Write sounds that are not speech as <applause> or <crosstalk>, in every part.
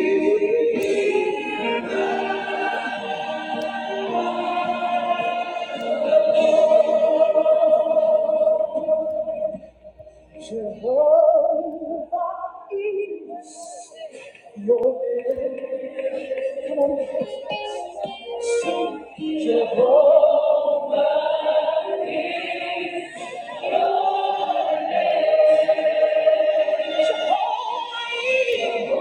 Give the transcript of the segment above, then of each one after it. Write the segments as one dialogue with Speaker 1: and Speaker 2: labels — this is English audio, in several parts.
Speaker 1: Thank you. Jehovah is your name. Come on, sing. Jehovah, Jehovah is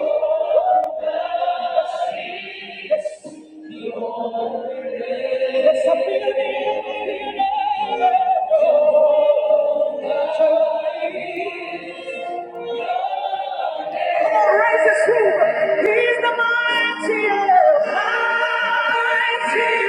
Speaker 1: Yes, I feel it in the He's the mighty, mighty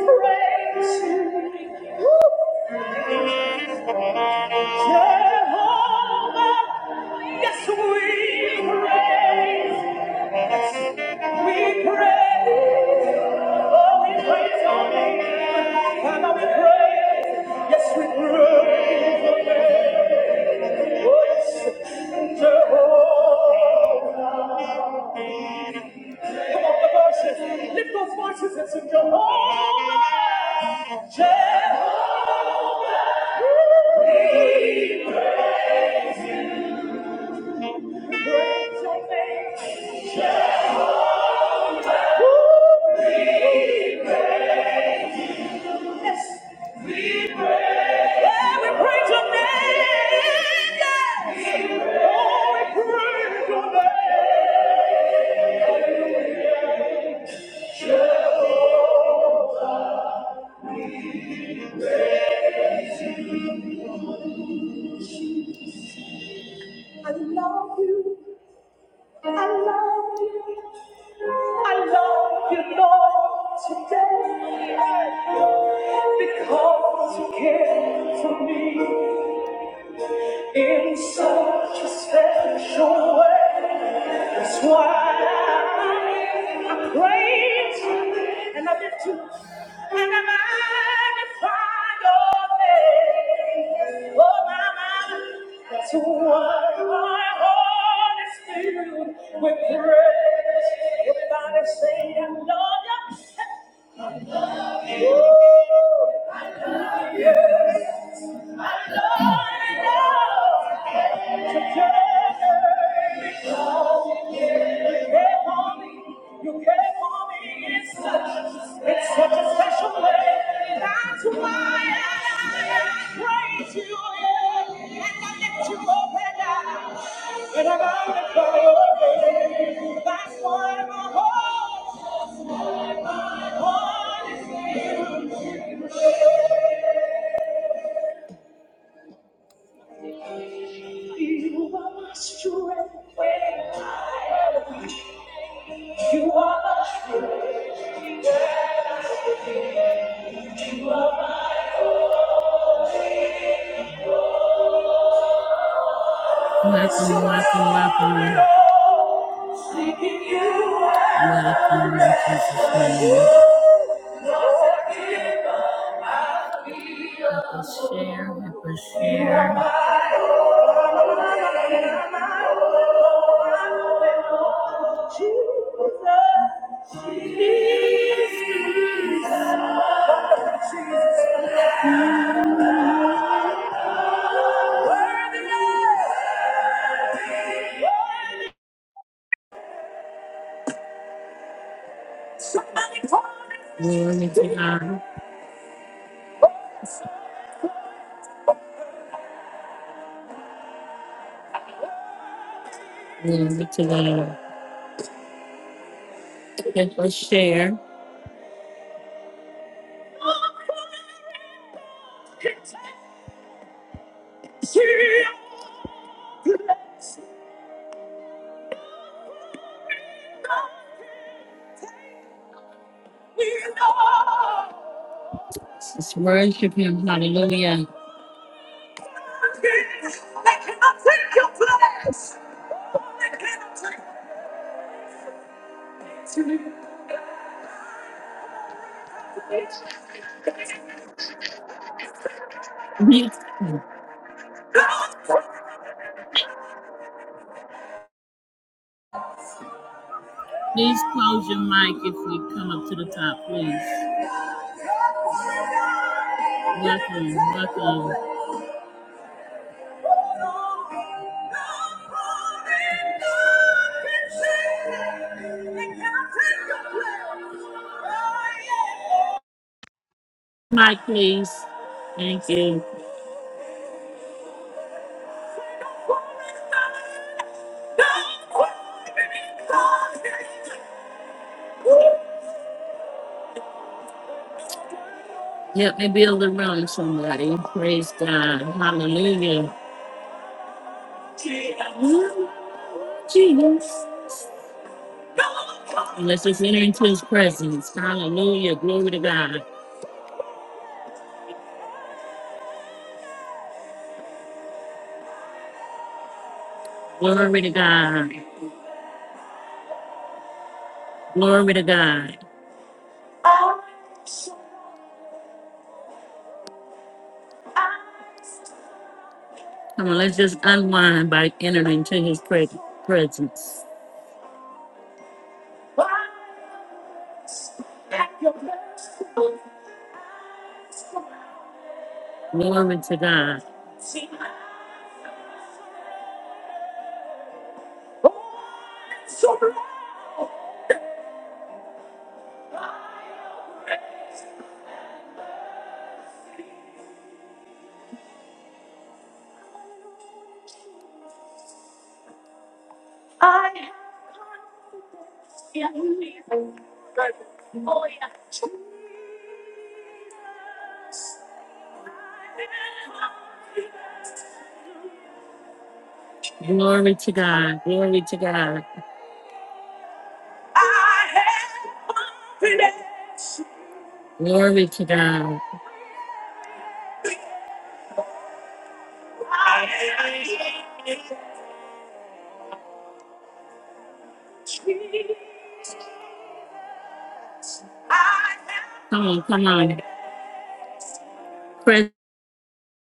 Speaker 1: Jehovah, we praise you. Jehovah, yes, we praise, we praise, oh, we praise your name, Father, we praise, yes, we praise your name, oh, yes, Jehovah. Come on, the voices, lift those voices and sing Jehovah, Jehovah, we praise, we praise your name. Jehovah. Because you care for me in such a special way. That's why I praise and I lift you and I magnify your name. Oh, my, my. That's why my heart is filled with praise. Everybody say, I love you. It's such a special way. That's why I praise you and I lift you up. And I'm on the floor. That's why my heart, my heart is filled with you. You are my strength when I am weak. You are my strength. Welcome, welcome, welcome. Welcome in Jesus' name. Let's share, let's share. Glory to God. Glory to God. Okay, Let's share. Let's worship him. Hallelujah. Please please close your mic if you come up to the top, please. Welcome, welcome. Mic, please. Thank you. Help me build a room, somebody. Praise God. Hallelujah. Jesus. And let's just enter into his presence. Hallelujah. Glory to God. Glory to God. Glory to God. Come on, let's just unwind by entering into his pre- presence. Glory to God. Glory to God. Glory to God. Glory to God. Come on, come on. Praise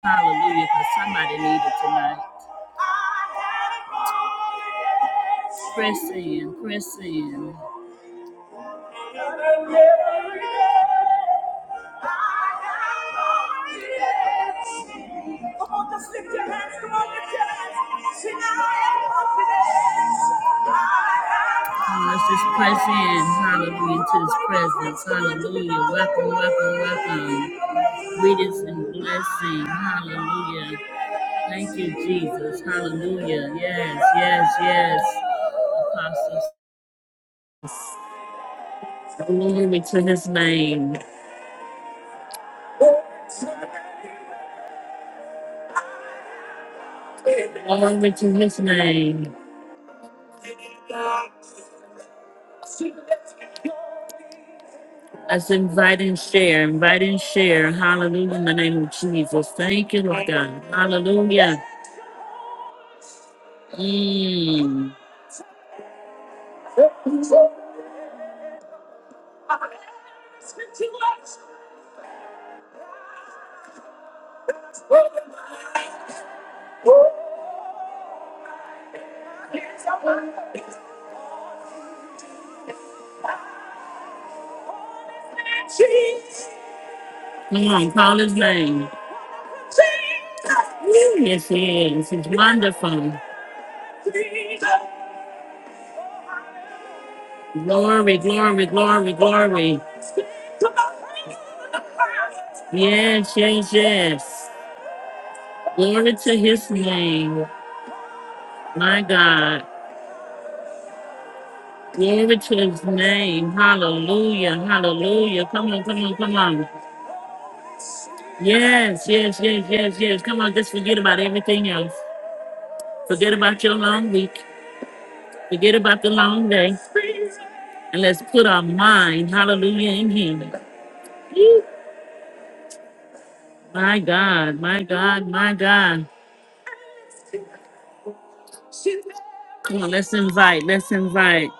Speaker 1: Hallelujah. Because somebody needed tonight. Press in, press in. Let's just press in, hallelujah, into his presence, hallelujah. Welcome, welcome, welcome. Greetings and blessing, hallelujah. Thank you, Jesus, hallelujah. Yes, yes, yes, apostles. Glory to his name. Glory to his name. Let's invite and share. Invite and share. Hallelujah in the name of Jesus. Thank you, Lord God. Hallelujah. Mm. Come on, call his name. Woo, Yes, he is. He's wonderful. Glory, glory, glory, glory. Yes, yes, yes. Glory to his name. My God. Glory to his name. Hallelujah. Hallelujah. Come on, come on, come on. Yes, yes, yes, yes, yes. Come on, just forget about everything else. Forget about your long week. Forget about the long day. And let's put our mind, hallelujah, in Him. Woo. My God, my God, my God. Come on, let's invite, let's invite.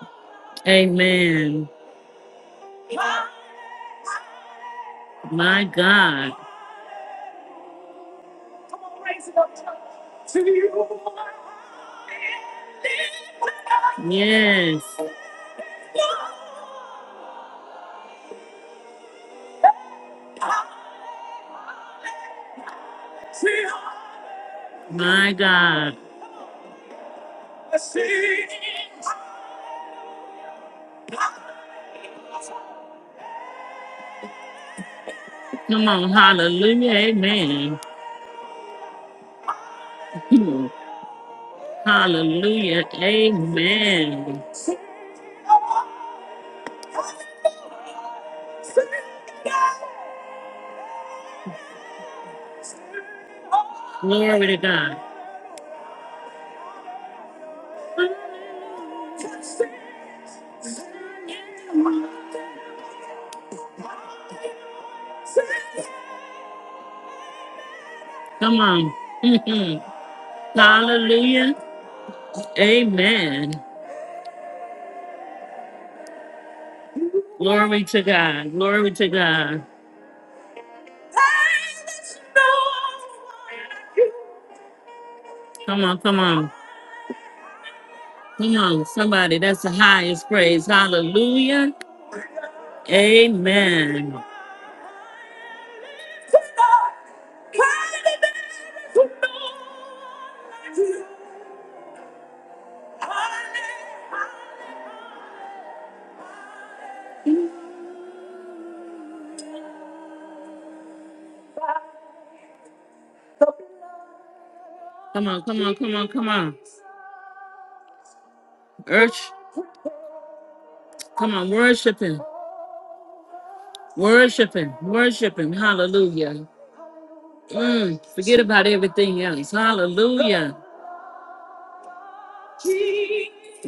Speaker 1: Amen. My God. Yes, my God. Come on, hallelujah, amen. Hmm. Hallelujah, amen. Glory to God. Come on. <laughs> Mhm. Hallelujah. Amen. Glory to God. Glory to God. Come on, come on. Come on, somebody. That's the highest praise. Hallelujah. Amen. Come on, come on, come on, come on. Urge, come on, worship him. Worship him. Worship him. Hallelujah. Mm, forget about everything else. Hallelujah.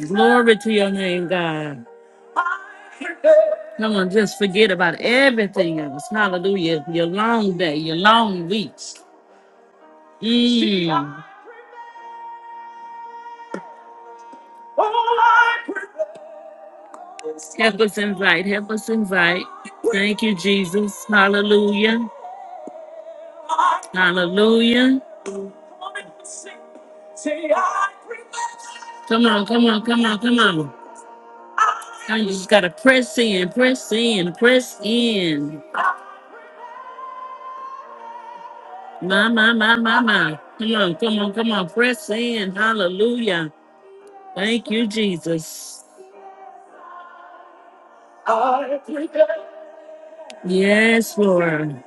Speaker 1: Glory to your name, God. Come on, just forget about everything else. Hallelujah. Your long day, your long weeks. Mm. Help us invite. Help us invite. Thank you, Jesus. Hallelujah. Hallelujah. Come on, come on, come on, come on. Now you just gotta press in, press in, press in. My, my, my, my, my. Come on, come on, come on. Press in. Hallelujah. Thank you, Jesus. Yes, Lord.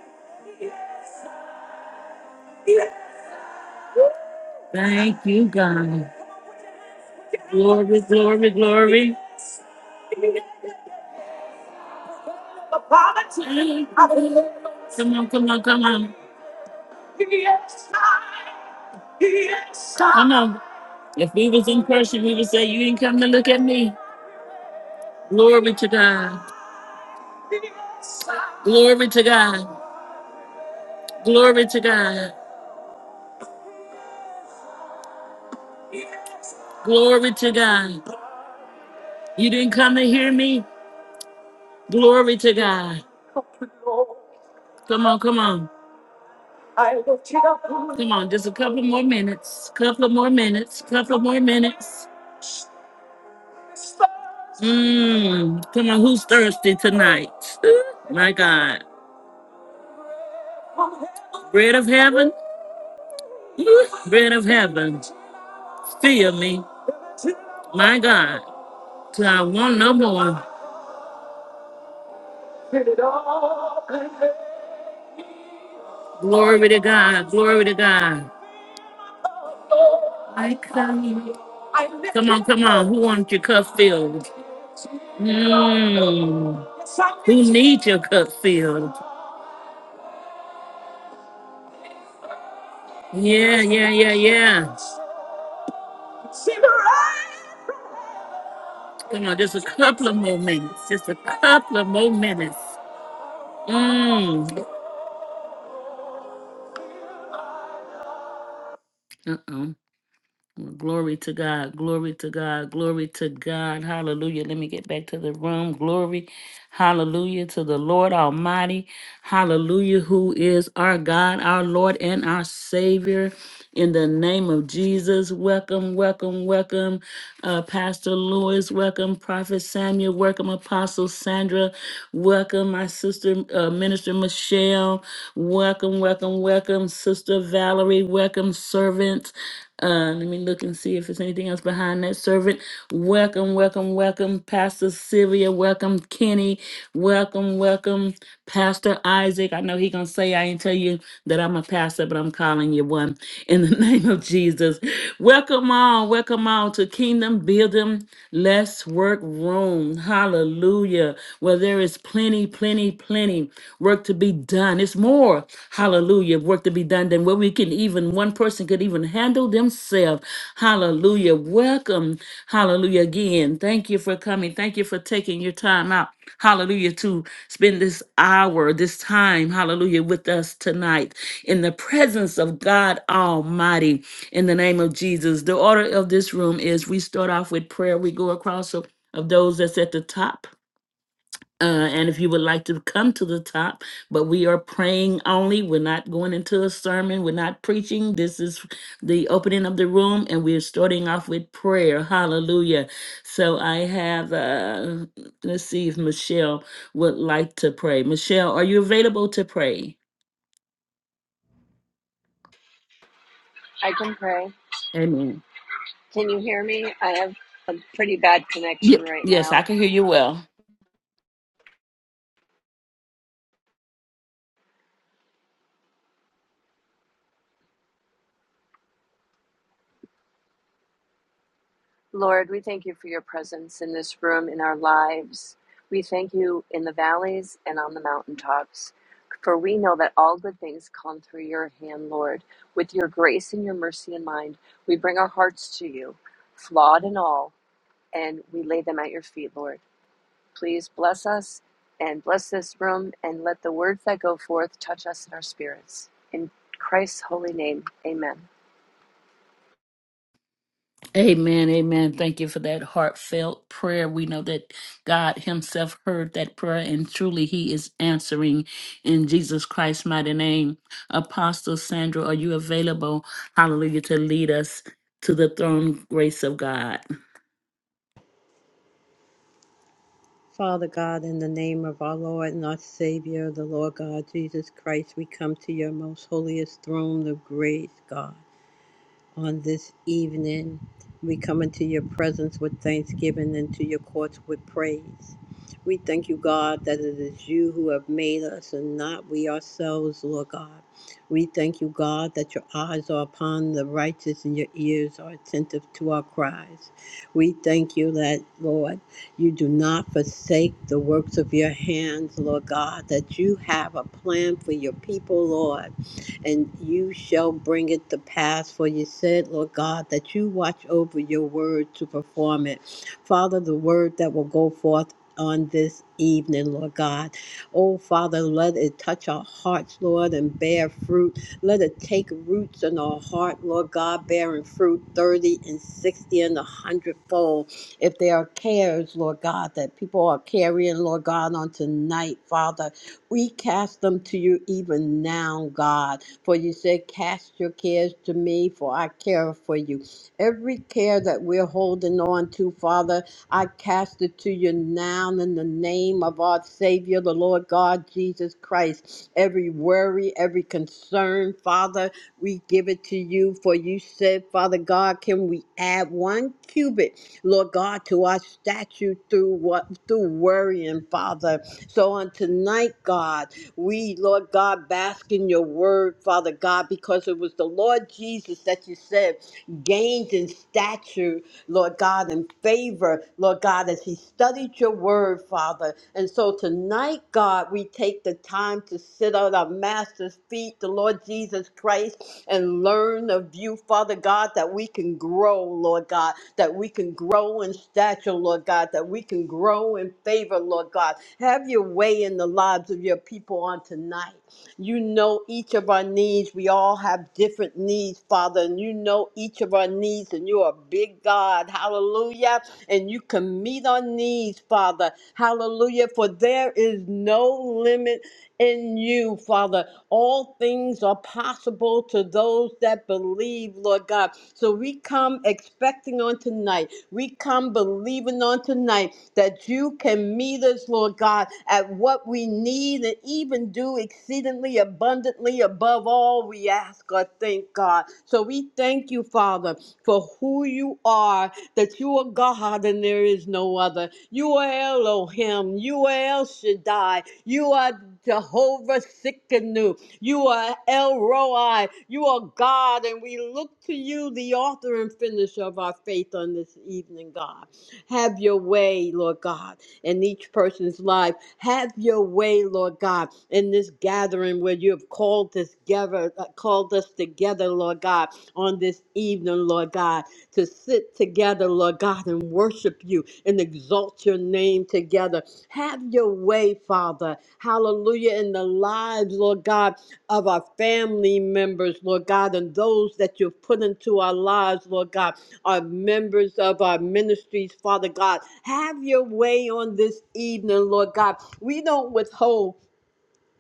Speaker 1: Thank you, God. Glory, glory, glory. Come on, come on, come on. Come on. If we was in person, we would say, You didn't come to look at me. Glory to God. Glory to God. Glory to God. Glory to God. You didn't come to hear me. Glory to God. Come on, come on. Come on. Just a couple more minutes. Couple more minutes. Couple more minutes. Mmm. Come on, who's thirsty tonight? <laughs> My God. Bread of heaven. bread of heaven, fill me, my God, till I want no more. Glory to God, glory to God. Come on, come on. Who wants your cup filled? Mm. Who needs your cup filled? Yeah, yeah, yeah, yeah. Come on, just a couple of more minutes. Just a couple of more minutes. Mm. Uh-oh. Glory to God. Glory to God. Glory to God. Hallelujah. Let me get back to the room. Glory. Hallelujah to the Lord Almighty. Hallelujah, who is our God, our Lord, and our Savior. In the name of Jesus, welcome, welcome, welcome, uh, Pastor Lewis. Welcome, Prophet Samuel. Welcome, Apostle Sandra. Welcome, my sister, uh, Minister Michelle. Welcome, welcome, welcome, Sister Valerie. Welcome, servants. Uh, let me look and see if there's anything else behind that servant. Welcome, welcome, welcome, Pastor Sylvia. Welcome, Kenny. Welcome, welcome, Pastor Isaac. I know he gonna say I ain't tell you that I'm a pastor, but I'm calling you one in the <laughs> name of Jesus. Welcome on, welcome on to Kingdom Building Let's Work Room. Hallelujah. Well, there is plenty, plenty, plenty work to be done. It's more more, hallelujah, work to be done than what we can even, one person could even handle themselves. Hallelujah. Welcome, hallelujah, again. Thank you for coming. Thank you for taking your time out, hallelujah, to spend this hour, this time, hallelujah, with us tonight in the presence of God Almighty in the name of Jesus. The order of this room is we start off with prayer, we go across of of those that's at the top. Uh, and if you would like to come to the top, but we are praying only. We're not going into a sermon. We're not preaching. This is the opening of the room, and we're starting off with prayer. Hallelujah. So I have, uh, let's see if Michelle would like to pray. Michelle, are you available to pray?
Speaker 2: I can pray.
Speaker 1: Amen.
Speaker 2: Can you hear me? I have a pretty bad
Speaker 1: Ye-
Speaker 2: connection right
Speaker 1: Yes, I
Speaker 2: now.
Speaker 1: can hear you well.
Speaker 2: Lord, we thank you for your presence in this room, in our lives. We thank you in the valleys and on the mountaintops. For we know that all good things come through your hand, Lord. With your grace and your mercy in mind, we bring our hearts to you, flawed and all, and we lay them at your feet, Lord. Please bless us and bless this room and let the words that go forth touch us in our spirits. In Christ's holy name, amen.
Speaker 1: Amen, amen. Thank you for that heartfelt prayer. We know that God Himself heard that prayer, and truly He is answering in Jesus Christ's mighty name. Apostle Sandra, are you available? Hallelujah, to lead us to the throne grace of God.
Speaker 3: Father God, in the name of our Lord and our Savior, the Lord God, Jesus Christ, we come to your most holiest throne of grace, God on this evening. We come into your presence with thanksgiving and to your courts with praise. We thank you, God, that it is you who have made us and not we ourselves, Lord God. We thank you, God, that your eyes are upon the righteous and your ears are attentive to our cries. We thank you that, Lord, you do not forsake the works of your hands, Lord God, that you have a plan for your people, Lord and you shall bring it to pass. For you said, Lord God, that you watch over your word to perform it. Father, the word that will go forth on this evening, Lord God. Oh, Father, let it touch our hearts, Lord, and bear fruit. Let it take roots in our heart, Lord God, bearing fruit 30 and 60 and a hundredfold. If there are cares, Lord God, that people are carrying, Lord God, on tonight, Father, we cast them to you even now, God. For you said, Cast your cares to me, for I care for you. Every care that we're holding on to, Father, I cast it to you now in the name of our Savior, the Lord God Jesus Christ. Every worry, every concern, Father, we give it to you. For you said, Father God, can we add one cubit, Lord God, to our statue through what through worrying, Father? So on tonight, God, we, Lord God, bask in your word, Father God, because it was the Lord Jesus that you said gained in stature Lord God, and favor, Lord God, as he studied your word, Father. And so tonight, God, we take the time to sit at our Master's feet, the Lord Jesus Christ, and learn of you, Father God, that we can grow, Lord God, that we can grow in stature, Lord God, that we can grow in favor, Lord God. Have your way in the lives of your people on tonight. You know each of our needs. We all have different needs, Father, and you know each of our needs, and you're a big God. Hallelujah. And you can meet our needs, Father. Hallelujah. For there is no limit in you, Father. All things are possible to those that believe, Lord God. So we come expecting on tonight. We come believing on tonight that you can meet us, Lord God, at what we need and even do exceedingly abundantly above all we ask or think, God. So we thank you, Father, for who you are, that you are God and there is no other. You are Elohim. You are El Shaddai. You are Jehovah Sikkenu. You are El Roi. You are God, and we look to you, the author and finisher of our faith on this evening, God. Have your way, Lord God, in each person's life. Have your way, Lord God, in this gathering where you have called us together, uh, called us together, Lord God, on this evening, Lord God, to sit together, Lord God, and worship you and exalt your name together. Have your way, Father. Hallelujah. In the lives, Lord God, of our family members, Lord God, and those that you've put into our lives, Lord God our members of our ministries, Father God. Have your way on this evening, Lord God. We don't withhold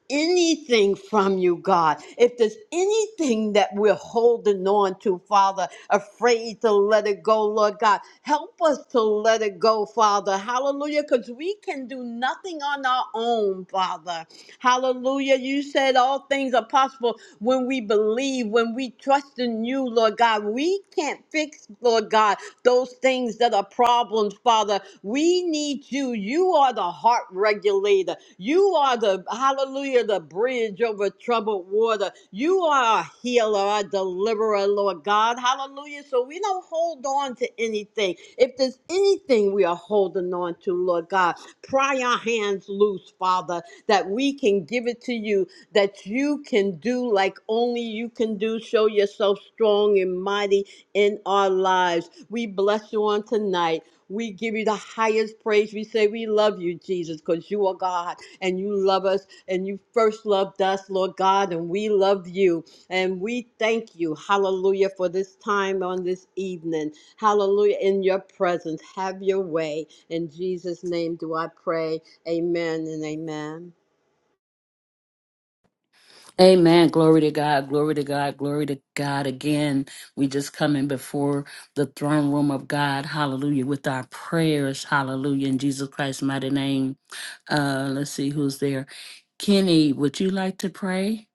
Speaker 3: anything from you, God. If there's anything that we're holding on to, Father, afraid to let it go, Lord God, help us to let it go, Father. Hallelujah, because we can do nothing on our own, Father. Hallelujah. You said all things are possible when we believe, when we trust in you, Lord God. We can't fix, Lord God, those things that are problems, Father. We need you. You are the heart regulator. You are the, hallelujah, the bridge over troubled water. You are a healer, a deliverer, Lord God. Hallelujah. So we don't hold on to anything. If there's anything we are holding on to, Lord God, pry our hands loose, Father that we can give it to you, that you can do like only you can do. Show yourself strong and mighty in our lives. We bless you on tonight. We give you the highest praise. We say we love you, Jesus, because you are God and you love us and you first loved us, Lord God, and we love you. And we thank you, hallelujah, for this time on this evening. Hallelujah, in your presence. Have your way. In Jesus' name do I pray. Amen and amen.
Speaker 1: Amen. Glory to God. Glory to God. Glory to God. Again, we just coming before the throne room of God. Hallelujah. With our prayers. Hallelujah. In Jesus Christ's mighty name. Uh, let's see who's there. Kenny, would you like to pray?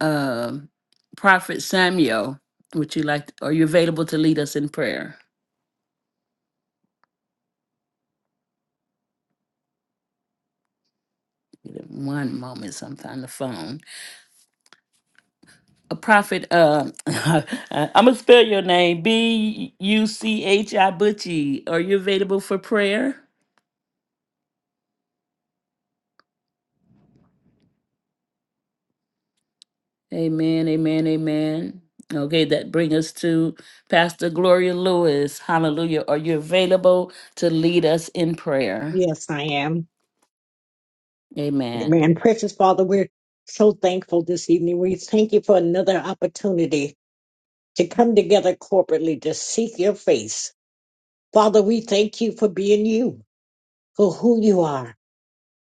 Speaker 1: Uh, Prophet Samuel, would you like? are you available to lead us in prayer? Give it One moment. Sometimes the phone. a prophet. Uh, <laughs> I'm gonna spell your name B U C H I Butchie. Are you available for prayer? Amen. Amen. Amen. Okay, that brings us to Pastor Gloria Lewis. Hallelujah. Are you available to lead us in prayer?
Speaker 4: Yes, I am.
Speaker 1: Amen.
Speaker 4: Amen. Precious Father, we're so thankful this evening. We thank you for another opportunity to come together corporately to seek your face. Father, we thank you for being you, for who you are.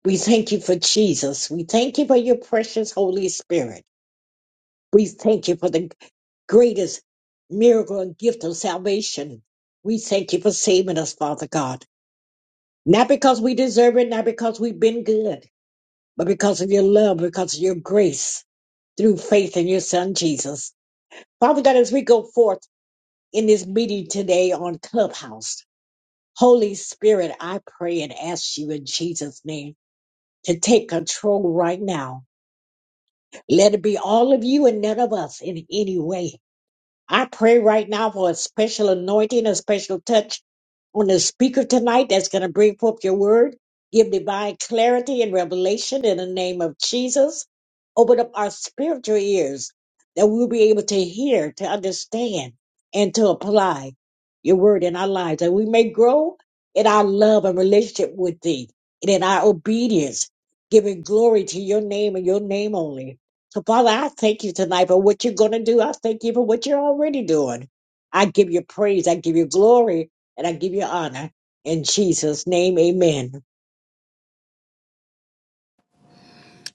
Speaker 4: We thank you for Jesus. We thank you for your precious Holy Spirit. We thank you for the greatest miracle and gift of salvation. We thank you for saving us, Father God. Not because we deserve it, not because we've been good, but because of your love, because of your grace. through faith in your son Jesus. Father God, as we go forth in this meeting today on Clubhouse, Holy Spirit, I pray and ask you in Jesus' name to take control right now. Let it be all of you and none of us in any way. I pray right now for a special anointing, a special touch on the speaker tonight that's going to bring forth your word. Give divine clarity and revelation in the name of Jesus. Open up our spiritual ears that we'll be able to hear, to understand, and to apply your word in our lives. That we may grow in our love and relationship with thee and in our obedience, giving glory to your name and your name only. So, Father, I thank you tonight for what you're going to do. I thank you for what you're already doing. I give you praise, I give you glory, and I give you honor. In Jesus' name, amen.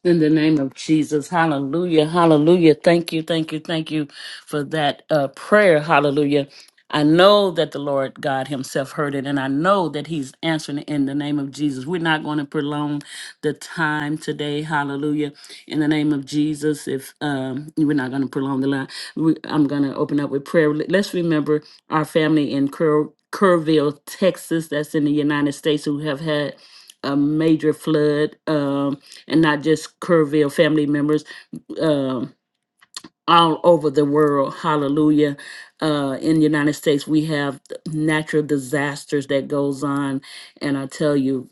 Speaker 1: In the name of Jesus. Hallelujah. Hallelujah. Thank you. Thank you. Thank you for that uh, prayer. Hallelujah. I know that the Lord God Himself heard it, and I know that He's answering it in the name of Jesus. We're not going to prolong the time today. Hallelujah. In the name of Jesus, if um, we're not going to prolong the line, we, I'm going to open up with prayer. Let- us remember our family in Kerr, Kerrville, Texas, that's in the United States, who have had a major flood, um, and not just Kerrville family members. um, all over the world. Hallelujah. Uh, in the United States, we have natural disasters that goes on, and I tell you,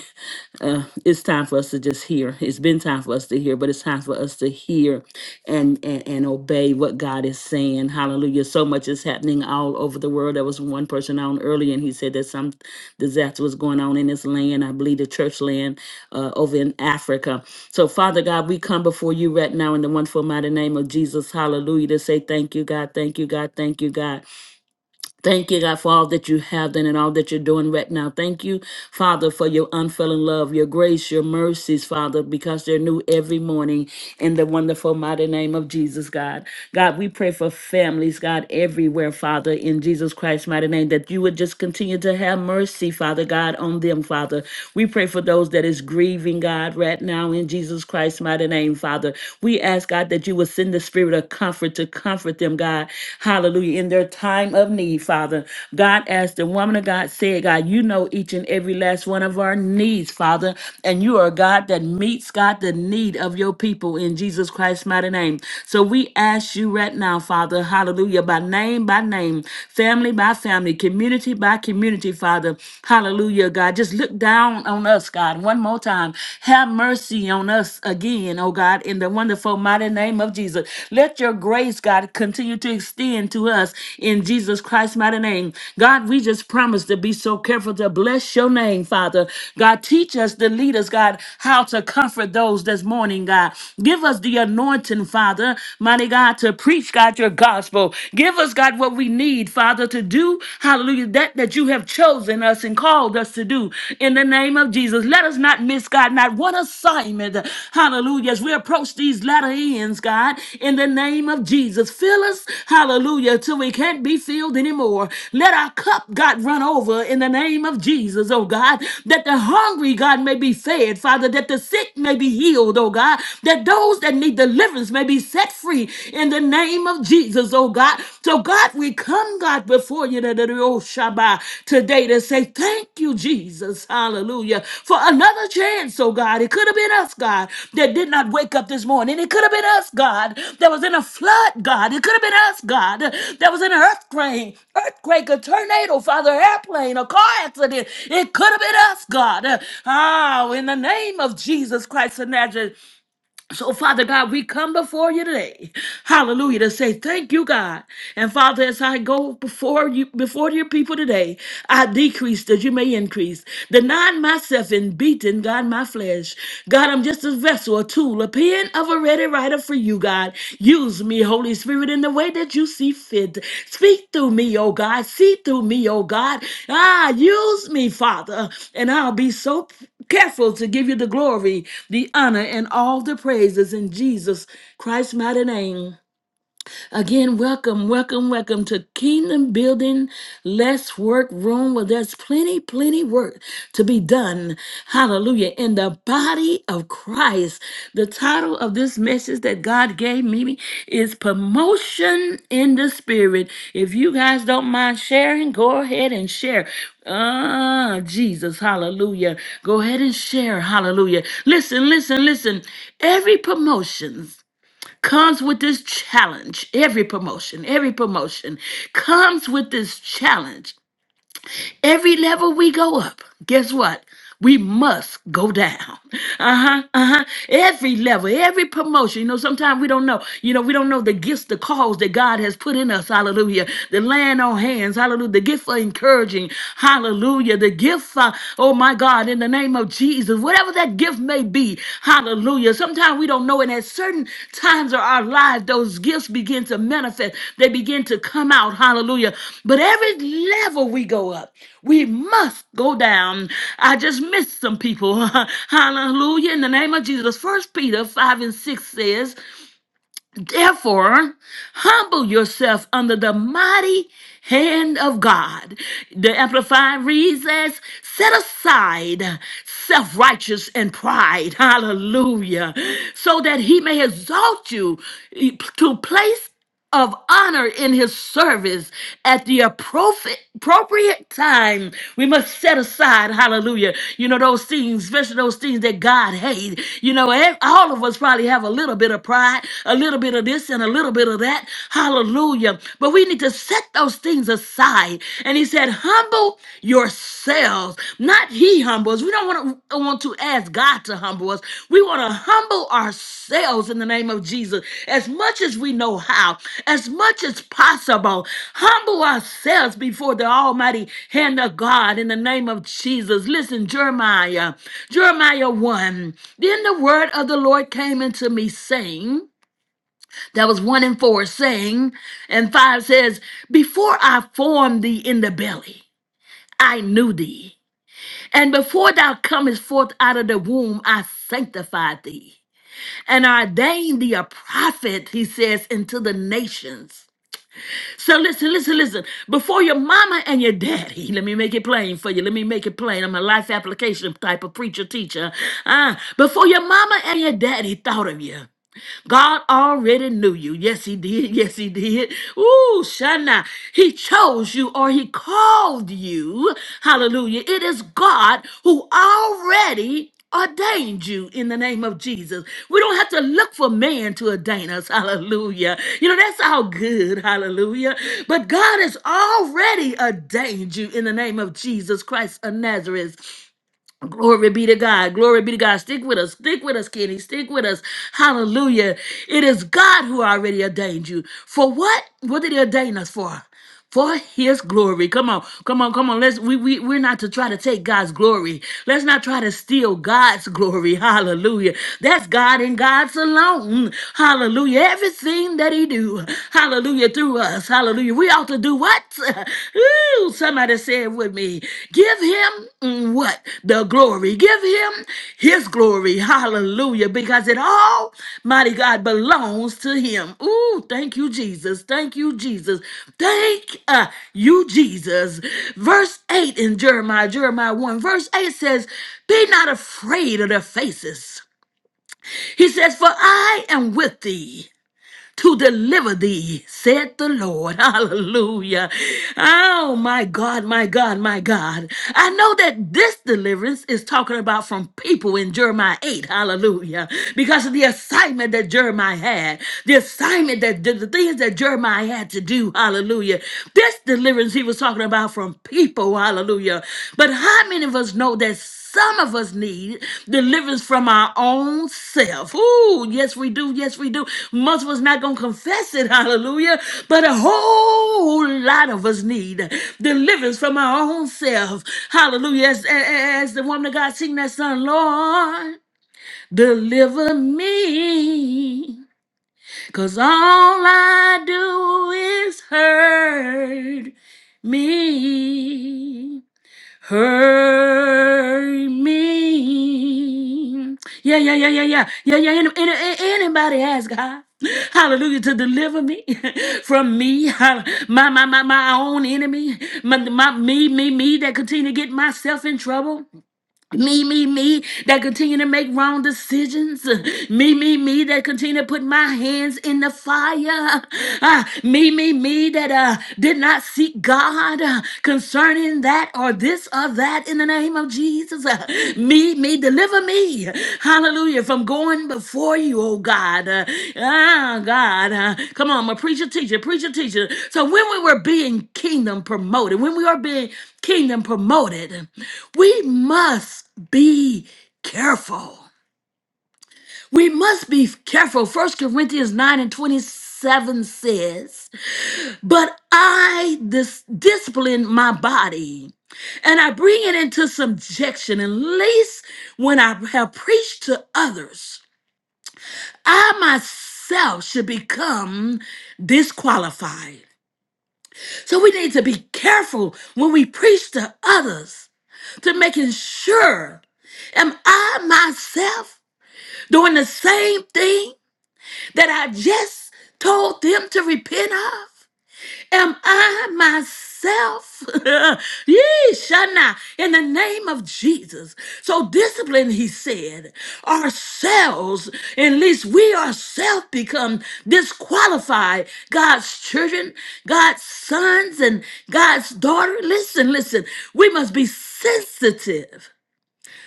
Speaker 1: <laughs> uh, it's time for us to just hear. It's been time for us to hear, but it's time for us to hear and and, and obey what God is saying saying. Hallelujah. So much is happening all over the world. There was one person on earlier, and he said that some disaster was going on in his land. I believe the church land uh, over in Africa. So, Father God, we come before you right now in the wonderful mighty name of Jesus. Hallelujah. To say thank you, God. Thank you, God. Thank you, God. Thank you, God, for all that you have done and all that you're doing right now. Thank you, Father, for your unfailing love, your grace, your mercies, Father, because they're new every morning in the wonderful, mighty name of Jesus, God. God, we pray for families, God, everywhere, Father, in Jesus Christ's mighty name, that you would just continue to have mercy, Father God, on them, Father. We pray for those that is grieving, God, right now in Jesus Christ's mighty name, Father. We ask, God, that you would send send the spirit of comfort to comfort them, God. Hallelujah. In their time of need, Father. God, as the woman of God said, God, you know each and every last one of our needs, Father. And you are a God that meets, God, the need of your people in Jesus Christ's mighty name. So we ask you right now, Father, hallelujah, by name by name, family by family, community by community, Father. Hallelujah, God. Just look down on us, God, one more time. Have mercy on us again, oh God, in the wonderful mighty name of Jesus. Let your grace, God, continue to extend to us in Jesus Christ's mighty name. God, we just promise to be so careful to bless your name, Father. God, teach us to lead us, God, how to comfort those this morning, God. Give us the anointing, Father, mighty God, to preach, God, your gospel. Give us, God, what we need, Father, to do, hallelujah, that that you have have chosen us and called us to do in the name of Jesus. Let us not miss, God, not one assignment. Hallelujah. As we approach these latter ends, God, in the name of Jesus, fill us, hallelujah, till we can't be filled anymore. Let our cup, God, run over in the name of Jesus, oh God, that the hungry, God, may be fed, Father, that the sick may be healed, oh God, that those that need deliverance may be set free in the name of Jesus. Jesus, oh God. So, God, we come, God, before you da- da- da- oh, Shabbat, today to say thank you, Jesus, hallelujah, for another chance, oh God. It could have been us, God, that did not wake up this morning. It could have been us, God, that was in a flood, God. It could have been us, God, that was in an earthquake, earthquake, a tornado, Father, airplane, a car accident. It could have been us, God. Ah, in the name of Jesus Christ of Nazareth. So, Father God, we come before you today. Hallelujah. To say thank you, God. And Father, as I go before you, before your people today, I decrease that you may increase. Denying myself and beating, God, my flesh. God, I'm just a vessel, a tool, a pen of a ready writer for you, God. Use me, Holy Spirit, in the way that you see fit. Speak through me, oh God. See through me, oh God. Ah, use me, Father. And I'll be so careful to give you the glory, the honor, and all the praises in Jesus Christ's mighty name. Again, welcome, welcome, welcome to Kingdom Building Less Work Room where there's plenty, plenty work to be done. Hallelujah. In the body of Christ. The title of this message that God gave me is Promotion in the Spirit. If you guys don't mind sharing, go ahead and share. Ah, Jesus, hallelujah. Go ahead and share, hallelujah. Listen, listen, listen. Every promotion comes with this challenge. Every promotion, every promotion comes with this challenge. Every level we go up, guess what? We must go down. <laughs> Uh huh. Uh huh. Every level, every promotion. You know, sometimes we don't know. You know, we don't know the gifts, the calls that God has put in us. Hallelujah. The land on hands. Hallelujah. The gift for encouraging. Hallelujah. The gift for, oh my God, in the name of Jesus. Whatever that gift may be. Hallelujah. Sometimes we don't know. And at certain times of our lives, those gifts begin to manifest. They begin to come out. Hallelujah. But every level we go up, we must go down. I just missed some people. <laughs> Hallelujah. In the name of Jesus. First Peter 5 and 6 says, Therefore, humble yourself under the mighty hand of God. The Amplified reads as, Set aside self righteous and pride. <laughs> Hallelujah. So that he may exalt you to place of honor in his service at the approfi- appropriate time. We must set aside, hallelujah, you know, those things, especially those things that God hates. You know, ev- all of us probably have a little bit of pride, a little bit of this and a little bit of that, hallelujah. But we need to set those things aside. And he said, humble yourselves. Not he humble us. We don't want to want to ask God to humble us. We want to humble ourselves in the name of Jesus as much as we know how, as much as possible. Humble ourselves before the almighty hand of God in the name of Jesus. Listen, Jeremiah, Jeremiah 1. Then the word of the Lord came into me saying, that was one and four saying, and five says, Before I formed thee in the belly, I knew thee. And before thou comest forth out of the womb, I sanctified thee and ordained thee a prophet, he says, into the nations. So listen, listen, listen. Before your mama and your daddy, <laughs> let me make it plain for you. Let me make it plain. I'm a life application type of preacher, teacher. Ah, before your mama and your daddy thought of you, God already knew you. Yes, He did. <laughs> Yes, He did. Ooh, Shana. He chose you or He called you. Hallelujah. It is God who already ordained you in the name of Jesus. We don't have to look for man to ordain us. <laughs> Hallelujah. You know, that's all good. Hallelujah. But God has already ordained you in the name of Jesus Christ of Nazareth. Glory be to God. Glory be to God. Stick with us. Stick with us, Kenny. Stick with us. Hallelujah. It is God who already ordained you. For what? What did he ordain us for? For his glory. Come on. Come on. Come on. Let's we, we we're not to try to take God's glory. Let's not try to steal God's glory. <laughs> Hallelujah. That's God and God's alone. Hallelujah. Everything that he do. Hallelujah. Through us. Hallelujah. We ought to do what? <laughs> Ooh, somebody said with me, give him mm, what? The glory. Give him his glory. Hallelujah. Because it all, mighty God, belongs to him. Ooh, thank you, Jesus. Thank you, Jesus. Thank uh, you, Jesus. Verse 8 in Jeremiah, Jeremiah 1, verse 8 says, Be not afraid of their faces. He says, For I am with thee to deliver thee, said the Lord. <laughs> Hallelujah. Oh, my God, my God, my God. I know that this deliverance is talking about from people in Jeremiah 8. Hallelujah. Because of the assignment that Jeremiah had, the assignment that the, the things that Jeremiah had to do. Hallelujah. This deliverance he was talking about from people. Hallelujah. But how many of us know that? Some of us need deliverance from our own self. Ooh, yes, we do. Yes, we do. Most of us not going to confess it. <laughs> Hallelujah. But a whole lot of us need deliverance from our own self. Hallelujah. As, as the woman of God sing that song, Lord, deliver me. Because all I do is hurt me hurt me. Yeah, yeah, yeah, yeah, yeah, yeah, yeah. Any, any, anybody has God. Hallelujah to deliver me <laughs> from me, hall- my my my my own enemy, my, my me me me that continue to get myself in trouble. Me, me, me that continue to make wrong decisions. Me, me, me that continue to put my hands in the fire. Ah, me, me, me that uh, did not seek God uh, concerning that or this or that in the name of Jesus. Uh, me, me, deliver me. Hallelujah. From going before you, oh God. Uh, ah, God. Uh, come on, I'm a preacher, teacher, preacher, teacher. So when we were being kingdom promoted, when we are being kingdom promoted, we must be careful. We must be careful. First Corinthians 9 and 27 says, But I dis- discipline my body and I bring it into subjection, at least when I have preached to others, I myself should become disqualified. So we need to be careful when we preach to others to making sure am I myself doing the same thing that I just told them to repent of? Am I myself? <laughs> Yee, Shana, in the name of Jesus. So discipline, he said, ourselves, at least we ourselves become disqualified. God's children, God's sons, and God's daughter. Listen, listen, we must be sensitive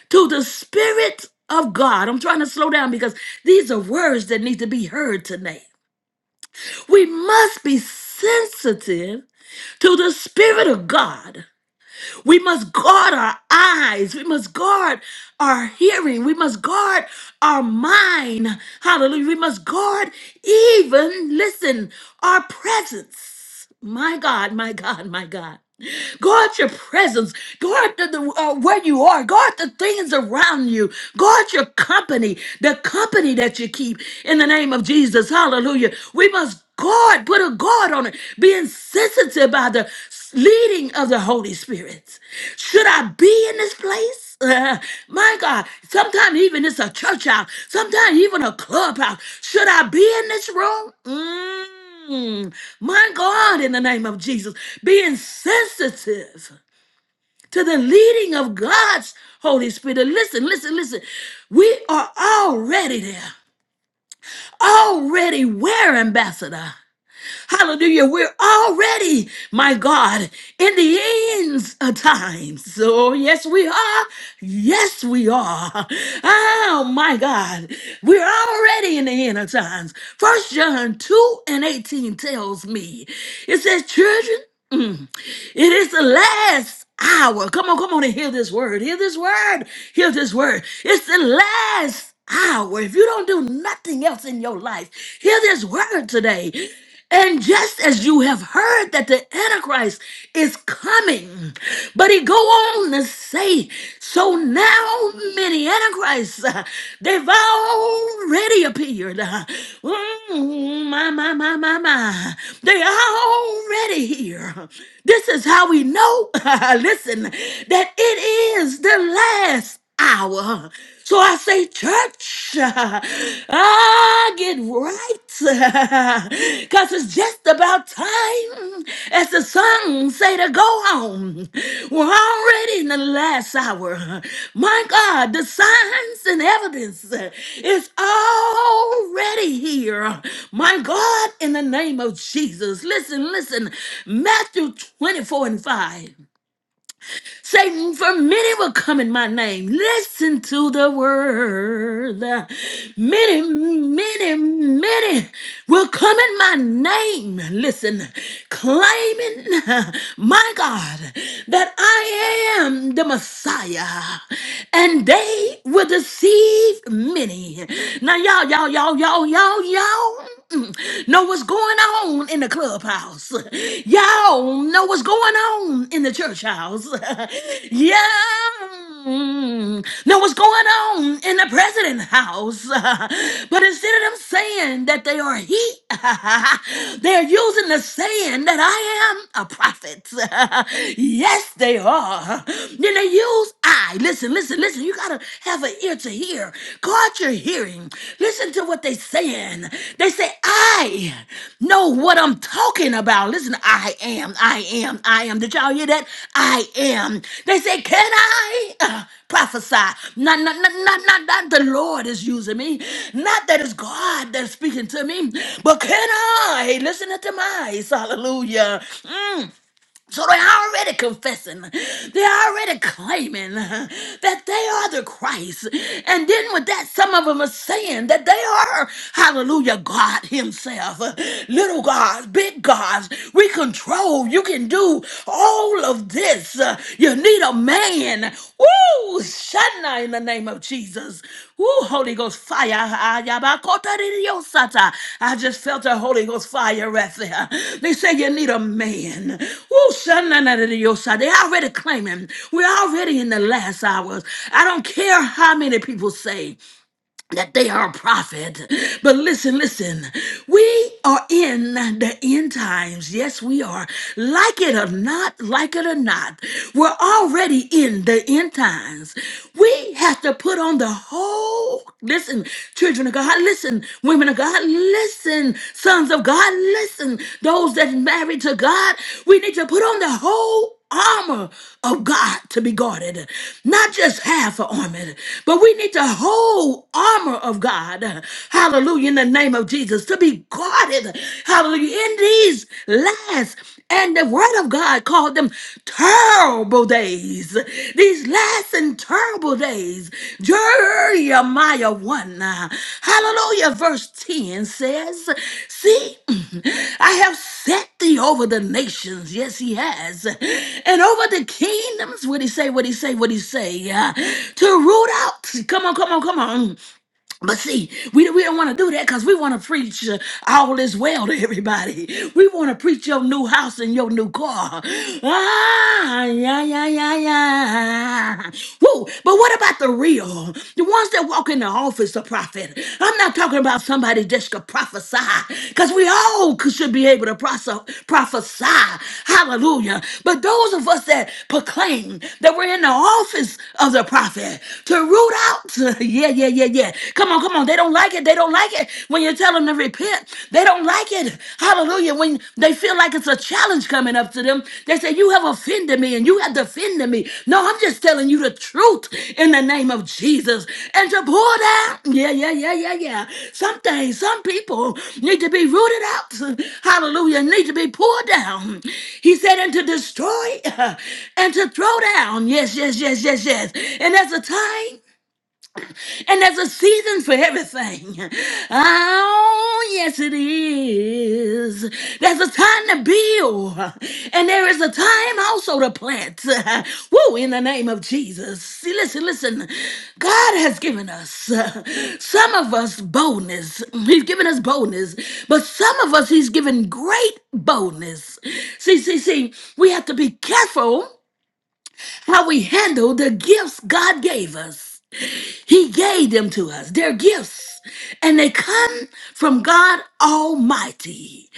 Speaker 1: to the Spirit of God. I'm trying to slow down because these are words that need to be heard tonight. We must be sensitive to the Spirit of God we must guard our eyes. We must guard our hearing. We must guard our mind. Hallelujah. We must guard even, listen, our presence. My God, my God, my God. Guard your presence. Guard the, the, uh, where you are. Guard the things around you. Guard your company, the company that you keep in the name of Jesus. Hallelujah. We must guard, put a guard on it, being sensitive by the leading of the Holy Spirit. Should I be in this place? <laughs> Uh, my God, sometimes even it's a church house, sometimes even a clubhouse. Should I be in this room? Mm, my God, in the name of Jesus, being sensitive to the leading of God's Holy Spirit. Listen, listen, listen. We are already there, already we're ambassador? Hallelujah. We're already, my God, in the ends of times. So, yes, we are. Yes, we are. Oh, my God. We're already in the end of times. First John 2 and 18 tells me it says, Children, mm, it is the last hour. Come on, come on and hear this word. Hear this word. Hear this word. It's the last hour. If you don't do nothing else in your life, hear this word today. And just as you have heard that the Antichrist is coming, but he go on to say, so now many Antichrists, uh, they've already appeared. Uh, mm, my, my, my, my, my. They already here. This is how we know, <laughs> listen, that it is the last hour. So I say, church, <laughs> ah, get right. <laughs> Because it's just about time, as the song say, to go home. We're already in the last hour. My God, the signs and evidence is already here. My God, in the name of Jesus. Listen, listen. Matthew 24 and 5. Satan, for many will come in my name. Listen to the word. Many, many, many will come in my name. Listen, claiming, my God, that I am the Messiah. And they will deceive many. Now, y'all, y'all, y'all, y'all, y'all, y'all. <clears throat> Mm-mm. Know what's going on in the clubhouse. <laughs> Y'all know what's going on in the church house. <laughs> yeah. mm, Know what's going on in the president house. <laughs> but instead of them saying that they are he, <laughs> they're using the saying that I am a prophet. <laughs> yes, they are. Then they use I. Listen, listen, listen. Listen, you gotta have an ear to hear. Guard your hearing. Listen to what they saying. They say, I know what I'm talking about. Listen, I am, I am, I am. Did y'all hear that? I am. They say, Can I uh, prophesy? Not, not, not, not, not, not the Lord is using me. Not that it's God that's speaking to me, but can I listen to my eyes? Hallelujah. So they're already confessing, they're already claiming that they are the Christ. And then with that, some of them are saying that they are, hallelujah, God Himself. Little gods, big gods, we control. You can do all of this. You need a man. Woo! Shana in the name of Jesus. Woo, Holy Ghost fire. Ah, yabakota di diosata. I just felt the Holy Ghost fire right there. They say you need a man. Woo, shanana di diosata. They already claiming. We're already in the last hours. I don't care how many people say that they are a prophet. But listen, listen, we are in the end times. Yes, we are. Like it or not, like it or not, we're already in the end times. We have to put on the whole, listen, children of God, listen, women of God, listen, sons of God, listen, those that married to God, we need to put on the whole armor of God to be guarded. Not just half an armor, but we need the whole armor of God. Hallelujah. In the name of Jesus to be guarded. Hallelujah. In these last and the word of God called them terrible days. These last and terrible terrible days. Jeremiah 1. uh, Hallelujah. Verse 10 says, See, <clears throat> I have set thee over the nations. Yes, he has. And over the kingdoms. What he say? What he say? What he say? uh, To root out. Come on, come on, come on. But see, we, we don't want to do that because we want to preach uh, all is well to everybody. We want to preach your new house and your new car. Ah, yeah, yeah, yeah, yeah. Woo. But what about the real? The ones that walk in the office of prophet. I'm not talking about somebody just could prophesy because we all could- should be able to prophesy. prophesy. Hallelujah. But those of us that proclaim that we're in the office of the prophet to root out, <laughs> Yeah, yeah, yeah, yeah. Come on, come on. They don't like it. They don't like it when you tell them to repent. They don't like it. Hallelujah. When they feel like it's a challenge coming up to them, they say, You have offended me and you have defended me. No, I'm just telling you the truth in the name of Jesus. And to pour down, yeah, yeah, yeah, yeah, yeah. Some things, some people need to be rooted out. Hallelujah. Need to be poured down. He said, And to destroy <laughs> and to throw down. Yes, yes, yes, yes, yes. And there's a time. And there's a season for everything. Oh, yes, it is. There's a time to build, and there is a time also to plant. <laughs> Woo, in the name of Jesus. See, listen, listen. God has given us, uh, some of us, boldness. He's given us boldness, but some of us, He's given great boldness. See, see, see, we have to be careful how we handle the gifts God gave us. He gave them to us. They're gifts, and they come from God Almighty.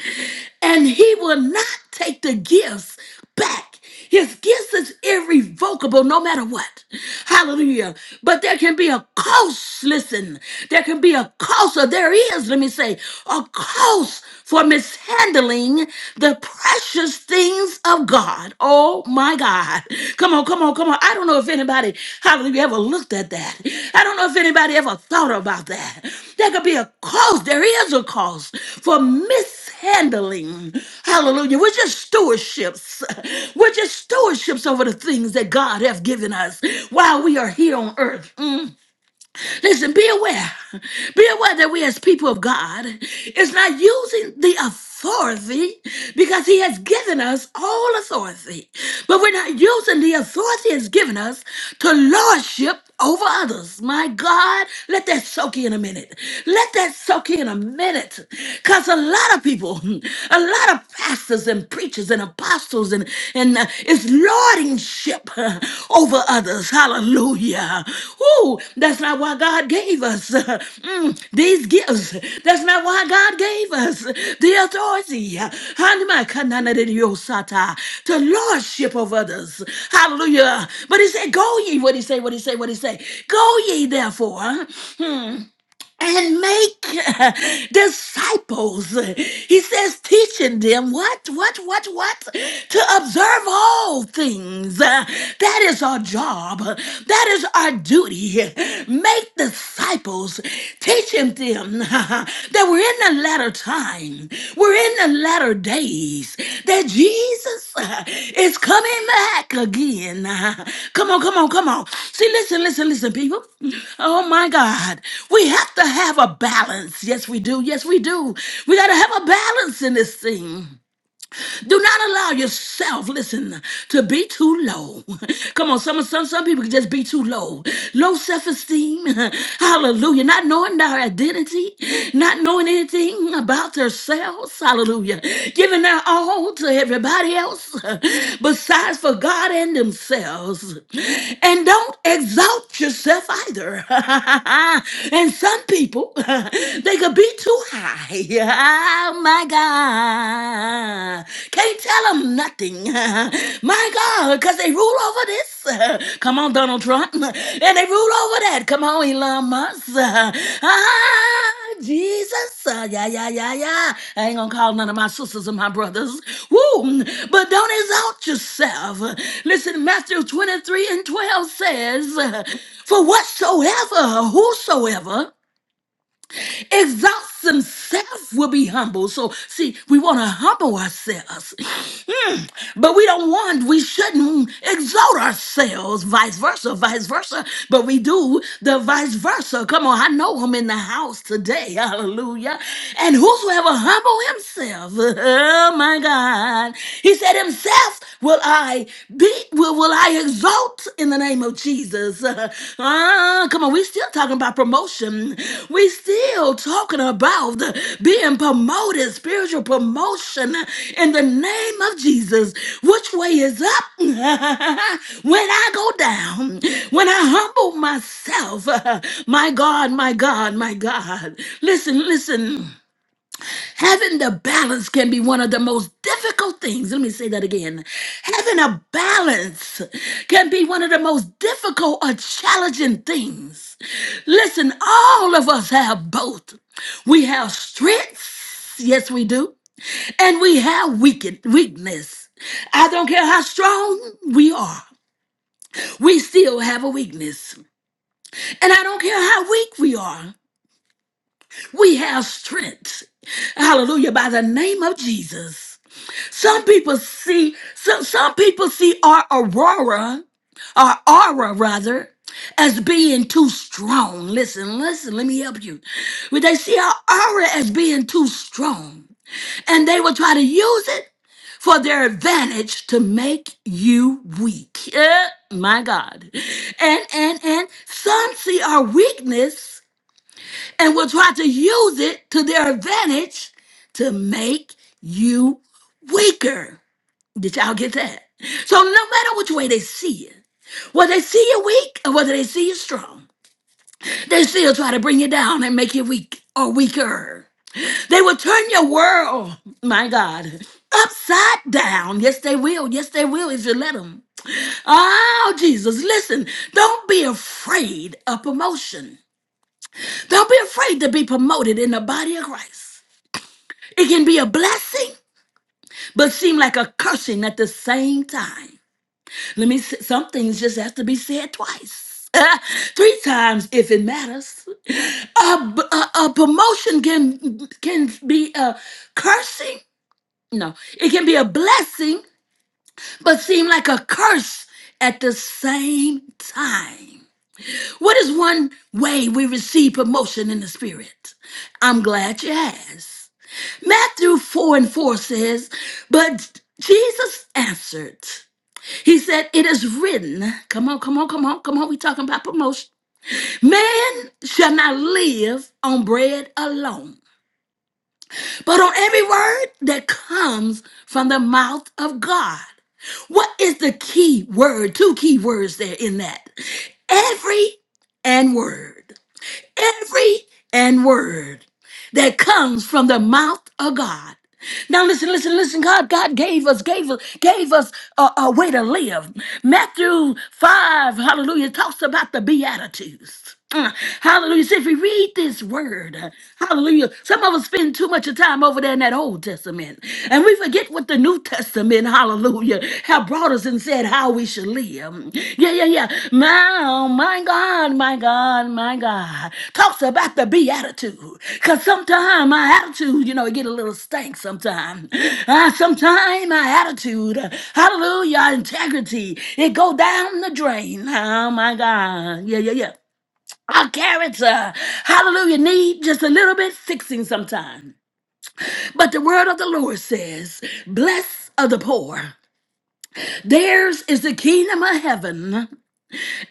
Speaker 1: And He will not take the gifts back. His gifts is irrevocable no matter what. Hallelujah. But there can be a cost, listen, there can be a cost, or there is, let me say, a cost for for mishandling the precious things of God. Oh my God. Come on, come on, come on. I don't know if anybody, hallelujah, ever looked at that. I don't know if anybody ever thought about that. There could be a cause, there is a cause for mishandling. Hallelujah. We're just stewardships. We're just stewardships over the things that God has given us while we are here on earth. Mm. Listen, be aware. Be aware that we as people of God is not using the authority because he has given us all authority. But we're not using the authority he's given us to lordship over others. My God, let that soak in a minute. Let that soak in a minute. Because a lot of people, a lot of pastors and preachers and apostles and, and uh, is lordingship uh, over others. Hallelujah. Ooh, that's not why God gave us uh, mm, these gifts. That's not why God gave us the authority. uh, Hanamakananadidiyosata, To lordship of others. Hallelujah. But he said, Go ye, what he say, what he say, what he say. Go ye therefore. huh, and make <laughs> disciples. He says, teaching them what, what, what, what? To observe all things. Uh, That is our job. That is our duty. Make disciples, teaching them <laughs> that we're in the last latter time. We're in the latter days that Jesus uh, is coming back again. Uh, Come on, come on, come on. See, listen, listen, listen, people. Oh my God. We have to have a balance. Yes, we do. Yes, we do. We got to have a balance in this thing. Do not allow yourself, listen, to be too low. <laughs> Come on, some some some people can just be too low. Low self-esteem. <laughs> Hallelujah. Not knowing their identity, not knowing anything about themselves. Hallelujah. Giving their all to everybody else <laughs> besides for God and themselves. And don't exalt yourself either. <laughs> and some people, <laughs> they could be too high. <laughs> Oh my God. Can't tell them nothing. <laughs> My God, because they rule over this. <laughs> Come on, Donald Trump. <laughs> And they rule over that. Come on, Elon Musk. <laughs> Ah, Jesus. Uh, Yeah, yeah, yeah, yeah. I ain't going to call none of my sisters and my brothers. Woo. But don't exalt yourself. Listen, Matthew 23 and 12 says, For whatsoever, whosoever, Exalts himself will be humble. So, see, we want to humble ourselves. Mm. But we don't want, we shouldn't exalt ourselves, vice versa, vice versa. But we do the vice versa. Come on, I know I'm in the house today. <laughs> Hallelujah. And whosoever humble himself, <laughs> oh my God, he said, himself will I be, will, will I exalt in the name of Jesus. <laughs> Ah, come on, we still talking about promotion. We still talking about being promoted, spiritual promotion in the name of Jesus. Which way is up? <laughs> when I go down, when I humble myself, <laughs> my God, my God, my God. Listen, listen. Having the balance can be one of the most difficult things. Let me say that again. Having a balance can be one of the most difficult or challenging things. Listen, all of us have both. We have strengths, yes, we do, and we have weaken- weakness. I don't care how strong we are, we still have a weakness. And I don't care how weak we are, we have strength. Hallelujah, by the name of Jesus. Some people see some some people see our aurora, our aura rather, as being too strong. Listen, listen, let me help you. When they see our aura as being too strong, and they will try to use it for their advantage to make you weak. <laughs> Eh, my God. And and and some see our weakness and will try to use it to their advantage to make you weaker. Did y'all get that? So no matter which way they see you, whether they see you weak or whether they see you strong, they still try to bring you down and make you weak or weaker. They will turn your world, my God, upside down. Yes, they will. Yes, they will if you let them. Oh, Jesus, listen, don't be afraid of promotion. Don't be afraid to be promoted in the body of Christ. It can be a blessing, but seem like a cursing at the same time. Let me. s- Some things just have to be said twice, <laughs> three times if it matters. A, b- a- a promotion can can be a cursing. No, it can be a blessing, but seem like a curse at the same time. What is one way we receive promotion in the spirit? I'm glad you asked. Matthew 4 and 4 says, But Jesus answered. He said, It is written, come on, come on, come on, come on, we talking about promotion. Man shall not live on bread alone, but on every word that comes from the mouth of God. What is the key word? Two key words there in that. Every and word every and word that comes from the mouth of God. Now listen, listen, listen. God, God gave us, gave us, gave us a, a way to live. Matthew five, Hallelujah, talks about the beatitudes. Mm, Hallelujah. So if we read this word, hallelujah, some of us spend too much of time over there in that Old Testament. And we forget what the New Testament, hallelujah, have brought us and said said how we should live. Yeah, yeah, yeah. My, oh, my God, my God, my God. Talks about the beatitude. Because sometimes my attitude, you know, it get a little stank sometimes. Uh, sometimes my attitude, uh, hallelujah, integrity, it go down the drain. Oh, my God. Yeah, yeah, yeah. Our character, hallelujah, need just a little bit fixing sometime. But the word of the Lord says, "Bless are the poor. Theirs is the kingdom of heaven.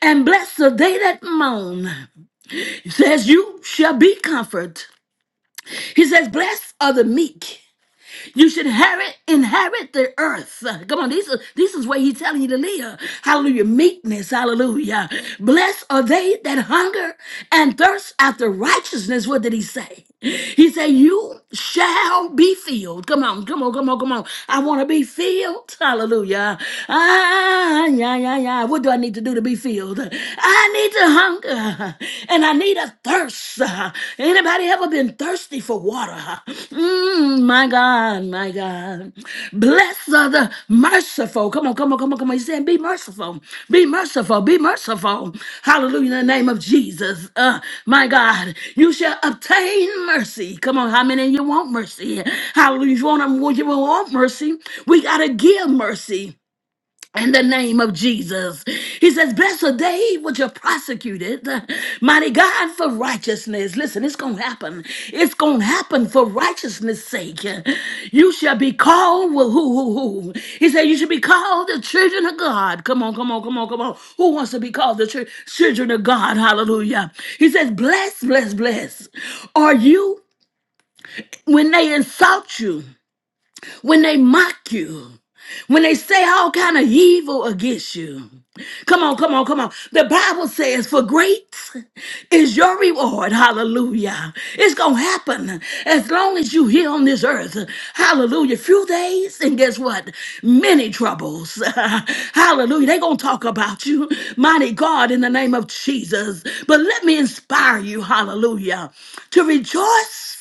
Speaker 1: And blessed are they that mourn. He says, You shall be comforted. He says, Blessed are the meek. You should inherit, inherit the earth. Uh, Come on, this is this is where he's telling you to live. Hallelujah. Meekness, hallelujah. Blessed are they that hunger and thirst after righteousness. What did he say? He said, You shall be filled. Come on, come on, come on, come on. I want to be filled. Hallelujah. Ah, yeah, yeah, yeah. What do I need to do to be filled? I need to hunger and I need a thirst. uh-huh. Anybody ever been thirsty for water? huh? Mm, my God, my God. Blessed are the merciful. Come on, come on, come on, come on. He's saying, be merciful, be merciful, be merciful. Hallelujah, in the name of Jesus. Uh, my God, you shall obtain mercy. Come on, how many of you want mercy? Hallelujah. If you want, you want mercy, we got to give mercy in the name of Jesus. He says, Blessed are they which are prosecuted, mighty God, for righteousness. Listen, it's going to happen. It's going to happen for righteousness' sake. You shall be called, well, who, who, who? He said, You should be called the children of God. Come on, come on, come on, come on. Who wants to be called the chil- children of God? Hallelujah. He says, Blessed, blessed, blessed are you when they insult you when they mock you, when they say all kind of evil against you. Come on, come on, come on. The Bible says, for great is your reward. Hallelujah. It's going to happen as long as you here on this earth. Hallelujah. Few days and guess what? Many troubles. <laughs> Hallelujah. They're going to talk about you. Mighty God, in the name of Jesus. But let me inspire you. Hallelujah. To rejoice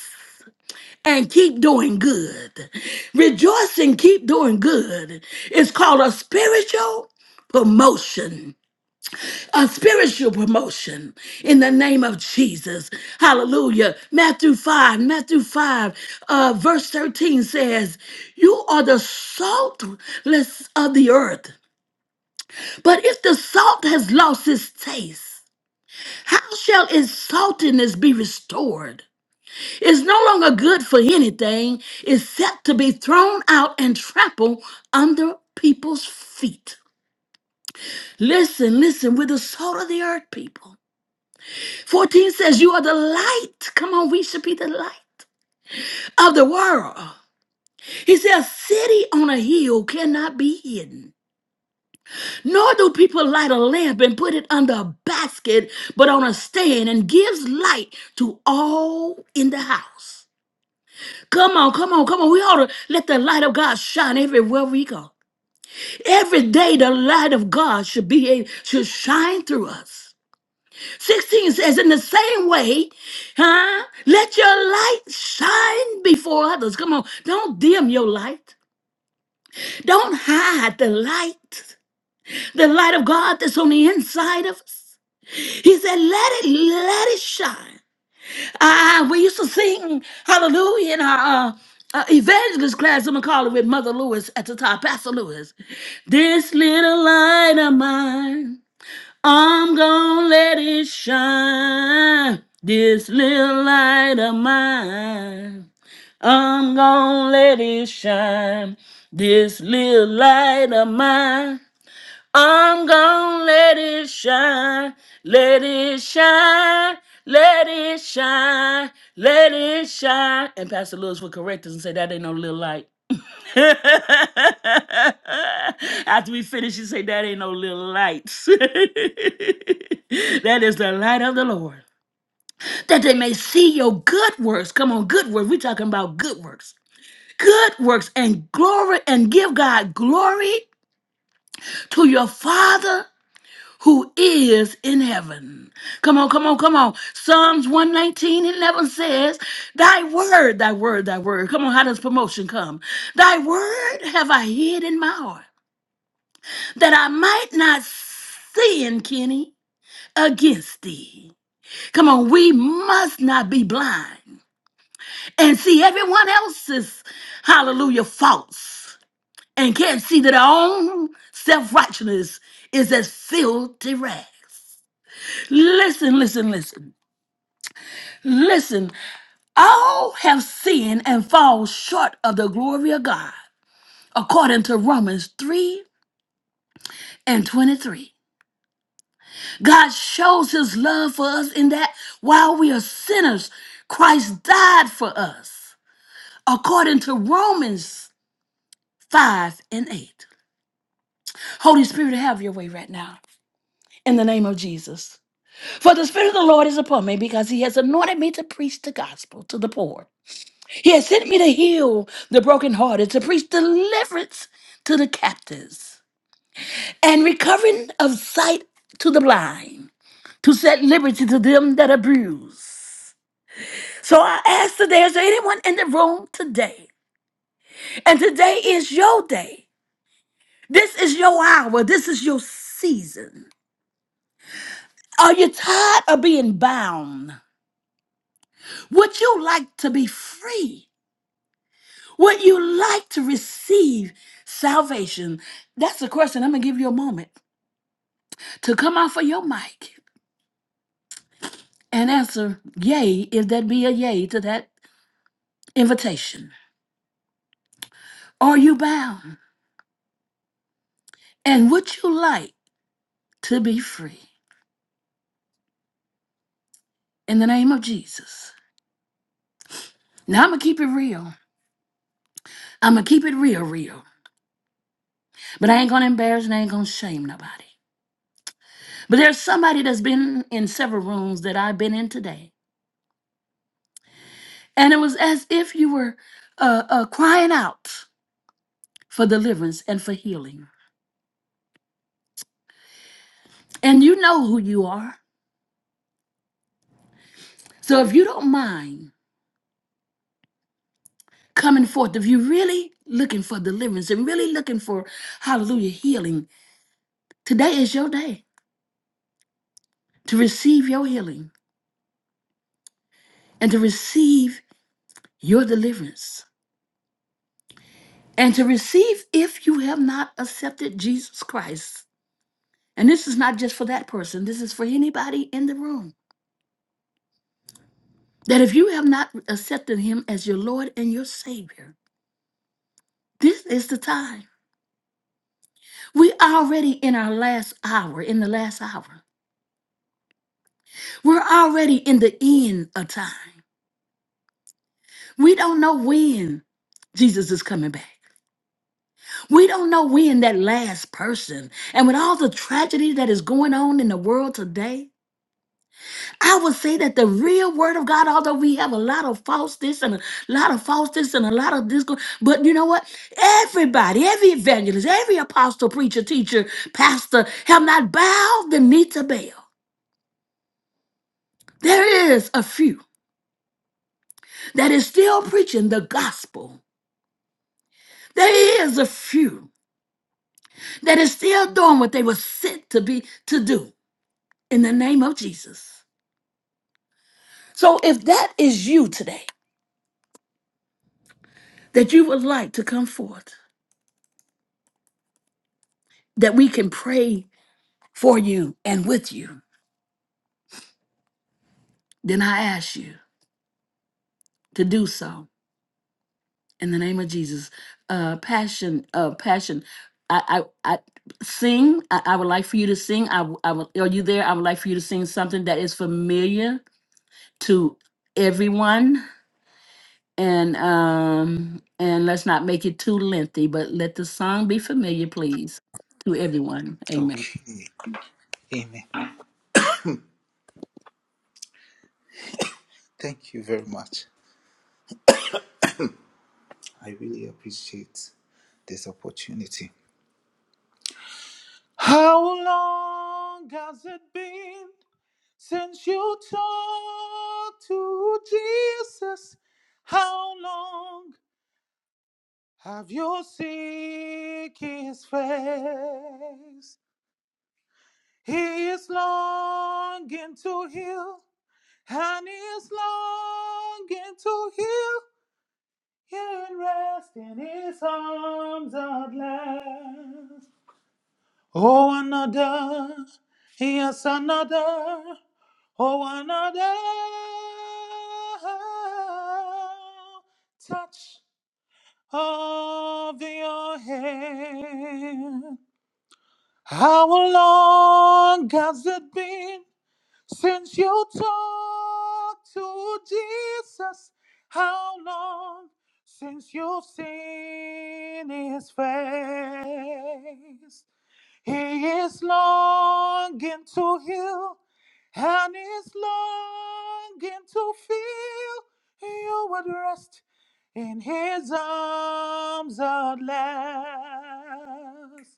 Speaker 1: and keep doing good. Rejoice and keep doing good. It's called a spiritual promotion. A spiritual promotion in the name of Jesus. Hallelujah. Matthew 5, Matthew 5, uh, verse 13 says, You are the saltless of the earth. But if the salt has lost its taste, how shall its saltiness be restored? is no longer good for anything except to be thrown out and trampled under people's feet. Listen, listen, With the salt of the earth, people. 14 says, You are the light. Come on, we should be the light of the world. He says, City on a hill cannot be hidden. Nor do people light a lamp and put it under a basket, but on a stand and gives light to all in the house. Come on, come on, come on. We ought to let the light of God shine everywhere we go. Every day, the light of God should be a, should shine through us. 16 says, in the same way, huh? Let your light shine before others. Come on, don't dim your light. Don't hide the light. The light of God that's on the inside of us. He said, let it, let it shine. Ah, we used to sing Hallelujah in our uh, uh, evangelist class. I'm gonna call it with Mother Lewis at the top, Pastor Lewis. This little light of mine, I'm gonna let it shine. This little light of mine, I'm gonna let it shine. This little light of mine. I'm gonna let it shine, let it shine, let it shine, let it shine. And Pastor Lewis would correct us and say, That ain't no little light. <laughs> After we finish, you say, That ain't no little lights. <laughs> that is the light of the Lord. That they may see your good works. Come on, good works. We're talking about good works. Good works and glory and give God glory to your Father who is in heaven. Come on, come on, come on. Psalms 119 11 says, Thy word, thy word, thy word. Come on, how does promotion come? Thy word have I hid in my heart, that I might not sin, Kenny, against thee. Come on, we must not be blind and see everyone else's hallelujah faults and can't see that our own self righteousness is as filthy rags. Listen, listen, listen. Listen, all have sinned and fall short of the glory of God, according to Romans 3 and 23. God shows his love for us in that while we are sinners, Christ died for us, according to Romans 5 and 8. Holy Spirit, have your way right now, in the name of Jesus. For the Spirit of the Lord is upon me because he has anointed me to preach the gospel to the poor. He has sent me to heal the brokenhearted, to preach deliverance to the captives, and recovering of sight to the blind, to set liberty to them that are bruised. So I ask today, is there anyone in the room today? And today is your day. This is your hour. This is your season. Are you tired of being bound? Would you like to be free? Would you like to receive salvation? That's the question. I'm going to give you a moment. to come off of your mic and answer yay if that be a yay to that invitation. Are you bound? And would you like to be free in the name of Jesus? Now I'm gonna keep it real. I'm gonna keep it real, real. But I ain't gonna embarrass and I ain't gonna shame nobody. But there's somebody that's been in several rooms that I've been in today, and it was as if you were uh, uh, crying out for deliverance and for healing. And you know who you are. So if you don't mind coming forth, if you're really looking for deliverance and really looking for, hallelujah, healing, today is your day to receive your healing and to receive your deliverance and to receive if you have not accepted Jesus Christ. And this is not just for that person, this is for anybody in the room. That if you have not accepted him as your Lord and your Savior, this is the time. We're already in our last hour, in the last hour. We're already in the end of time. We don't know when Jesus is coming back. We don't know when that last person, and with all the tragedy that is going on in the world today, I would say that the real word of God, although we have a lot of false this and a lot of false this and a lot of this, go- but you know what? Everybody, every evangelist, every apostle, preacher, teacher, pastor have not bowed the knee to Baal. There is a few that is still preaching the gospel. There is a few that is still doing what they were sent to be to do in the name of Jesus. So if that is you today, that you would like to come forth, that we can pray for you and with you, then I ask you to do so in the name of Jesus. Uh, passion, uh, passion. I, I, I sing. I, I would like for you to sing. I, w- I would, are you there? I would like for you to sing something that is familiar to everyone And um and let's not make it too lengthy, but let the song be familiar, please, to everyone. Amen.
Speaker 5: Okay. Amen. Thank you very much. I really appreciate this opportunity. How long has it been since you talked to Jesus? How long have you seen his face? He is longing to heal, and he is longing to heal. and rest in his arms at last. Oh, another, yes, another, oh, another touch of your hand. How long has it been? Since you talked to Jesus, how long since you've seen his face? He is longing to heal and is longing to feel you would rest in his arms at last.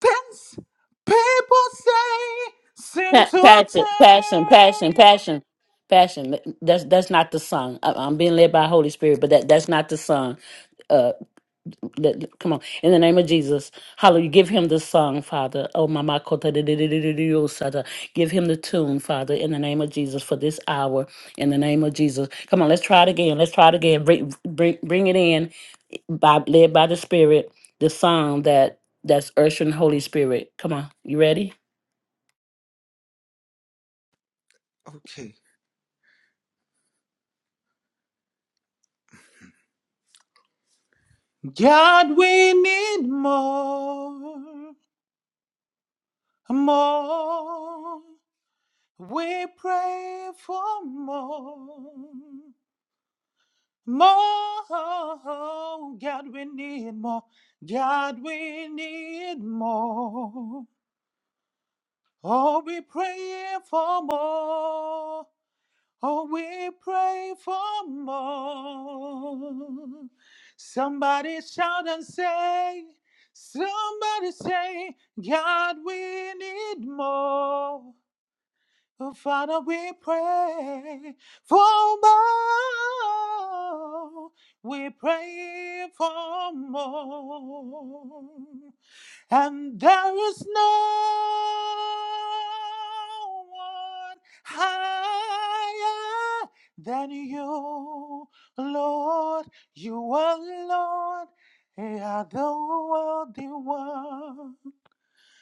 Speaker 5: Pence, people say, seem
Speaker 1: Pa-
Speaker 5: to
Speaker 1: passion, passion,
Speaker 5: turn
Speaker 1: passion,
Speaker 5: you.
Speaker 1: passion, passion. That's that's not the song. I- I'm being led by Holy Spirit, but that that's not the song. Uh, let- come on, in the name of Jesus, Hallelujah. Give him the song, Father. Oh, mama, kota de- de- de- de- de- de- yo, sada. Give him the tune, Father, in the name of Jesus for this hour. In the name of Jesus, come on. Let's try it again. Let's try it again. Bring bring, bring it in eh, by led by the Spirit. The song that that's ushering Holy Spirit. Come on, you ready?
Speaker 5: Okay. God, we need more, more. We pray for more, more. God, we need more. God, we need more. Oh, we pray for more. Oh, we pray for more. Somebody shout and say, somebody say, God, we need more. Oh, Father, we pray for more. We pray for more and there is no one higher than you, Lord. You alone are the worthy one.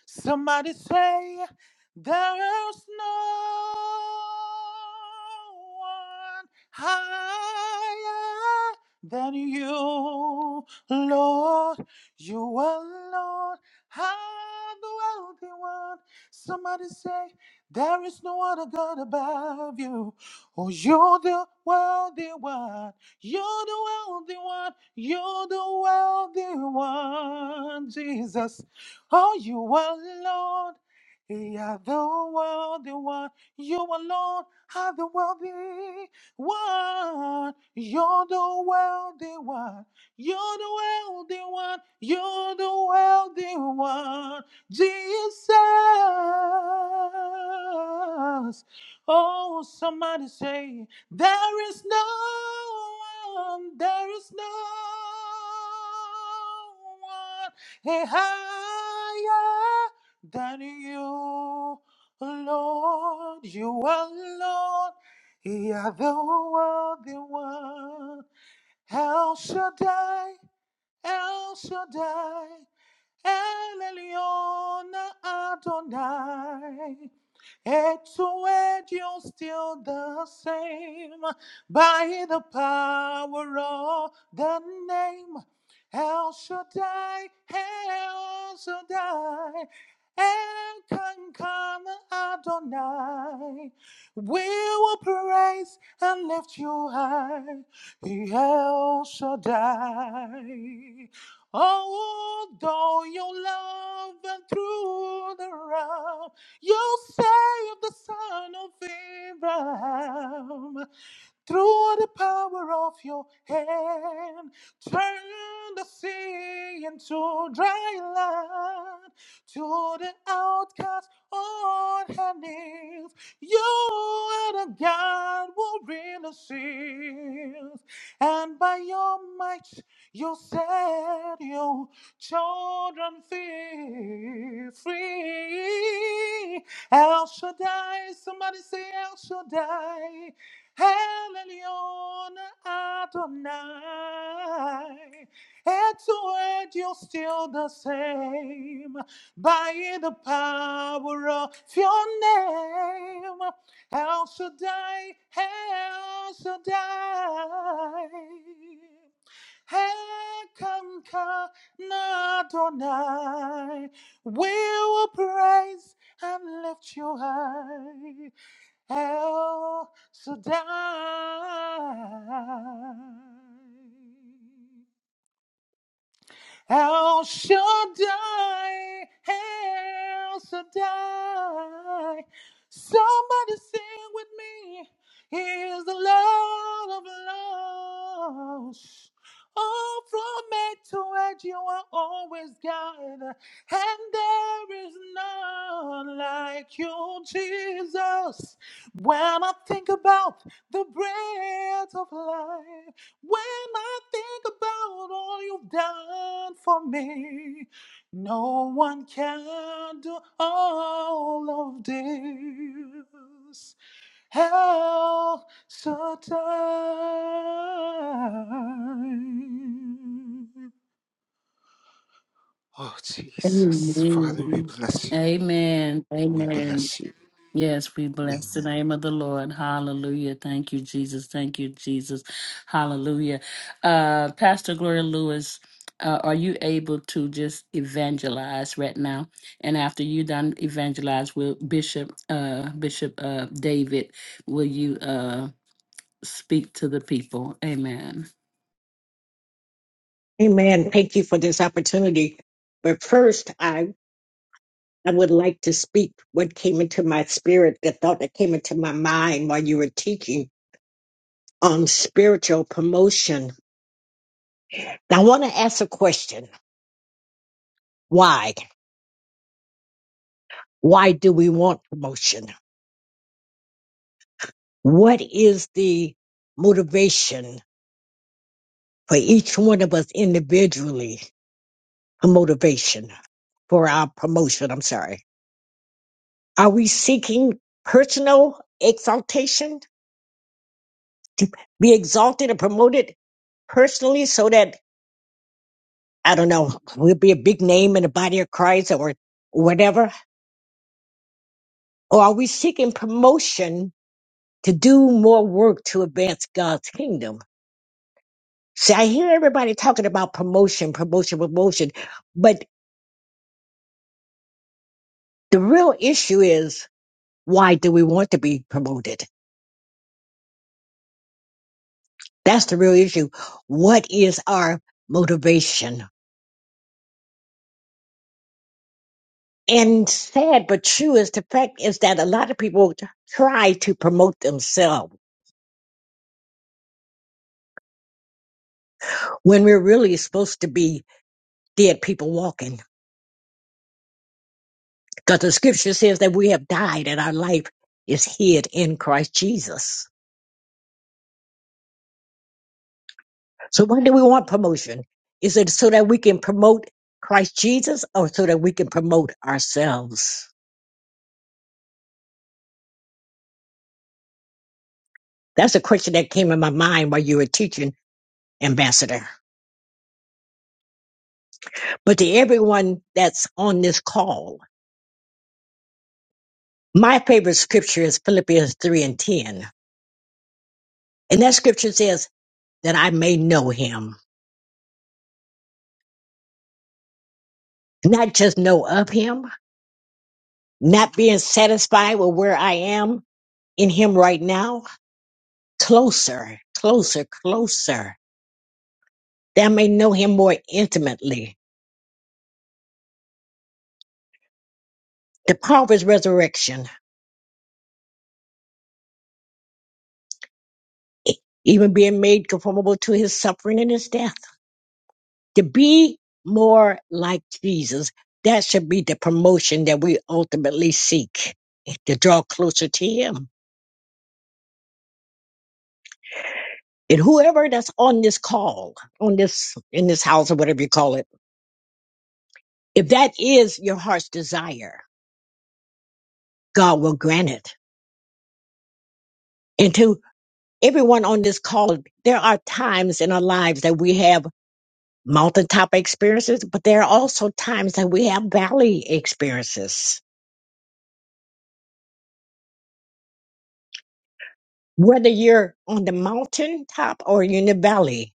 Speaker 5: Somebody say there is no one higher than you, Lord. You alone are the wealthy one. Somebody say there is no other God above you. Oh, you're the wealthy one. You're the wealthy one. You're the wealthy one, Jesus. Oh, you are Lord. You are the worthy one. You are Lord. Are the worthy one. You're the worthy one. You're the worthy one. You're the worthy one. Jesus. Oh, somebody say, there is no one, there is no one Hey, higher than you, Lord, you alone. You are the worthy one. El Shaddai, El Shaddai, El Elyon Adonai. It's where you're still the same by the power of the name. El Shaddai, El Shaddai, El Kankan Adonai. We will praise and lift you high, El Shaddai. Oh, Although your love and through the round, you saved the son of Abraham. Through the power of your hand, turn the sea into dry land. To the outcast on her knees, you are the God who really sees. And by your might, you set your children free. free. El Shaddai, somebody say El Shaddai. El Elyon Adonai, at your word you're still the same. By the power of your name, El Shaddai, El Shaddai. Hekamka Adonai, we will praise and lift you high. El Shaddai. El Shaddai, El Shaddai. Somebody sing with me. He is the Lord of Lords. Oh, from end to end, you are always God. And there is none like you, Jesus. When I think about the breath of life, when I think about all you've done for me, no one can do all of this. Hell, so time. Oh, Jesus. Father, we
Speaker 1: Amen.
Speaker 5: bless you.
Speaker 1: Amen.
Speaker 5: We
Speaker 1: Amen.
Speaker 5: bless you.
Speaker 1: Yes, we bless the
Speaker 5: Amen.
Speaker 1: name of the Lord. Hallelujah. Thank you, Jesus. Thank you, Jesus. Hallelujah. Uh, Pastor Gloria Lewis, uh, are you able to just evangelize right now? And after you done evangelize, will Bishop uh, Bishop uh, David, will you uh, speak to the people? Amen.
Speaker 4: Amen. Thank you for this opportunity. But first, I, I would like to speak what came into my spirit, the thought that came into my mind while you were teaching on spiritual promotion. I want to ask a question. Why? Why do we want promotion? What is the motivation for each one of us individually? A motivation for our promotion. I'm sorry. Are we seeking personal exaltation to be exalted and promoted personally so that I don't know, we'll be a big name in the body of Christ or whatever? Or are we seeking promotion to do more work to advance God's kingdom? See, I hear everybody talking about promotion, promotion, promotion, but The real issue is why do we want to be promoted? That's the real issue. What is our motivation? And sad but true is the fact is that a lot of people try to promote themselves when we're really supposed to be dead people walking. Because the scripture says that we have died and our life is hid in Christ Jesus. So why do we want promotion? Is it so that we can promote Christ Jesus or so that we can promote ourselves? That's a question that came in my mind while you were teaching, Ambassador. But to everyone that's on this call, my favorite scripture is Philippians 3 and 10. And that scripture says that I may know him, not just know of him, not being satisfied with where I am in him right now, closer, closer, closer, that I may know him more intimately. The power of his resurrection, e-, even being made conformable to his suffering and his death to be more like Jesus, that should be the promotion that we ultimately seek eh, to draw closer to Him. And whoever that's on this call, on this, in this house or whatever you call it, if that is your heart's desire, God will grant it. And to everyone on this call, there are times in our lives that we have mountaintop experiences, but there are also times that we have valley experiences. Whether you're on the mountaintop or you're in the valley,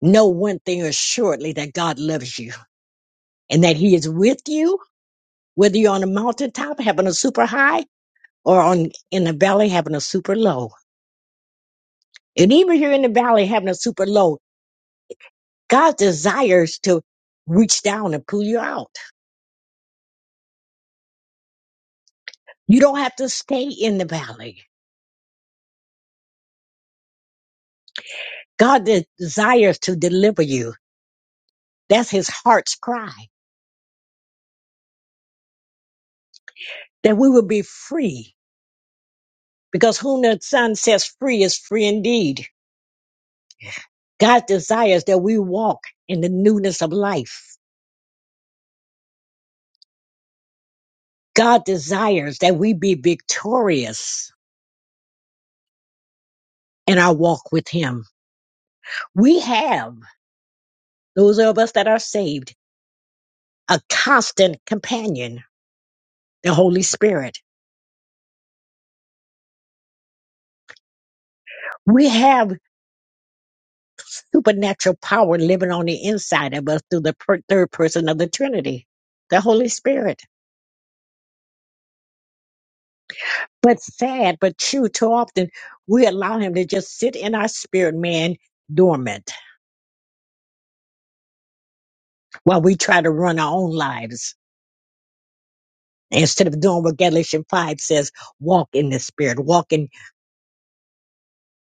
Speaker 4: Know one thing assuredly that God loves you and that He is with you, whether you're on a mountaintop having a super high or on in the valley having a super low. And even here in the valley having a super low, God desires to reach down and pull you out. You don't have to stay in the valley. God de- desires to deliver you. That's His heart's cry that we will be free because whom the Son sets free is free indeed. God desires that we walk in the newness of life. God desires that we be victorious in our walk with Him. We have, those of us that are saved, a constant companion, the Holy Spirit. We have supernatural power living on the inside of us through the per- third person of the Trinity, the Holy Spirit. But sad, but true, too often we allow Him to just sit in our spirit man dormant while we try to run our own lives instead of doing what Galatians 5 says walk in the spirit, walk in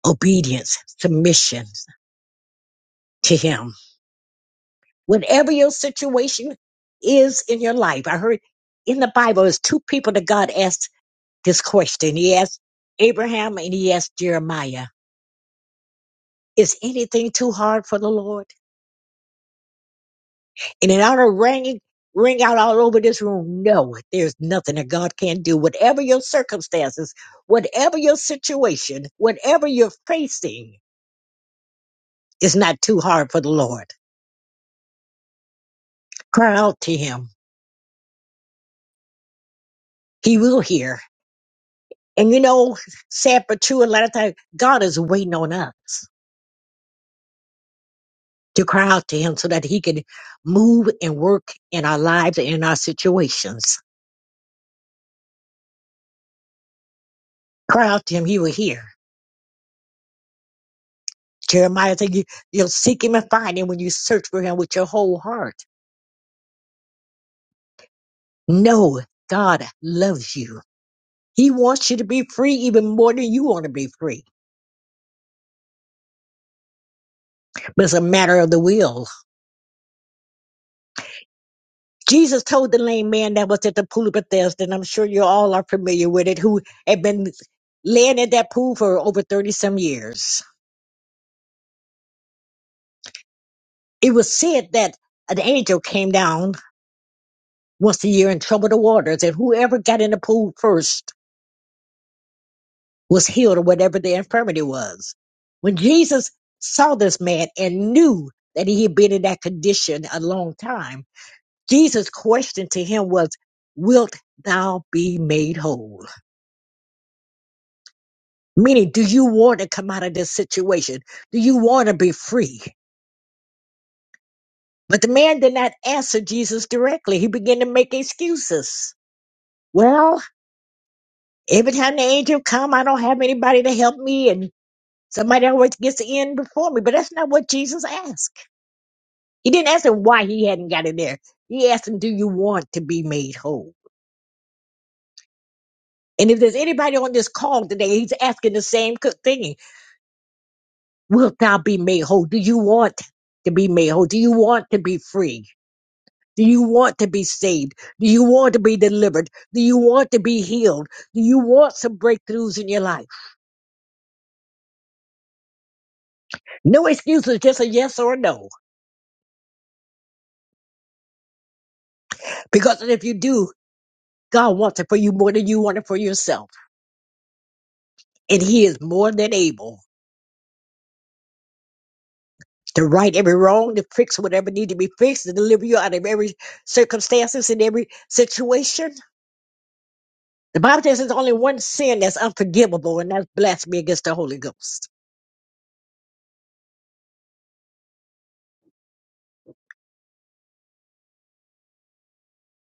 Speaker 4: obedience, submission to Him. Whatever your situation is in your life, I heard in the Bible, there's two people that God asked this question. He asked Abraham and he asked Jeremiah, Is anything too hard for the Lord? And it ought to ring, ring out all over this room. No, there's nothing that God can't do. Whatever your circumstances, whatever your situation, whatever you're facing, is not too hard for the Lord. Cry out to Him. He will hear. And you know, sad but true, a lot of times God is waiting on us to cry out to Him so that He can move and work in our lives and in our situations. Cry out to Him, He will hear. Jeremiah said, you, You'll seek Him and find Him when you search for Him with your whole heart. No, God loves you. He wants you to be free even more than you want to be free. But it's a matter of the will. Jesus told the lame man that was at the pool of Bethesda, and I'm sure you all are familiar with it, who had been laying at that pool for over 30 some years. It was said that an angel came down once a year and troubled the waters, and whoever got in the pool first was healed of whatever the infirmity was. When Jesus saw this man and knew that he had been in that condition a long time, Jesus' question to him was, Wilt thou be made whole? Meaning, do you want to come out of this situation? Do you want to be free? But the man did not answer Jesus directly. He began to make excuses. Well, every time the angel come, I don't have anybody to help me, and somebody always gets in before me. But that's not what Jesus asked. He didn't ask him why he hadn't got in there. He asked him, Do you want to be made whole? And if there's anybody on this call today, he's asking the same co- thing. Wilt thou be made whole? Do you want to be made whole? Do you want to be free? Do you want to be saved? Do you want to be delivered? Do you want to be healed? Do you want some breakthroughs in your life? No excuses, just a yes or a no. Because if you do, God wants it for you more than you want it for yourself. And He is more than able. to right every wrong, to fix whatever need to be fixed, to deliver you out of every circumstances and every situation. The Bible says there's only one sin that's unforgivable, and that's blasphemy against the Holy Ghost.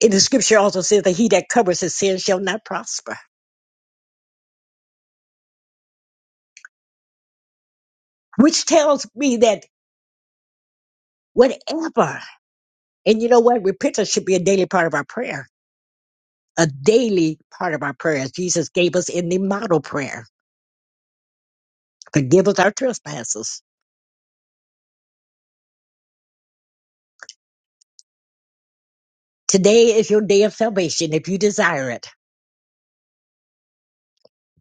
Speaker 4: And the scripture also says that he that covers his sin shall not prosper, which tells me that whatever, and you know what, repentance should be a daily part of our prayer, a daily part of our prayer, as Jesus gave us in the model prayer. Forgive us our trespasses. Today is your day of salvation if you desire it.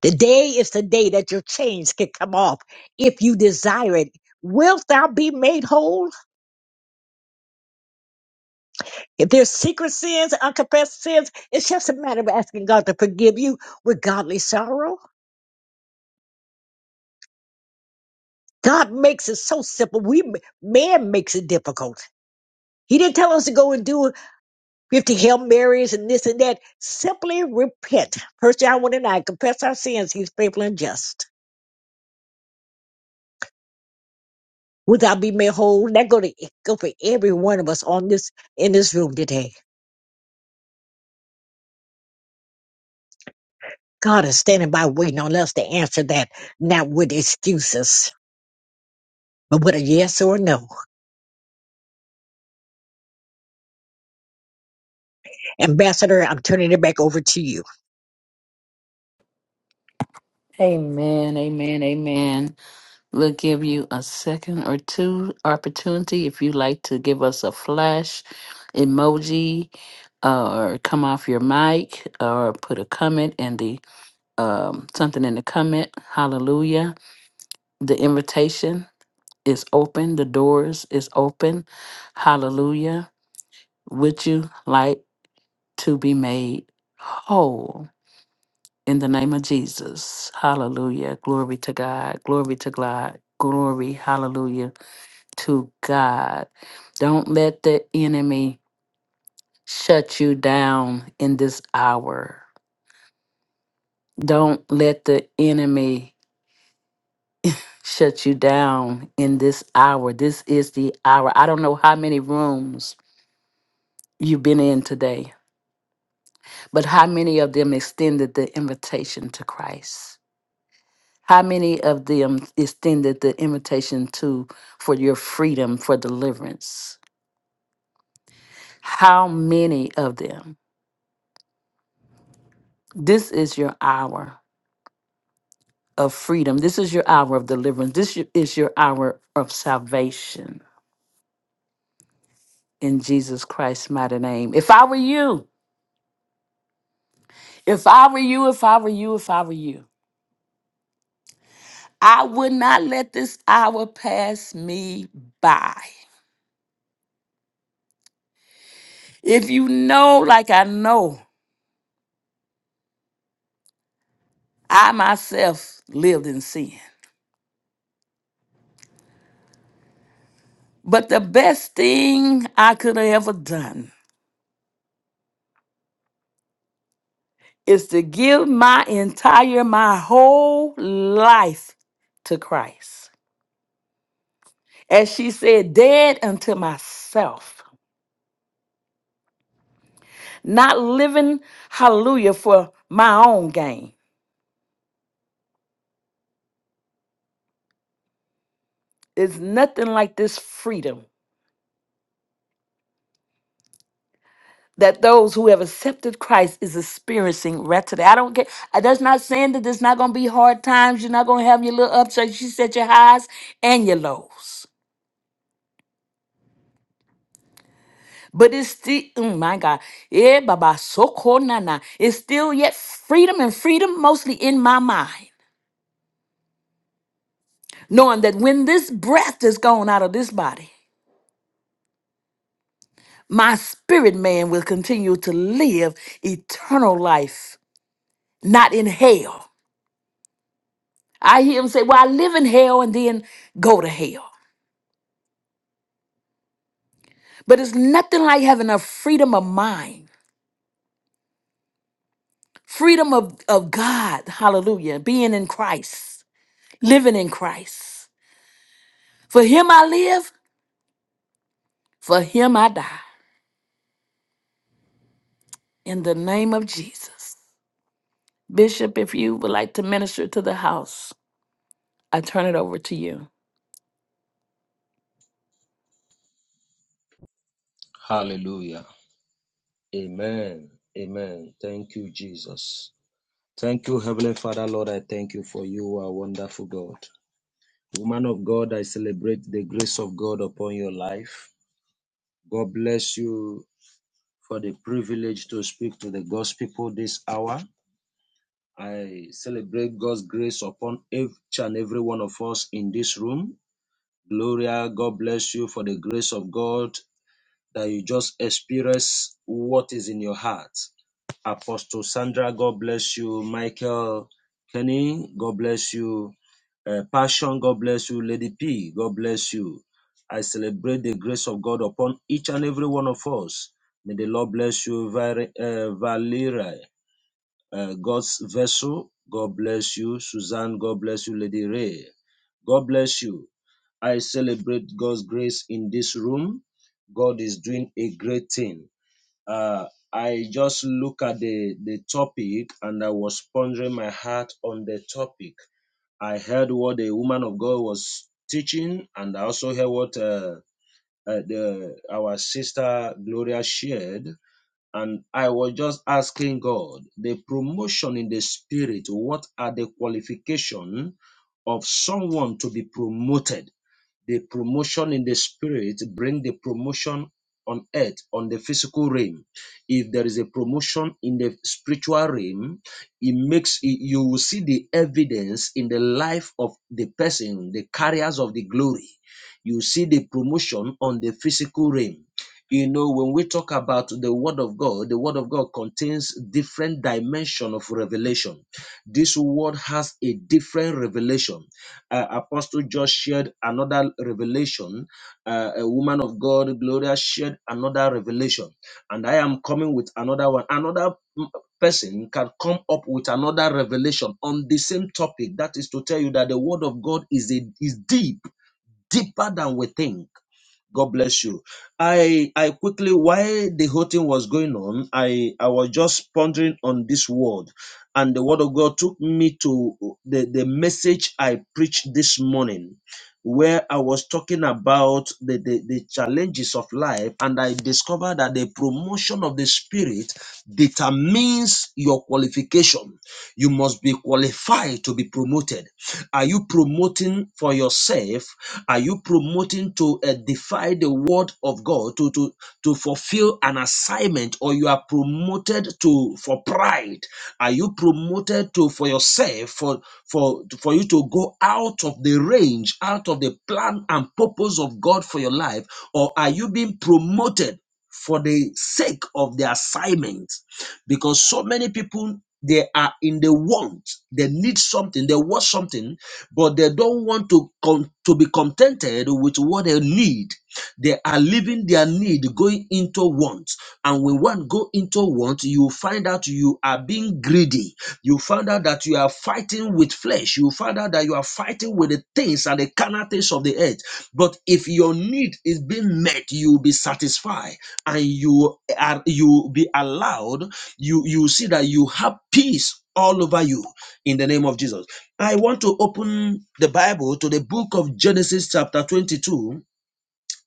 Speaker 4: Today is the day that your chains can come off if you desire it. Wilt thou be made whole? If there's secret sins, unconfessed sins, it's just a matter of asking God to forgive you with godly sorrow. God makes it so simple. We man makes it difficult. He didn't tell us to go and do 50 Hail Marys and this and that. Simply repent. First John 1 and 9, confess our sins. He's faithful and just. Wilt thou be made whole? That go to go for every one of us on this in this room today. God is standing by waiting on us to answer that, not with excuses, but with a yes or a no. Ambassador, I'm turning it back over to you.
Speaker 1: Amen, amen, amen. We'll give you a second or two opportunity if you'd like to give us a flash emoji uh, or come off your mic or put a comment in the um, something in the comment. Hallelujah. The invitation is open, the doors is open. Hallelujah. Would you like to be made whole? In the name of Jesus. Hallelujah. Glory to God. Glory to God. Glory. Hallelujah to God. Don't let the enemy shut you down in this hour. Don't let the enemy shut you down in this hour. This is the hour. I don't know how many rooms you've been in today, but how many of them extended the invitation to Christ? How many of them extended the invitation to for your freedom, for deliverance? How many of them? This is your hour of freedom. This is your hour of deliverance. This y- is your hour of salvation in Jesus Christ's mighty name. If I were you, if I were you, if I were you, if I were you, I would not let this hour pass me by. If you know, like I know, I myself lived in sin. But the best thing I could have ever done is to give my entire, my whole life to Christ. As she said, dead unto myself, not living, hallelujah, for my own gain. There's nothing like this freedom that those who have accepted Christ is experiencing right today. I don't get I- that's not saying that there's not gonna be hard times, you're not gonna have your little ups, as she said, your highs and your lows. But it's still, mm, my God, eh, Baba, so cold, nana. It's still yet freedom and freedom mostly in my mind, knowing that when this breath is gone out of this body, my spirit man will continue to live eternal life, not in hell. I hear him say, Well, I live in hell and then go to hell. But it's nothing like having a freedom of mind, freedom of, of God, hallelujah, being in Christ, living in Christ. For him I live For him I die in the name of Jesus. Bishop, if you would like to minister to the house, I turn it over to you.
Speaker 6: Hallelujah. Amen. Amen. Thank you, Jesus. Thank you, Heavenly Father, Lord. I thank you for you are wonderful God. Woman of God, I celebrate the grace of God upon your life. God bless you for the privilege to speak to the God's people this hour. I celebrate God's grace upon each and every one of us in this room. Gloria, God bless you for the grace of God that you just experience what is in your heart. Apostle Sandra, God bless you. Michael Kenny, God bless you. Uh, Passion, God bless you. Lady P, God bless you. I celebrate the grace of God upon each and every one of us. May the Lord bless you, Valerie. uh, Valerie uh, God's vessel. God bless you, Suzanne. God bless you, Lady Ray. God bless you. I celebrate God's grace in this room. God is doing a great thing. Uh, I just look at the, the topic and I was pondering my heart on the topic. I heard what the woman of God was teaching, and I also heard what uh, uh, the, our sister Gloria shared and I was just asking God, the promotion in the spirit, what are the qualification of someone to be promoted? The promotion in the spirit bring the promotion on earth on the physical realm if there is a promotion in the spiritual realm it makes it, you will see the evidence in the life of the person the carriers of the glory you see the promotion on the physical realm you know when we talk about the word of god the word of god contains different dimension of revelation this word has a different revelation uh, Apostle just shared another revelation. Uh, a woman of God, Gloria, shared another revelation. And I am coming with another one. Another mm, person can come up with another revelation on the same topic. That is to tell you that the word of God is, a, is deep, deeper than we think. God bless you. I I quickly while the whole thing was going on, I I was just pondering on this word, and the word of God took me to the the message I preached this morning, where I was talking about the the, the challenges of life, and I discovered that the promotion of the spirit determines your qualification. You must be qualified to be promoted are you promoting for yourself? Are you promoting to uh, defy the word of God to, to, to fulfill an assignment or you are promoted to for pride? Are you promoted to for yourself for for for you to go out of the range, out of the plan and purpose of God for your life? Or are you being promoted for the sake of the assignment? because so many people they are in the want they need something they want something but they don't want to con- to be contented with what they need they are leaving their need going into want and when one go into want you find out you are being greedy you find out that you are fighting with flesh you find out that you are fighting with the things and the carnal things of the earth but if your need is being met you will be satisfied and you are you will be allowed you you see that you have peace all over you in the name of Jesus. I want to open the Bible to the book of Genesis chapter 22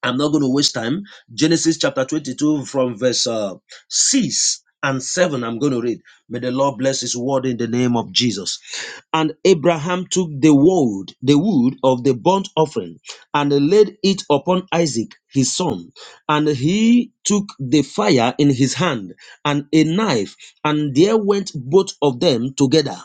Speaker 6: I'm not going to waste time. Genesis chapter 22 from verse uh, 6 and 7 I'm going to read. May the Lord bless his word in the name of Jesus. And Abraham took the wood, the wood of the burnt offering and laid it upon Isaac his son, and he took the fire in his hand and a knife, and there went both of them together.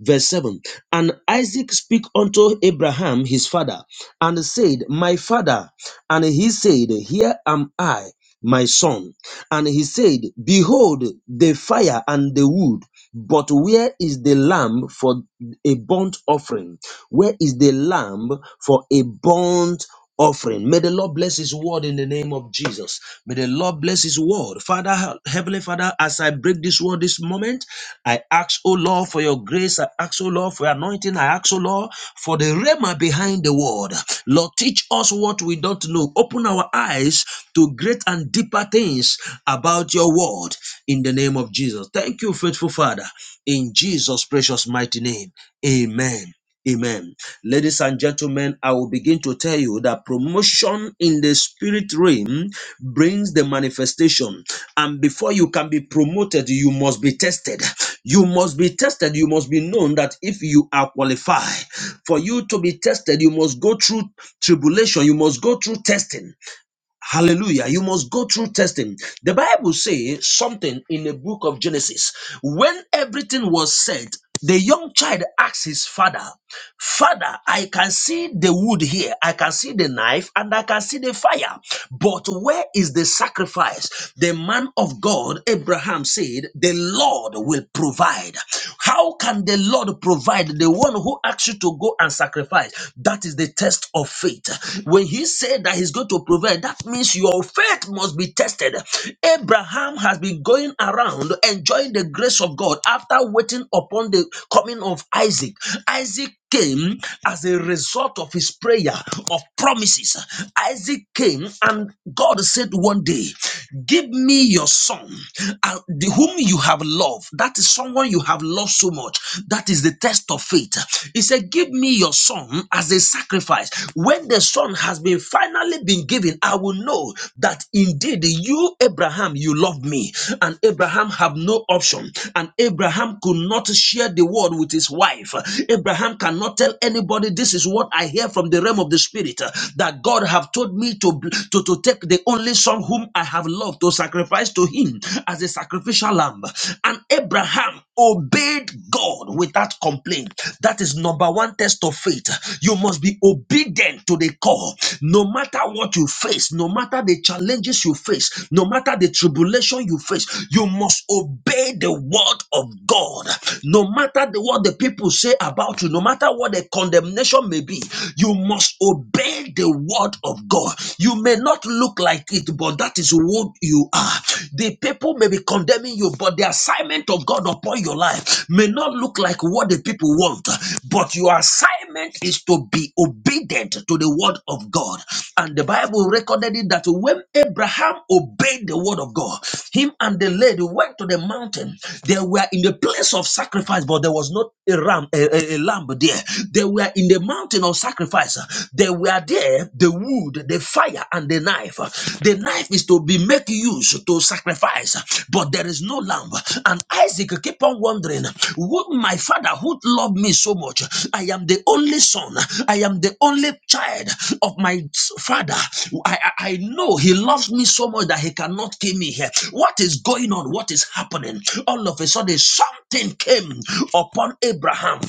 Speaker 6: Verse 7 And Isaac spake unto Abraham his father, and said, My father. And he said, Here am I, my son. And he said, Behold the fire and the wood, but where is the lamb for a burnt offering? Where is the lamb for a burnt offering? May the Lord bless his word in the name of Jesus. May the Lord bless his word. Father, Heavenly Father, As I I break this word this moment, I ask, oh Lord, for your grace. I ask, oh Lord, for your anointing. I ask, oh Lord, for the rhema behind the word. Lord, teach us what we don't know. Open our eyes to great and deeper things about your word in the name of Jesus. Thank you, faithful Father, in Jesus' precious mighty name. Amen. Amen. Ladies and gentlemen, I will begin to tell you that promotion in the spirit realm brings the manifestation. And before you can be promoted, you must be tested. You must be tested. You must be known that if you are qualified, for you to be tested, you must go through tribulation. You must go through testing. Hallelujah. You must go through testing. The Bible says something in the book of Genesis. When everything was said, the young child asked his father, Father, I can see the wood here, I can see the knife, and I can see the fire. But where is the sacrifice? The man of God, Abraham, said, The Lord will provide. How can the Lord provide? The one who asks you to go and sacrifice, that is the test of faith. When he said that he's going to provide, that means your faith must be tested. Abraham has been going around enjoying the grace of God after waiting upon the coming of Isaac. Isaac came as a result of his prayer of promises. Isaac came and God said one day, Give me your son, uh, the- whom you have loved. That is someone you have loved so much. That is the test of faith. He said, Give me your son as a sacrifice. When the son has been finally been given, I will know that indeed you, Abraham, you love me. And Abraham have no option. And Abraham could not share the word with his wife. Abraham Abraham cannot tell anybody this is what I hear from the realm of the spirit uh, that God have told me to, to, to take the only son whom I have loved to sacrifice to him as a sacrificial lamb. And Abraham obeyed God without complaint. That is number one test of faith. You must be obedient to the call. No matter what you face, no matter the challenges you face, no matter the tribulation you face, you must obey the word of God. No matter the, what the people say about you about you, no matter what the condemnation may be, you must obey the word of God. You may not look like it, but that is what you are. The people may be condemning you, but the assignment of God upon your life may not look like what the people want, but your assignment is to be obedient to the word of God. And the Bible recorded it that when Abraham obeyed the word of God, him and the lady went to the mountain. They were in the place of sacrifice, but there was not a ram, a, a, a, a lamb there. They were in the mountain of sacrifice. They were there, the wood, the fire, and the knife. The knife is to be make use to sacrifice, but there is no lamb. And Isaac keep on wondering, would my father who loved me so much? I am the only son. I am the only child of my father. I, I, I know he loves me so much that he cannot kill me here. What is going on? What is happening? All of a sudden, something came upon Abraham.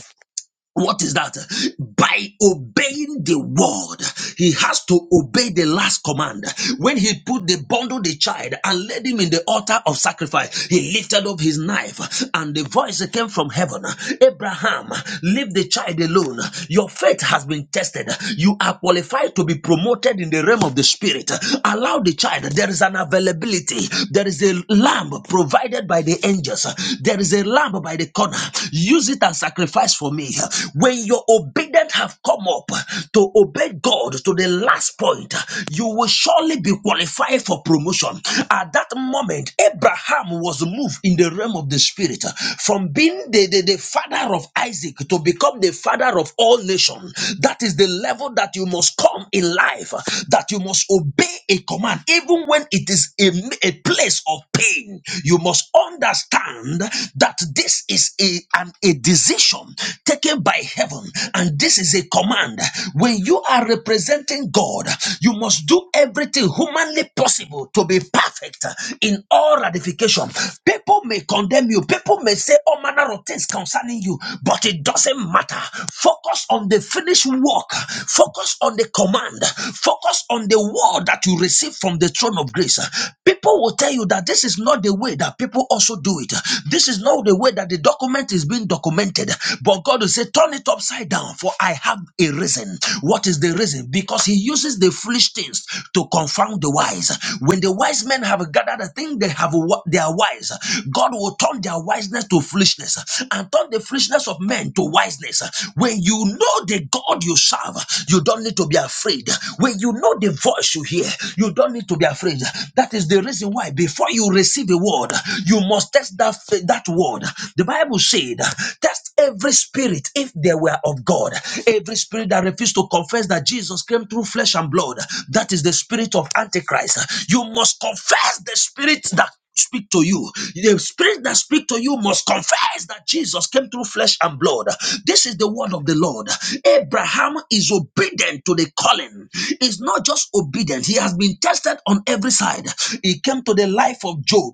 Speaker 6: What is that? By obeying the word, he has to obey the last command. When he put the bundle, the child, and laid him in the altar of sacrifice, he lifted up his knife, and the voice that came from heaven Abraham, leave the child alone. Your faith has been tested. You are qualified to be promoted in the realm of the spirit. Allow the child. There is an availability. There is a lamb provided by the angels. There is a lamb by the corner. Use it and sacrifice for me. When your obedience have come up to obey God to the last point, you will surely be qualified for promotion. At that moment, Abraham was moved in the realm of the spirit from being the, the, the father of Isaac to become the father of all nations. That is the level that you must come in life, that you must obey a command, even when it is a, a place of pain. You must must understand that this is a, an, a decision taken by heaven and this is a command. When you are representing God, you must do everything humanly possible to be perfect in all ratification. People may condemn you, people may say all manner of things concerning you, but it doesn't matter. Focus on the finished work, focus on the command, focus on the word that you receive from the throne of grace. People will tell you that this is not the way that people also do it. This is not the way that the document is being documented. But God will say, Turn it upside down, for I have a reason. What is the reason? Because He uses the foolish things to confound the wise. When the wise men have gathered, I think they have wi- they are wise. God will turn their wiseness to foolishness and turn the foolishness of men to wiseness. When you know the God you serve, you don't need to be afraid. When you know the voice, voice you hear, you don't need to be afraid. That is the reason why before you receive a word, you must test that that word. The Bible said, test every spirit if they were of God. Every spirit that refused to confess that Jesus came through flesh and blood, that is the spirit of Antichrist. You must confess the spirit that speak to you. The spirit that speak to you must confess that Jesus came through flesh and blood. This is the word of the Lord. Abraham is obedient to the calling. He's not just obedient. He has been tested on every side. He came to the life of Job.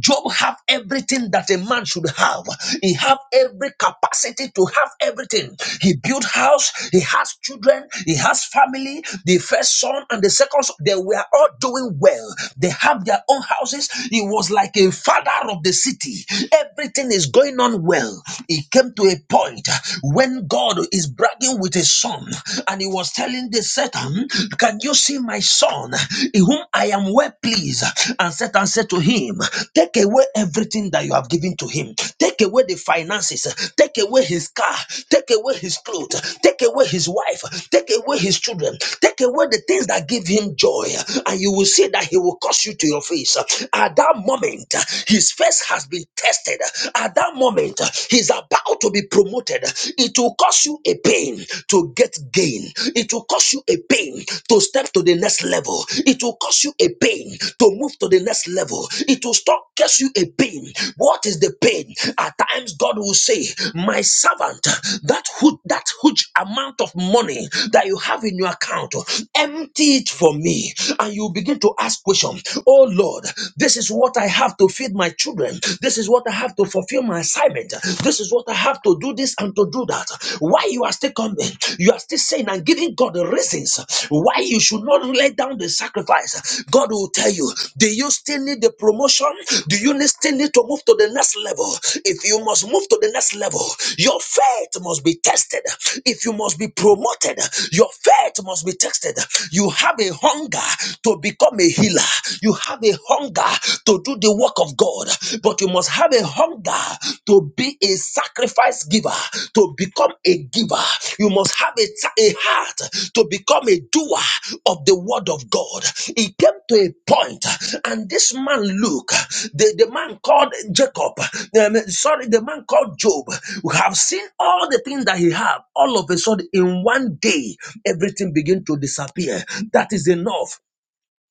Speaker 6: Job have everything that a man should have. He have every capacity to have everything. He built house. He has children. He has family. The first son and the second son, they were all doing well. They have their own house houses. He was like a father of the city. Everything is going on well. He came to a point when God is bragging with his son and he was telling the Satan, Can you see my son in whom I am well pleased? And Satan said to him, Take away everything that you have given to him, take away the finances, take away his car, take away his clothes, take away his wife, take away his children, take away the things that give him joy, and you will see that he will cause you to it to your face. At that moment, his face has been tested. At that moment, he's about to be promoted. It will cost you a pain to get gain. It will cost you a pain to step to the next level. It will cost you a pain to move to the next level. It will stop cost you a pain. What is the pain? At times, God will say, "My servant, that hu- that huge amount of money that you have in your account, empty it for me." And you begin to ask equation. Oh Lord, this is what I have to feed my children. This is what I have to fulfill my assignment. This is what I have to do this and to do that. Why you are still coming? You are still saying and giving God the reasons why you should not lay down the sacrifice. God will tell you, do you still need the promotion? Do you need- still need to move to the next level? If you must move to the next level, your faith must be tested. If you must be promoted, your faith must be tested. You have a hunger to be become a healer. You have a hunger to do the work of God, but you must have a hunger to be a sacrifice giver, to become a giver. You must have a, a heart to become a doer of the word of God. He came to a point, and this man, Luke, the, the man called Jacob, um, sorry, the man called Job, we have seen all the things that he had. All of a sudden, in one day, everything began to disappear. That is enough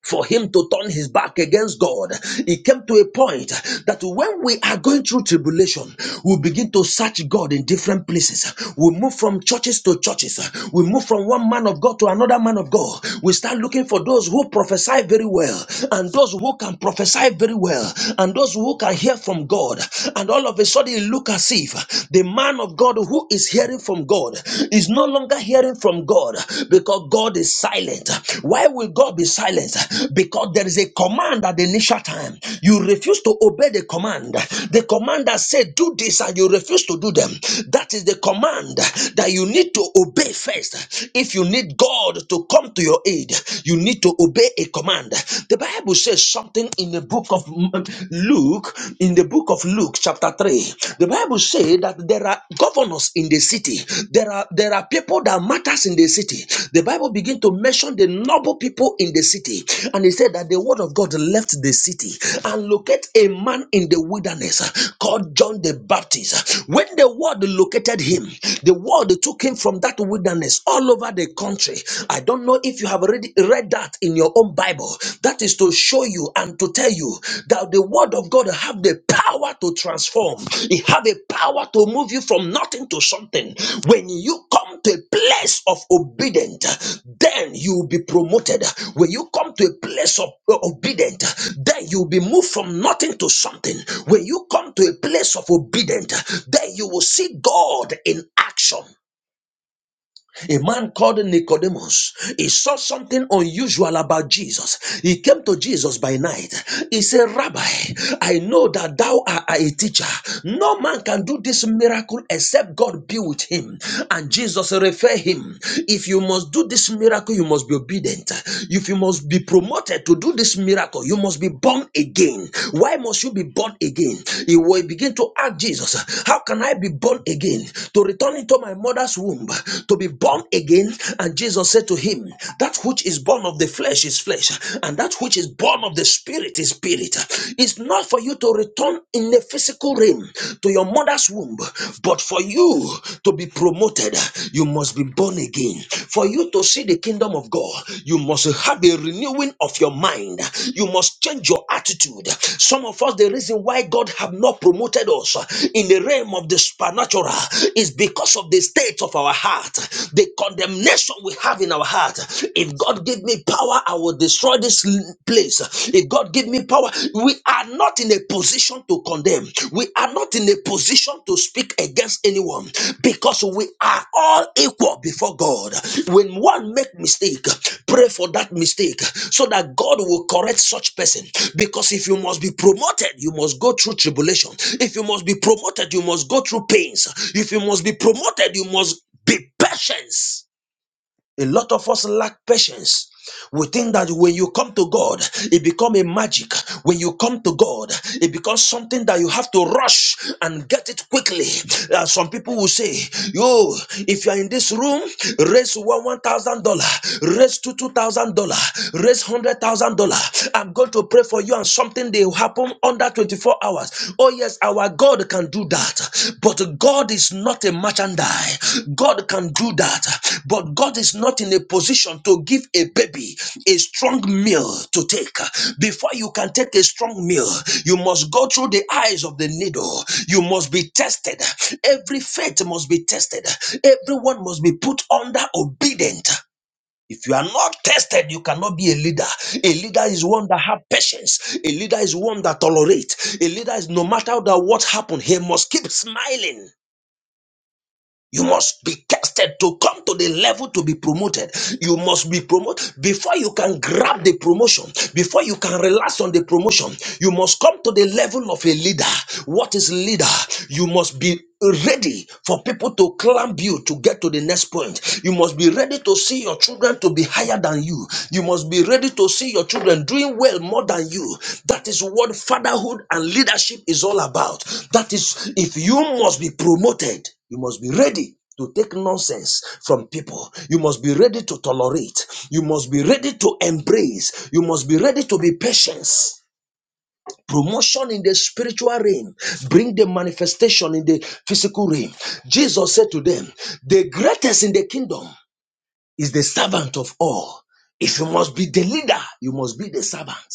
Speaker 6: for him to turn his back against God. It came to a point that when we are going through tribulation, we begin to search God in different places. We move from churches to churches. We move from one man of God to another man of God. We start looking for those who prophesy very well and those who can prophesy very well and those who can hear from God. And all of a sudden, it look as if the man of God who is hearing from God is no longer hearing from God because God is silent. Why will God be silent? Because there is a command at the initial time. You refuse to obey the command. The command that said, Do this, and you refuse to do them. That is the command that you need to obey first. If you need God to come to your aid, you need to obey a command. The Bible says something in the book of Luke, in the book book of Luke, chapter 3, the Bible says that there are governors in the city. There are there are people that matters in the city. The Bible begin to mention the noble people in the city. And it said that the word of God left the city and locate a man in the wilderness uh, called John the Baptist. When the word located him, the word took him from that wilderness all over the country. I don't know if you have already read that in your own Bible. That is to show you and to tell you that the word of God have the power to transform. It have a power to move you from nothing to something. When you come to a place of obedience, then you will be promoted. When you come to a place of uh, obedience, then you will be moved from nothing to something. When you come to a place of obedience, then you will see God in action a man called Nicodemus. He saw something unusual about Jesus. He came to Jesus by night. He said, Rabbi, I know that thou art a teacher. No man can do this miracle except God be with him. And Jesus referred him, If you must do this miracle, you must be obedient. If you must be promoted to do this miracle, you must be born again. Why why must you be born again? You will begin to ask Jesus, How can I be born again? To return into my mother's womb, to be born again. And Jesus said to him, That which is born of the flesh is flesh, and that which is born of the spirit is spirit. It's not for you to return in the physical realm to your mother's womb, but for you to be promoted, you must be born again born again. For you to see the kingdom of God, you must have a renewing of your mind. You must change your attitude. Some of us, the reason why God have not promoted us in the realm of the supernatural is because of the state of our heart, the condemnation we have in our heart. If God give me power, I will destroy this place. If God give me power, we are not not in a position to condemn. We are not in a position to speak against anyone because we are all equal before God. When one make mistake, pray for that mistake so that God will correct such person. Because if you must be promoted, you must go through tribulation. If you must be promoted, you must go through pains. If you must be promoted, you must be patient. A lot of us lack patience. We think that when you come to God, it becomes a magic. When you come to God, it becomes something that you have to rush and get it quickly. Uh, some people will say, "Yo, if you are in this room, raise one one thousand dollar, raise two two thousand dollar, raise hundred thousand dollar. I'm going to pray for you, and something they will happen under twenty four hours." us. Oh, yes, our God can do that. But God is not a merchandise. God can do that. But God is not in a position to give a baby a strong meal to take. Before you can take a strong meal, you must go through the eyes of the needle. You must be tested. Every faith must be tested. Everyone must be put under obedient. If you are not tested, you cannot be a leader. A leader is one that have patience. A leader is one that tolerates. A leader is no matter that what happened, he must keep smiling. You must be tested to come to the level to be promoted. You must be promoted before you can grab the promotion, before you can relax on the promotion. You must come to the level of a leader. What is leader? You must be ready for people to clamp you to get to the next point. You must be ready to see your children to be higher than you. You must be ready to see your children doing well more than you. That is what fatherhood and leadership is all about. That is, if you must be promoted, you must be ready. To take nonsense from people. You must be ready to tolerate. You must be ready to embrace. You must be ready to be patient promotion in the spiritual realm bring the manifestation in the physical realm jesus said to them the greatest in the kingdom is the servant of all. If you must be the leader, you must be the servant.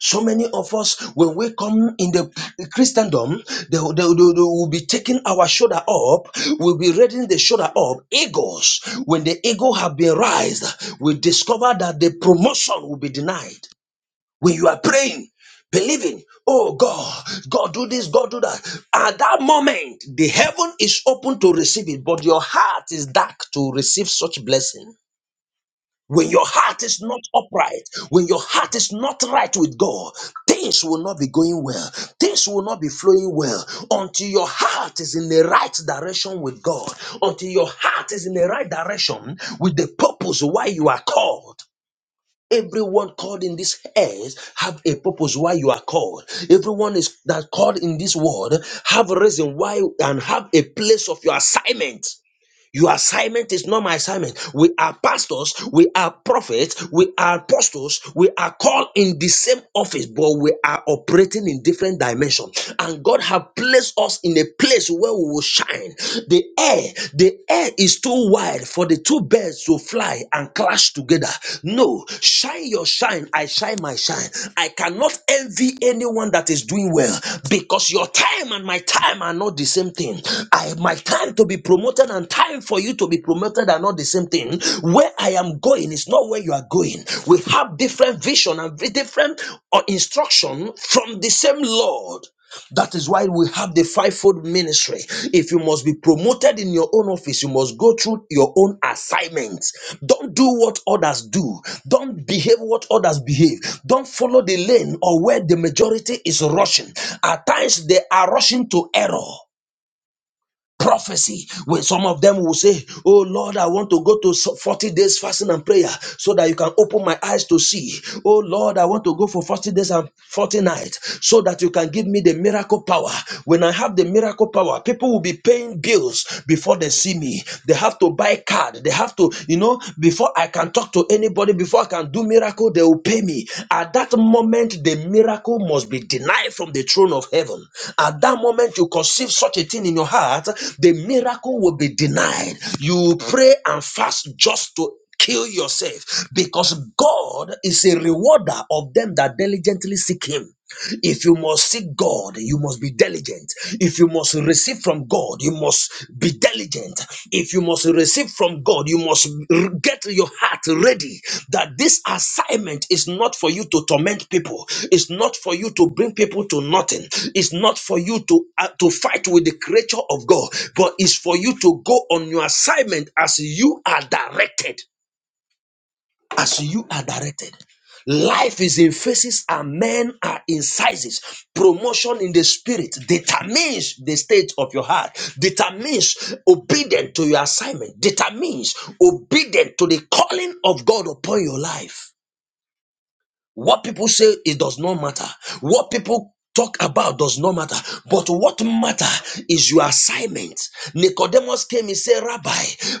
Speaker 6: So many of us, when we come in the Christendom, they, they, they- they will be taking our shoulder up, we'll be raising the shoulder up. Egos. when the ego have been raised, we discover that the promotion will be denied. When you are praying, believing, oh God, God do this, God do that. At that moment, the heaven is open to receive it, but your heart is dark to receive such blessing. When your heart is not upright, when your heart is not right with God, things will not be going well. Things will not be flowing well until your heart is in the right direction with God, until your heart is in the right direction with the purpose why you are called. Everyone called in this earth have a purpose why you are called. Everyone is that called in this world have a reason why and have a place of your assignment. Your assignment is not my assignment. We are pastors, we are prophets, we are apostles, we are called in the same office, but we are operating in different dimensions. And God have placed us in a place where we will shine. The air, the air is too wide for the two birds to fly and clash together. No, shine your shine, I shine my shine. I cannot envy anyone that is doing well because your time and my time are not the same thing. I my time to be promoted and time for you to be promoted are not the same thing. Where I am going is not where you are going. We have different vision and different uh, instruction from the same Lord. That is why we have the fivefold ministry. If you must be promoted in your own office, you must go through your own assignments. Don't do what others do. Don't behave what others behave. Don't follow the lane or where the majority is rushing. At times they are rushing to error prophecy when some of them will say oh lord i want to go to so- 40 days fasting and prayer so that you can open my eyes to see oh lord i want to go for 40 days and 40 nights so that you can give me the miracle power when i have the miracle power people will be paying bills before they see me they have to buy card they have to you know before i can can talk to anybody, before I can do miracle, they will pay me. At that moment, the miracle must be denied from the throne of heaven. At that moment, you conceive such a thing in your heart, the miracle will be denied. You pray and fast just to kill yourself because God is a rewarder of them that diligently seek Him. If you must seek God, you must be diligent. If you must receive from God, you must be diligent. If you must receive from God, you must r- get your heart ready that this assignment is not for you to torment people. It's not for you to bring people to nothing. It's not for you to uh, to fight with the creature of God, but it's for you to go on your assignment as you are directed as you are directed. Life is in phases and men are in sizes. Promotion in the spirit determines the state of your heart, determines obedience to your assignment, determines obedience to the calling of God upon your life. What people say, it does not matter. What people talk about does not matter. But what matter is your assignment. Nicodemus came and said, Rabbi,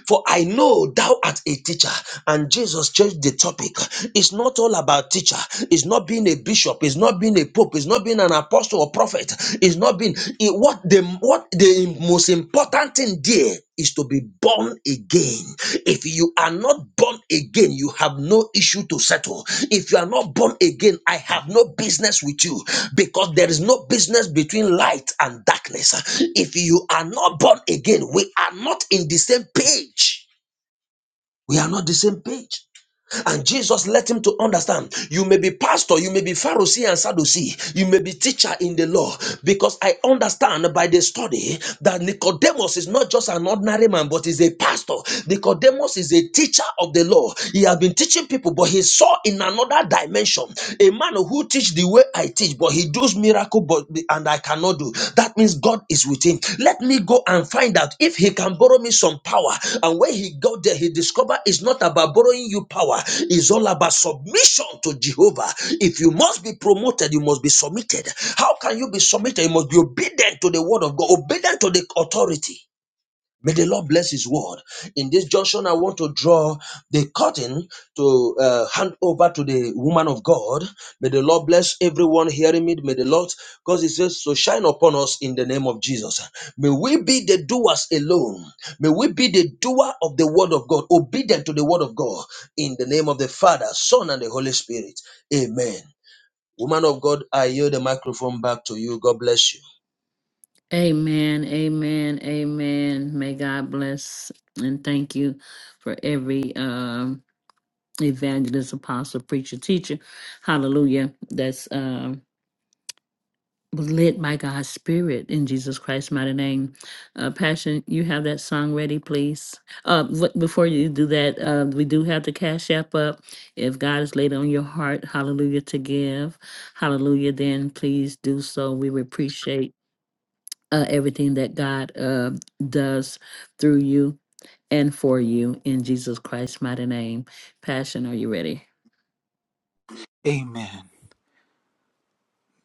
Speaker 6: for I know thou art a teacher. And Jesus changed the topic. It's not all about teacher. It's not being a bishop. It's not being a pope. It's not being an apostle or prophet. It's not being it- what the what the most important thing there is to be born again. If you are not born again, you have no issue to settle. If you are not born again, I have no business with you because there is no business between light and darkness. If you are not born again, we are not in the same page. We are not the same page. And Jesus let him to understand you may be pastor, you may be Pharisee and Sadducee, you may be teacher in the law, because I understand by the study that Nicodemus is not just an ordinary man, but is a pastor. Nicodemus is a teacher of the law. He has been teaching people, but he saw in another dimension a man who teach the way I teach, but he with those miracle but and I cannot do. That means God is with him. Let me go and find out if he can borrow me some power. And when he got there, he discovered it's not about borrowing you power, it's all about submission to Jehovah. If you must be promoted, you must be submitted. How can you be submitted? You must be obedient to the word of God, obedient to the authority. May the Lord bless His word. In this junction, I want to draw the curtain to uh, hand over to the woman of God. May the Lord bless everyone hearing me. May the Lord, because He says, so shine upon us in the name of Jesus. May we be the doers alone. May we be the doer of the word of God, obedient to the word of God, in the name of the Father, Son, and the Holy Spirit. Amen. Woman of God, I yield the microphone back to you. God bless you.
Speaker 1: Amen, amen, amen. May God bless and thank you for every um evangelist, apostle, preacher, teacher. Hallelujah. That's um was led by God's Spirit in Jesus Christ's mighty name. Uh, Passion, you have that song ready, please. Uh, wh- before you do that, uh, we do have the Cash App up. If God is laid on your heart, hallelujah, to give, hallelujah, then please do so. We would appreciate uh, everything that God uh, does through you and for you in Jesus Christ's mighty name. Passion, are you ready?
Speaker 5: Amen.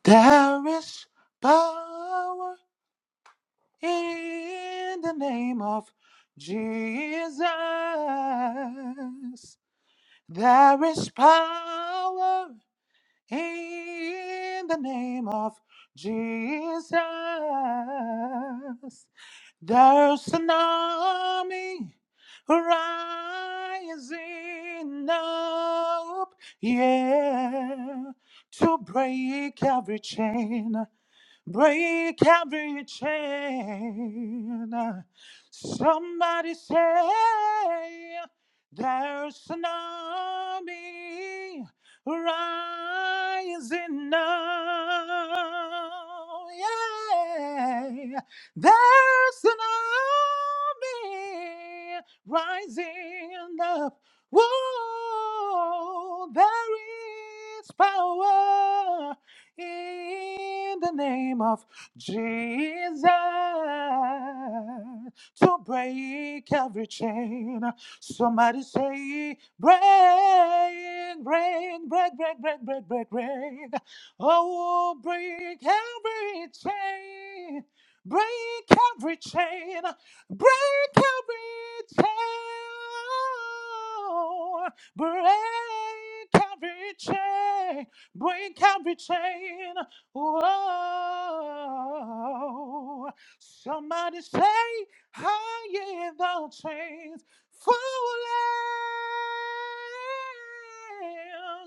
Speaker 5: There is power in the name of Jesus. There is power in the name of Jesus. There's an army rising up, yeah, to break every chain break every chain. Somebody say there's an army rising now. Yeah, there's an army rising up. Whoa, there is power in the name of Jesus to break every chain. Somebody say, break, break, break, break, break, break, break, break. Oh, break every chain. Break every chain. Break every chain. Break every chain. Break every chain. Whoa. Somebody say, I hear the chains. Falling.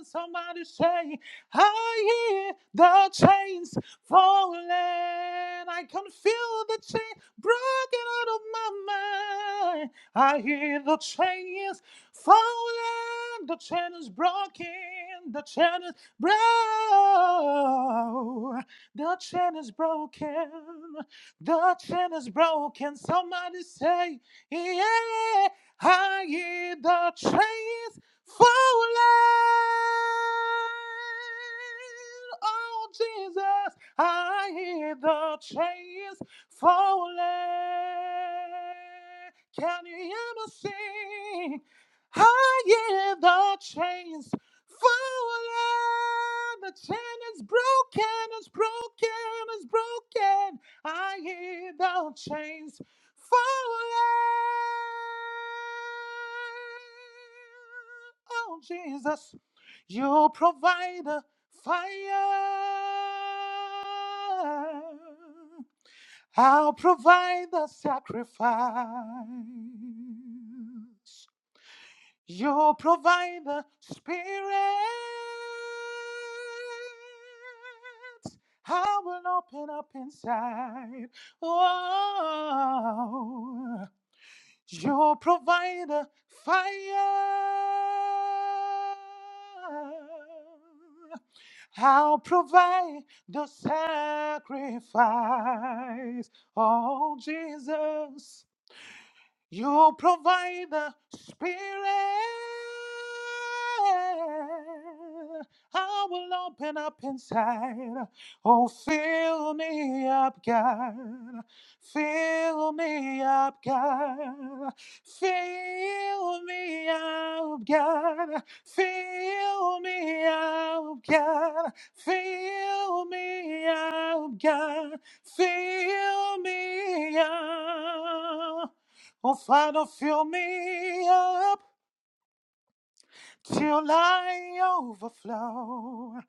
Speaker 5: Somebody say, I hear the chains. Falling. I can feel the chain broken out of my mind. I hear the chains falling. The chain is broken. The chain is Bro, the chain is broken. The chain is broken. Somebody say, yeah, I hear the chains falling. Oh, Jesus, I hear the chains falling. Can you hear me sing? I hear the chains Falling, the chain is broken, it's broken, it's broken. I hear the chains falling. Oh, Jesus, you provide a fire. I'll provide the sacrifice. Your provider spirit. I will open up inside. Oh, your provider fire. I'll provide the sacrifice. Oh, Jesus. You provide the spirit. I will open up inside. Oh, fill me up, God. Fill me up, God. Fill me up, God. Fill me up, God. Fill me up, God. Fill me up. Oh, Father, fill me up till I overflow.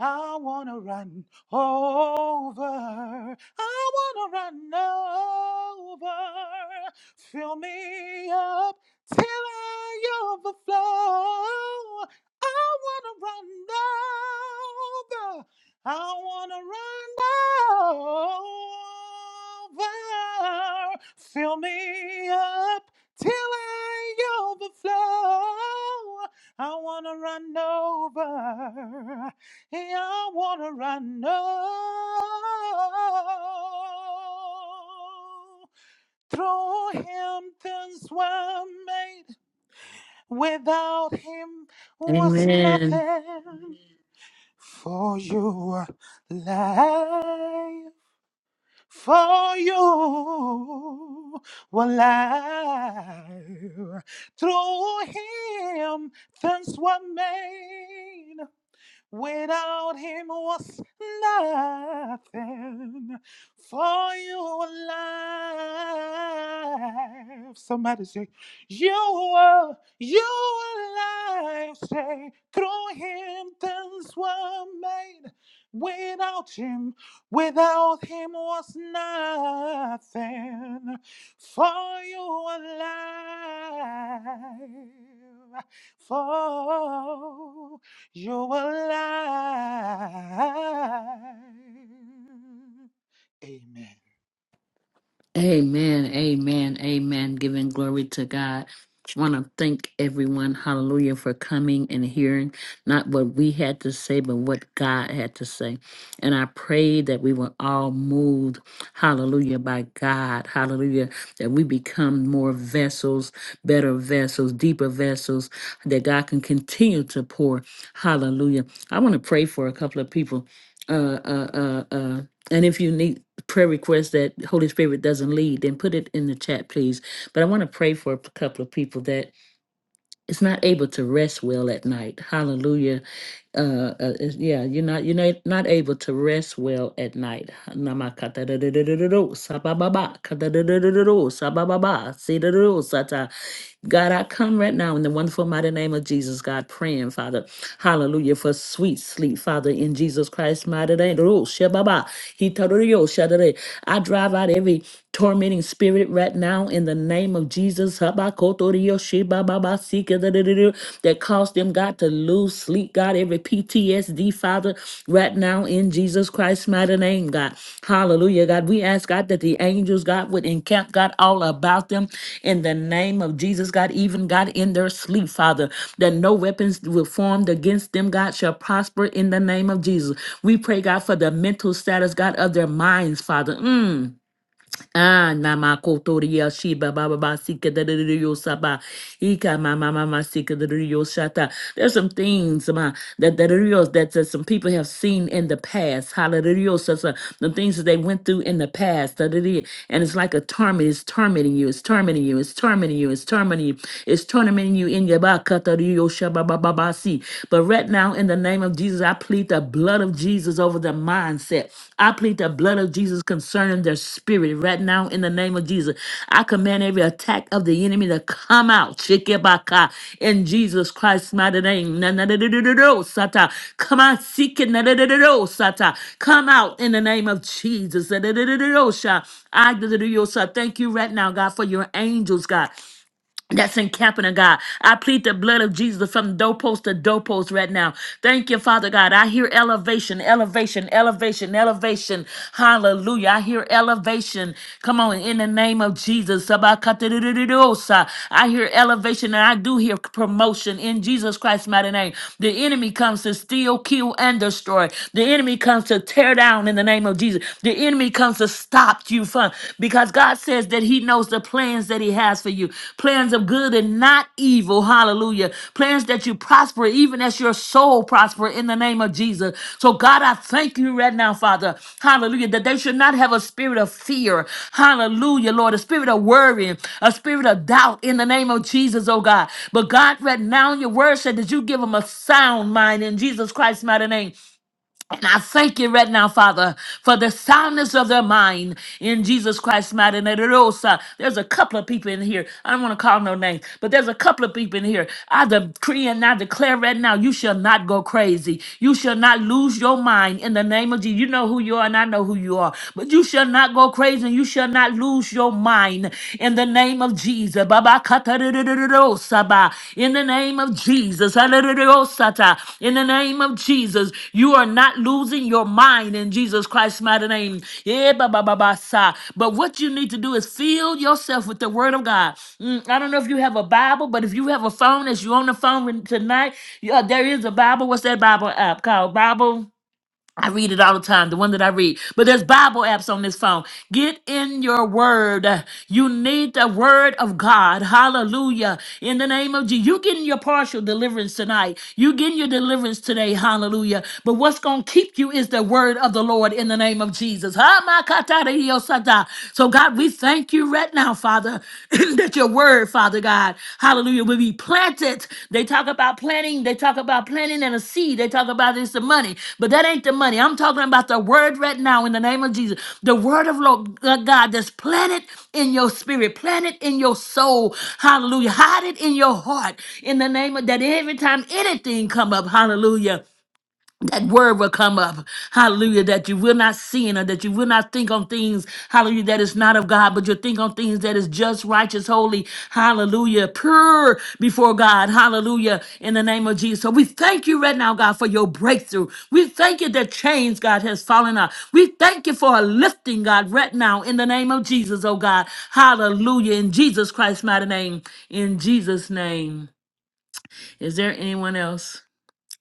Speaker 5: I wanna run over. I wanna run over. Fill me up till I overflow. I wanna run over. I wanna run over. Fill me up till I overflow. I wanna run over. Yeah, I wanna run over. Through him things were made. Without him was
Speaker 1: Amen.
Speaker 5: nothing. For you, are life. For you, were life. Through him things were made. Without him was nothing for your life. Somebody say, You were, you were alive. Say, through him things were made. Without him, without him was nothing for your life. For you're alive. Amen.
Speaker 1: Amen, amen, amen. Giving glory to God. Want to thank everyone, hallelujah, for coming and hearing not what we had to say, but what God had to say. And I pray that we were all moved, hallelujah, by God, hallelujah, that we become more vessels, better vessels, deeper vessels, that God can continue to pour, hallelujah. I want to pray for a couple of people. Uh, uh, uh, uh, and if you need prayer request that Holy Spirit doesn't lead, then put it in the chat, please. But I want to pray for a couple of people that it's not able to rest well at night. Hallelujah. Uh, uh is- yeah, you're not you're not, not able to rest well at night. Namakatadadadadadado, sabababa, katadadadadadado, sabababa, sidadado, sata. God, I come right now in the wonderful mighty name of Jesus, God, praying, Father, hallelujah, for sweet sleep, Father, in Jesus Christ's mighty name. Ro, shababa, hitario, shadare. I drive out every tormenting spirit right now in the name of Jesus that caused them, God, to lose sleep, God, every PTSD, Father, right now in Jesus Christ's mighty name, God. Hallelujah, God. We ask, God, that the angels, God, would encamp, God, all about them in the name of Jesus, God, even, God, in their sleep, Father, that no weapons will formed against them, God, shall prosper in the name of Jesus. We pray, God, for the mental status, God, of their minds, Father. Mm. Ah, mama kotoria shiba baba ba sika da da da da, yo saba ika mama mama sika da da da, yo shata. There's some things ma that that are yours that, that some people have seen in the past. Hallelujah, so, so, the things that they went through in the past. Da, da, da. And it's like a torment. It's tormenting you. It's tormenting you. It's tormenting you. It's tormenting you. It's tormenting you in your back. But right now, in the name of Jesus. Jesus. I plead the blood of Jesus over their mindset. I plead the blood of Jesus concerning their spirit right now in the name of Jesus. I command every attack of the enemy to come out. Shikibaka, In Jesus Christ's mighty name. Na- na- na- na- na- na- na- oh, Sata. Come on, seek it. Na- na- na- na- na- oh, Sata. Come out in the name of Jesus. Na- na- na- na- na- na- oh, Sha. I na- na- na- na- Sha. thank you right now, God, for your angels, God that's encamping of God. I plead the blood of Jesus from doorpost to doorpost right now. Thank you, Father God. I hear elevation, elevation, elevation, elevation. Hallelujah. I hear elevation. Come on, in the name of Jesus. Sabakatadididosa. I hear elevation and I do hear promotion in Jesus Christ's mighty name. The enemy comes to steal, kill, and destroy. The enemy comes to tear down in the name of Jesus. The enemy comes to stop stopped you from because God says that He knows the plans that He has for you plans of good and not evil. Hallelujah. Plans that you prosper, even as your soul prosper in the name of Jesus. So, God, I thank you right now, Father. Hallelujah. That they should not have a spirit of fear. Hallelujah, Lord. A spirit of worrying, a spirit of doubt in the name of Jesus, oh God. But, God, right now, your word said that you give them a sound mind in Jesus Christ's mighty name. And I thank you right now, Father, for the soundness of their mind in Jesus Christ's mighty name. And There's a couple of people in here. I don't want to call no names, but there's a couple of people in here. I decree and I declare right now, you shall not go crazy. You shall not lose your mind in the name of Jesus. You know who you are, and I know who you are. But you shall not go crazy, and you shall not lose your mind in the name of Jesus. Jesus. Baba katarererosaba. In the name of Jesus. Halererosata. In the name of Jesus. You are not losing your mind in Jesus Christ's mighty name. Yeah, baba baba sa. But what you need to do is fill yourself with the word of God. Mm, I don't know if you have a Bible, but if you have a phone as you on the phone tonight, yeah, there is a Bible. What's that Bible app called? Bible. I read it all the time, the one that I read. But there's Bible apps on this phone. Get in your word. You need the word of God. Hallelujah. In the name of Jesus. You getting your partial deliverance tonight. You getting your deliverance today. Hallelujah. But what's going to keep you is the word of the Lord in the name of Jesus. Ha, ma, ka, ta, da, yo, sa, da. So God, we thank you right now, Father. <laughs> <clears throat> that your word, Father God, hallelujah, will be planted. They talk about planting, they talk about planting and a seed. They talk about it's the money, but that ain't the money. I'm talking about the word right now in the name of Jesus. The word of Lord uh, God that's planted in your spirit, planted in your soul. Hallelujah. Hide it in your heart in the name of that every time anything come up, hallelujah that word will come up. Hallelujah. That you will not sin or that you will not think on things, hallelujah, that is not of God, but you'll think on things that is just, righteous, holy, hallelujah, pure before God. Hallelujah. In the name of Jesus. So we thank you right now, God, for your breakthrough. We thank you that chains, God, has fallen off. We thank you for a lifting, God, right now in the name of Jesus, oh God. Hallelujah. In Jesus Christ's mighty name. In Jesus' name. Is there anyone else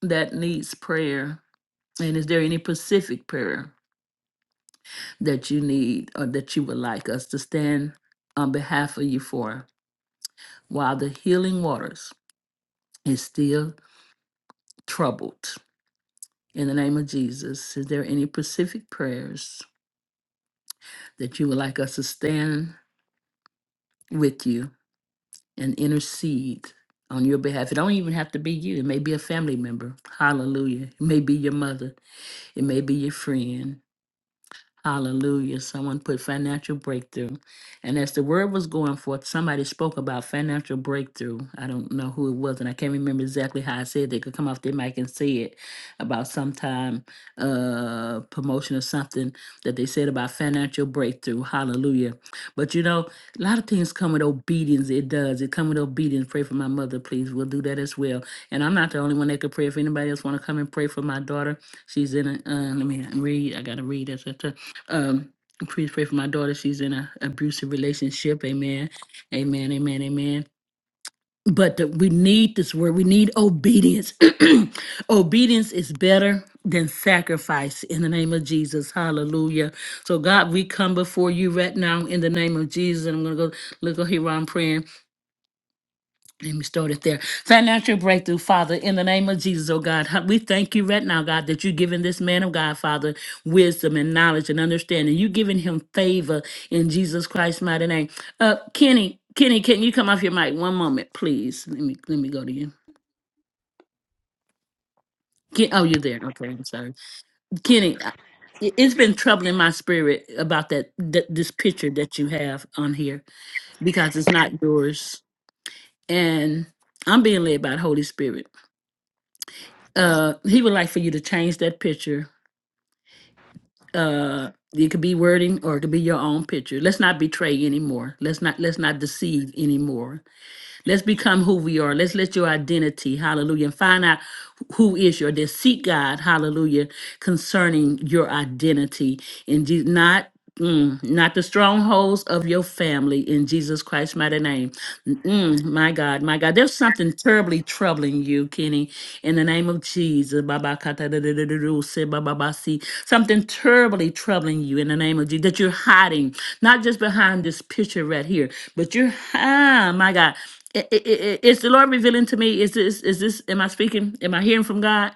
Speaker 1: that needs prayer? And is there any specific prayer that you need or that you would like us to stand on behalf of you for while the healing waters is still troubled? In the name of Jesus, is there any specific prayers that you would like us to stand with you and intercede on your behalf? It don't even have to be you. It may be a family member. Hallelujah. It may be your mother. It may be your friend. Hallelujah. Someone put financial breakthrough. And as the word was going forth, somebody spoke about financial breakthrough. I don't know who it was, and I can't remember exactly how I said They could come off their mic and say it about sometime uh promotion or something that they said about financial breakthrough. Hallelujah. But you know, a lot of things come with obedience. It does. It come with obedience. Pray for my mother, please. We'll do that as well. And I'm not the only one that could pray. If anybody else want to come and pray for my daughter, she's in a uh, let me read. I gotta read. it. Um, please pray for my daughter. She's in an abusive relationship. Amen. Amen. Amen. Amen. But the, we need this word. We need obedience. <clears throat> obedience is better than sacrifice in the name of Jesus. Hallelujah. So, God, we come before you right now in the name of Jesus. And I'm going to go, look over here while I'm praying. Let me start it there. Financial breakthrough, Father, in the name of Jesus, oh God. Huh, We thank you right now, God, that you're giving this man of God, Father, wisdom and knowledge and understanding. You're giving him favor in Jesus Christ's mighty name. Uh, Kenny, Kenny, can you come off your mic one moment, please? Let me let me go to you. Ken, oh, you're there. Okay, I'm sorry. Kenny, uh, I- it- it's been troubling my spirit about that, that this picture that you have on here because it's not yours. And I'm being led by the Holy Spirit uh he would like for you to change that picture uh it could be wording or it could be your own picture let's not betray anymore let's not let's not deceive anymore Let's become who we are. Let's let your identity, hallelujah, and find out who is your identity. Seek God, hallelujah, concerning your identity in Jesus, not mm, not the strongholds of your family in Jesus Christ's mighty name. Mm, my God, my God, there's something terribly troubling you, Kenny, in the name of Jesus. Baba kata da da da da do, se ba ba ba si. Something terribly troubling you in the name of Jesus that you're hiding, not just behind this picture right here, but you're, ah, my God. I- I- I- Is the Lord revealing to me? Is this, is this, am I speaking? Am I hearing from God?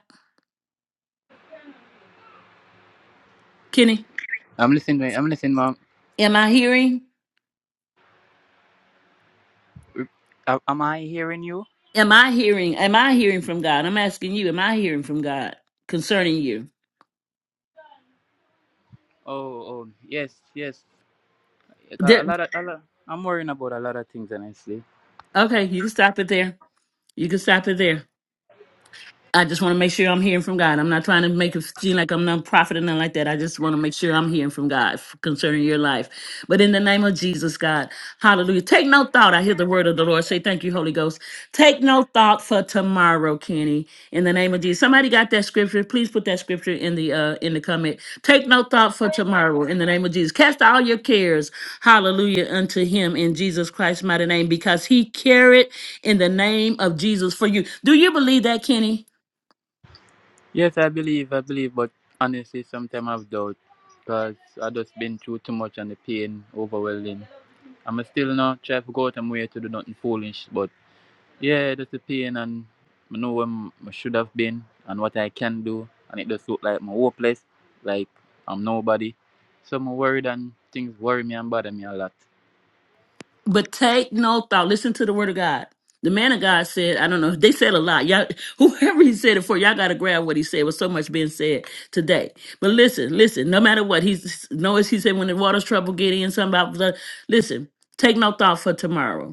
Speaker 1: Kenny,
Speaker 7: I'm listening. I'm listening, mom.
Speaker 1: am I hearing?
Speaker 7: A- Am I hearing you?
Speaker 1: Am I hearing? Am I hearing from God? I'm asking you, am I hearing from God concerning you?
Speaker 7: Oh, oh, yes, yes. Like, A
Speaker 1: There,
Speaker 7: lot of, a lot. I'm worrying about a lot of things, honestly.
Speaker 1: okay, you can stop it there. You can stop it there. I just want to make sure I'm hearing from God. I'm not trying to make it seem like I'm not prophet or nothing like that. I just want to make sure I'm hearing from God f- concerning your life. But in the name of Jesus, God, hallelujah. Take no thought. I hear the word of the Lord say, Thank you, Holy Ghost. Take no thought for tomorrow, Kenny. In the name of Jesus. Somebody got that scripture. Please put that scripture in the uh in the comment. Take no thought for tomorrow in the name of Jesus. Cast all your cares, hallelujah, unto him in Jesus Christ's mighty name, because he carried in the name of Jesus for you. Do you believe that, Kenny?
Speaker 7: Yes, I believe, I believe, but honestly, sometimes I've doubt because I just been through too much and the pain overwhelming. I'm still not trying to go out and way to do nothing foolish, but yeah, that's the pain and I know where I should have been and what I can do, and it just look like my hopeless, like I'm nobody. So I'm worried and things worry me and bother me a lot.
Speaker 1: But take no thought. Listen to the word of God. The man of God said, I don't know, they said a lot. Y'all, <laughs> whoever he said it for, y'all gotta grab what he said. With so much being said today. But listen, listen, no matter what, he's notice he said when the water's trouble get in, something about the listen, take no thought for tomorrow.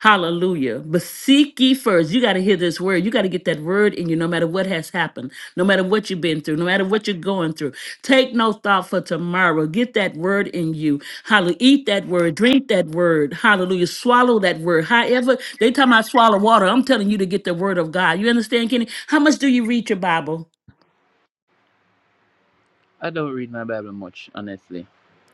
Speaker 1: Hallelujah. But seek ye first. You got to hear this word. You got to get that word in you no matter what has happened, no matter what you've been through, no matter what you're going through. Take no thought for tomorrow. Get that word in you. Hallelujah. Eat that word. Drink that word. Hallelujah. Swallow that word. However, they tell me I swallow water. I'm telling you to get the word of God. You understand, Kenny? How much do you read your Bible?
Speaker 7: I don't read my Bible much, honestly.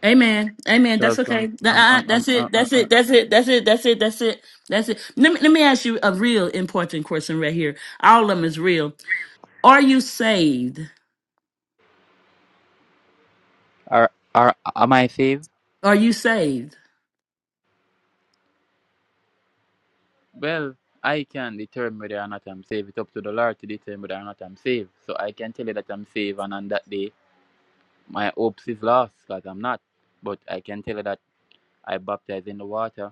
Speaker 1: Amen. Amen. That's
Speaker 7: Because
Speaker 1: okay.
Speaker 7: I'm, I'm,
Speaker 1: Uh-uh.
Speaker 7: I'm,
Speaker 1: That's
Speaker 7: I'm, uh,
Speaker 1: it.
Speaker 7: uh,
Speaker 1: That's
Speaker 7: uh,
Speaker 1: it. That's it. That's it. That's it. That's it. That's it. Let me, let me ask you a real important question right here. All of them is real. Are you saved?
Speaker 7: Are are am I saved?
Speaker 1: Are you saved?
Speaker 7: well, I can determine whether or not I'm saved. It's up to the Lord to determine whether or not I'm saved. So I can tell you that I'm saved, and on that day, my hopes is lost because I'm not. But I can tell you that I baptized in the water,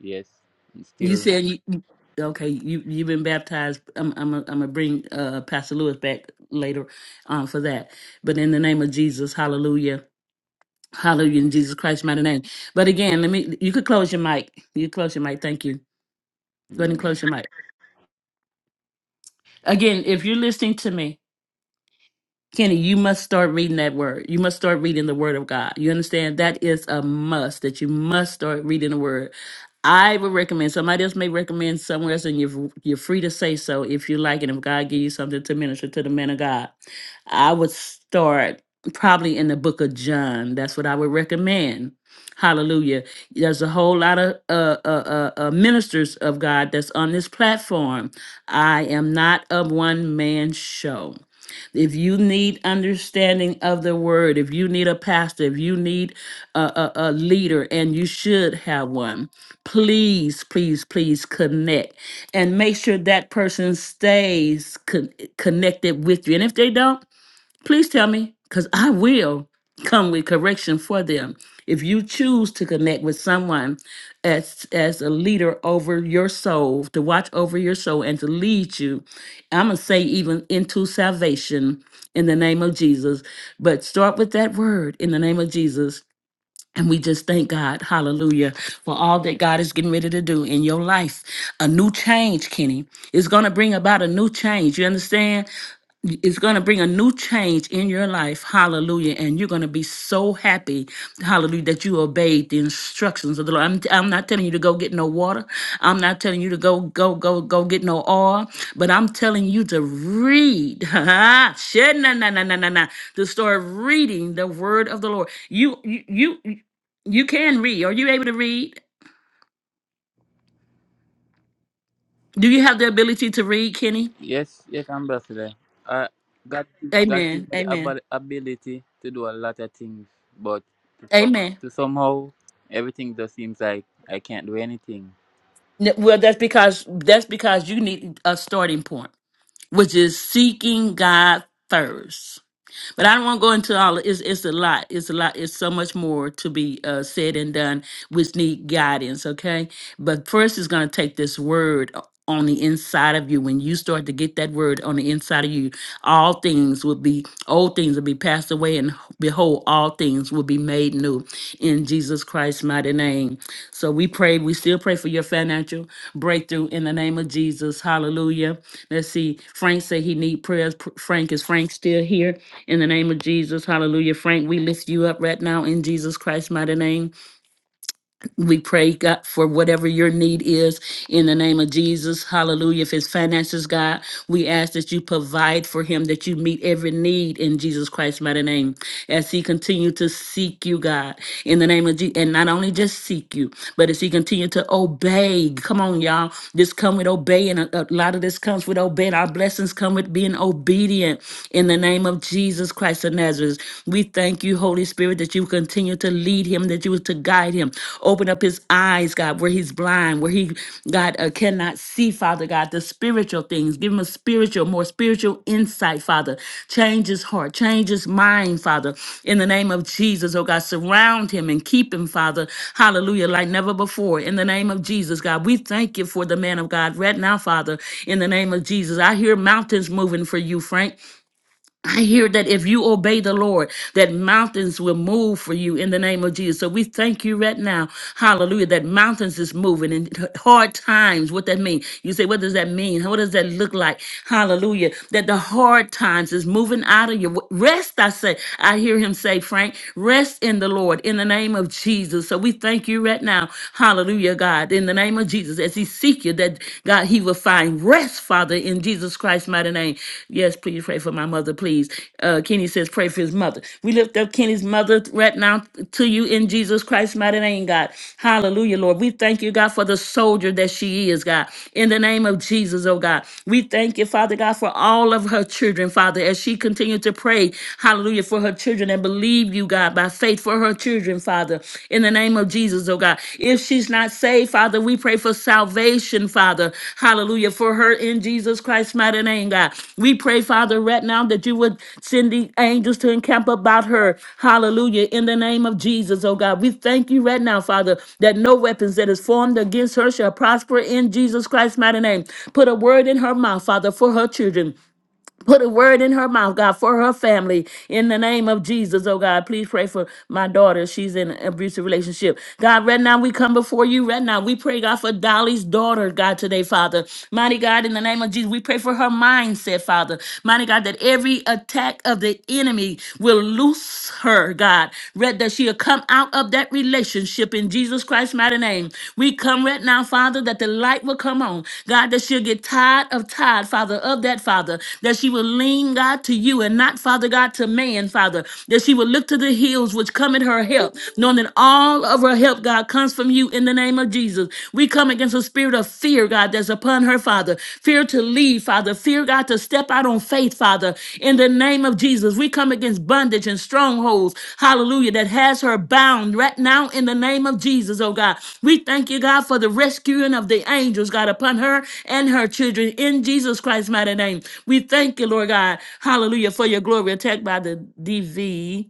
Speaker 7: yes, and
Speaker 1: You
Speaker 7: still.
Speaker 1: said you you- okay. You you've been baptized. I'm I'm i I'm am going to bring uh, Pastor Lewis back later um, for that. But in the name of Jesus, Hallelujah, Hallelujah, in Jesus Christ's mighty name. But again, let me. You could close your mic. You close your mic. Thank you. Go ahead
Speaker 7: Amen.
Speaker 1: and close your mic. Again, if you're listening to me, Kenny, you must start reading that word. You must start reading the word of God. You understand? That is a must that you must start reading the word. I would recommend somebody else may recommend somewhere else, and you're you're free to say so if you like, and if God give you something to minister to the man of God. I would start probably in the book of John. That's what I would recommend. Hallelujah. There's a whole lot of uh, uh, uh, uh, ministers of God that's on this platform. I am not a one man show. If you need understanding of the word, if you need a pastor, if you need a, a, a leader, and you should have one, please, please, please connect and make sure that person stays con- connected with you. And if they don't, Please tell me, because I will come with correction for them. If you choose to connect with someone as as a leader over your soul, to watch over your soul and to lead you, I'm gonna say even into salvation in the name of Jesus. But start with that word in the name of Jesus and we just thank God, hallelujah, for all that God is getting ready to do in your life. A new change, Kenny. It's going to bring about a new change. You understand? It's going to bring a new change in your life. Hallelujah. And you're going to be so happy, hallelujah, that you obeyed the instructions of the Lord. I'm, I'm not telling you to go get no water. I'm not telling you to go, go, go, go get no oil, but I'm telling you to read. <laughs> Shit, na, na, na, na, na, na. The story of reading the word of the Lord. You, you, you. You can read. Are you able to read? Do you have the ability to read, Kenny?
Speaker 7: Yes, yes, Ambassador. Uh, God, God give
Speaker 1: Amen.
Speaker 7: me the
Speaker 1: Amen.
Speaker 7: abil- ability to do a lot of things, but to, some,
Speaker 1: Amen.
Speaker 7: to somehow everything just seems like I can't do anything.
Speaker 1: N- Well, that's because that's because you need a starting point, which is seeking God first. But I don't want to go into all. It's it's a lot. It's a lot. It's so much more to be uh, said and done, which need guidance. Okay, but first is going to take this word o- on the inside of you. When you start to get that word on the inside of you, all things will be old things will be passed away, and behold, all things will be made new in Jesus Christ's mighty name. So we pray, we still pray for your financial breakthrough in the name of Jesus. Hallelujah. Let's see. Frank said he need prayers. Pr- Frank, is Frank still here? In the name of Jesus. Hallelujah. Frank, we lift you up right now in Jesus Christ's mighty name. We pray, God, for whatever your need is in the name of Jesus. Hallelujah. If it's finances, God, we ask that you provide for him, that you meet every need in Jesus Christ's mighty name. As he continue to seek you, God, in the name of Jesus, and not only just seek you, but as he continue to obey. Come on, y'all. This come with obeying. A, a lot of this comes with obeying. Our blessings come with being obedient in the name of Jesus Christ of Nazareth. We thank you, Holy Holy Spirit, that you would continue to lead him, that you would to guide him. Open up his eyes, God, where he's blind, where he, God, uh, cannot see, Father God, the spiritual things. Give him a spiritual, more spiritual insight, Father. Change his heart, change his mind, Father. In the name of Jesus, oh God, surround him and keep him, Father. Hallelujah, like never before. In the name of Jesus, God, we thank you for the man of God right now, Father. In the name of Jesus, I hear mountains moving for you, Frank. I hear that if you obey the Lord, that mountains will move for you in the name of Jesus. So we thank you right now, hallelujah, that mountains is moving in hard times. What that mean? You say, what does that mean? What does that look like? Hallelujah. That the hard times is moving out of you. Rest, I say. I hear him say, Frank, rest in the Lord in the name of Jesus. So we thank you right now, hallelujah, God, in the name of Jesus, as he seeks seek you, that God, he will find rest, Father, in Jesus Christ's mighty name. Yes, please pray for my mother, please. Uh, Kenny says, pray for his mother. We lift up Kenny's mother right now to you in Jesus Christ's mighty name, God. Hallelujah, Lord. We thank you, God, for the soldier that she is, God. In the name of Jesus, oh God. We thank you, Father God, for all of her children, Father, as she continues to pray, hallelujah, for her children and believe you, God, by faith for her children, Father, in the name of Jesus, oh God. If she's not saved, Father, we pray for salvation, Father. Hallelujah. For her in Jesus Christ's mighty name, God. We pray, Father, right now that you would send the angels to encamp about her. Hallelujah. In the name of Jesus, oh God. We thank you right now, Father, that no weapons that is formed against her shall prosper in Jesus Christ's mighty name. Put a word in her mouth, Father, for her children. Put a word in her mouth, God, for her family. In the name of Jesus, oh God, please pray for my daughter. She's in an abusive relationship. God, right now we come before you. Right now, we pray, God, for Dolly's daughter, God, today, Father. Mighty God, in the name of Jesus, we pray for her mindset, Father. Mighty God, that every attack of the enemy will loose her, God. Read that she'll come out of that relationship in Jesus Christ's mighty name. We come right now, Father, that the light will come on. God, that she'll get tired of tired, Father, of that, Father that she will lean, God, to you and not, Father God, to man, Father, that she will look to the hills which come at her help, knowing that all of her help, God, comes from you in the name of Jesus. We come against the spirit of fear, God, that's upon her, Father. Fear to leave, Father. Fear, God, to step out on faith, Father. In the name of Jesus, we come against bondage and strongholds, hallelujah, that has her bound right now in the name of Jesus, oh God. We thank you, God, for the rescuing of the angels, God, upon her and her children in Jesus Christ's mighty name. We thank you, Lord God. Hallelujah for your glory. Attacked by the DV,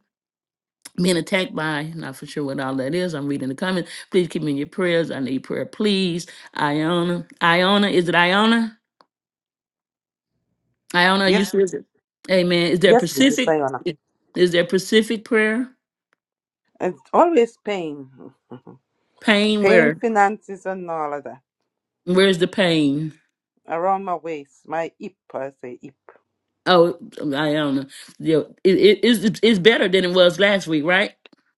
Speaker 1: being attacked by, not for sure what all that is. I'm reading the comments. Please keep me in your prayers. I need prayer, please. Iona. Iona, is it Iona? Iona, are you
Speaker 8: Yes,
Speaker 1: still? there? Amen. Is there
Speaker 8: yes, please, it's
Speaker 1: Pacific?
Speaker 8: Iona.
Speaker 1: Is there Pacific prayer?
Speaker 8: It's always pain. <laughs>
Speaker 1: Pain,
Speaker 8: pain,
Speaker 1: where?
Speaker 8: finances, and all of that.
Speaker 1: Where's the pain?
Speaker 8: Around my waist, my hip, I say hip.
Speaker 1: Oh, Iona. Yeah, it, it, it's, it's better than it was last week, right?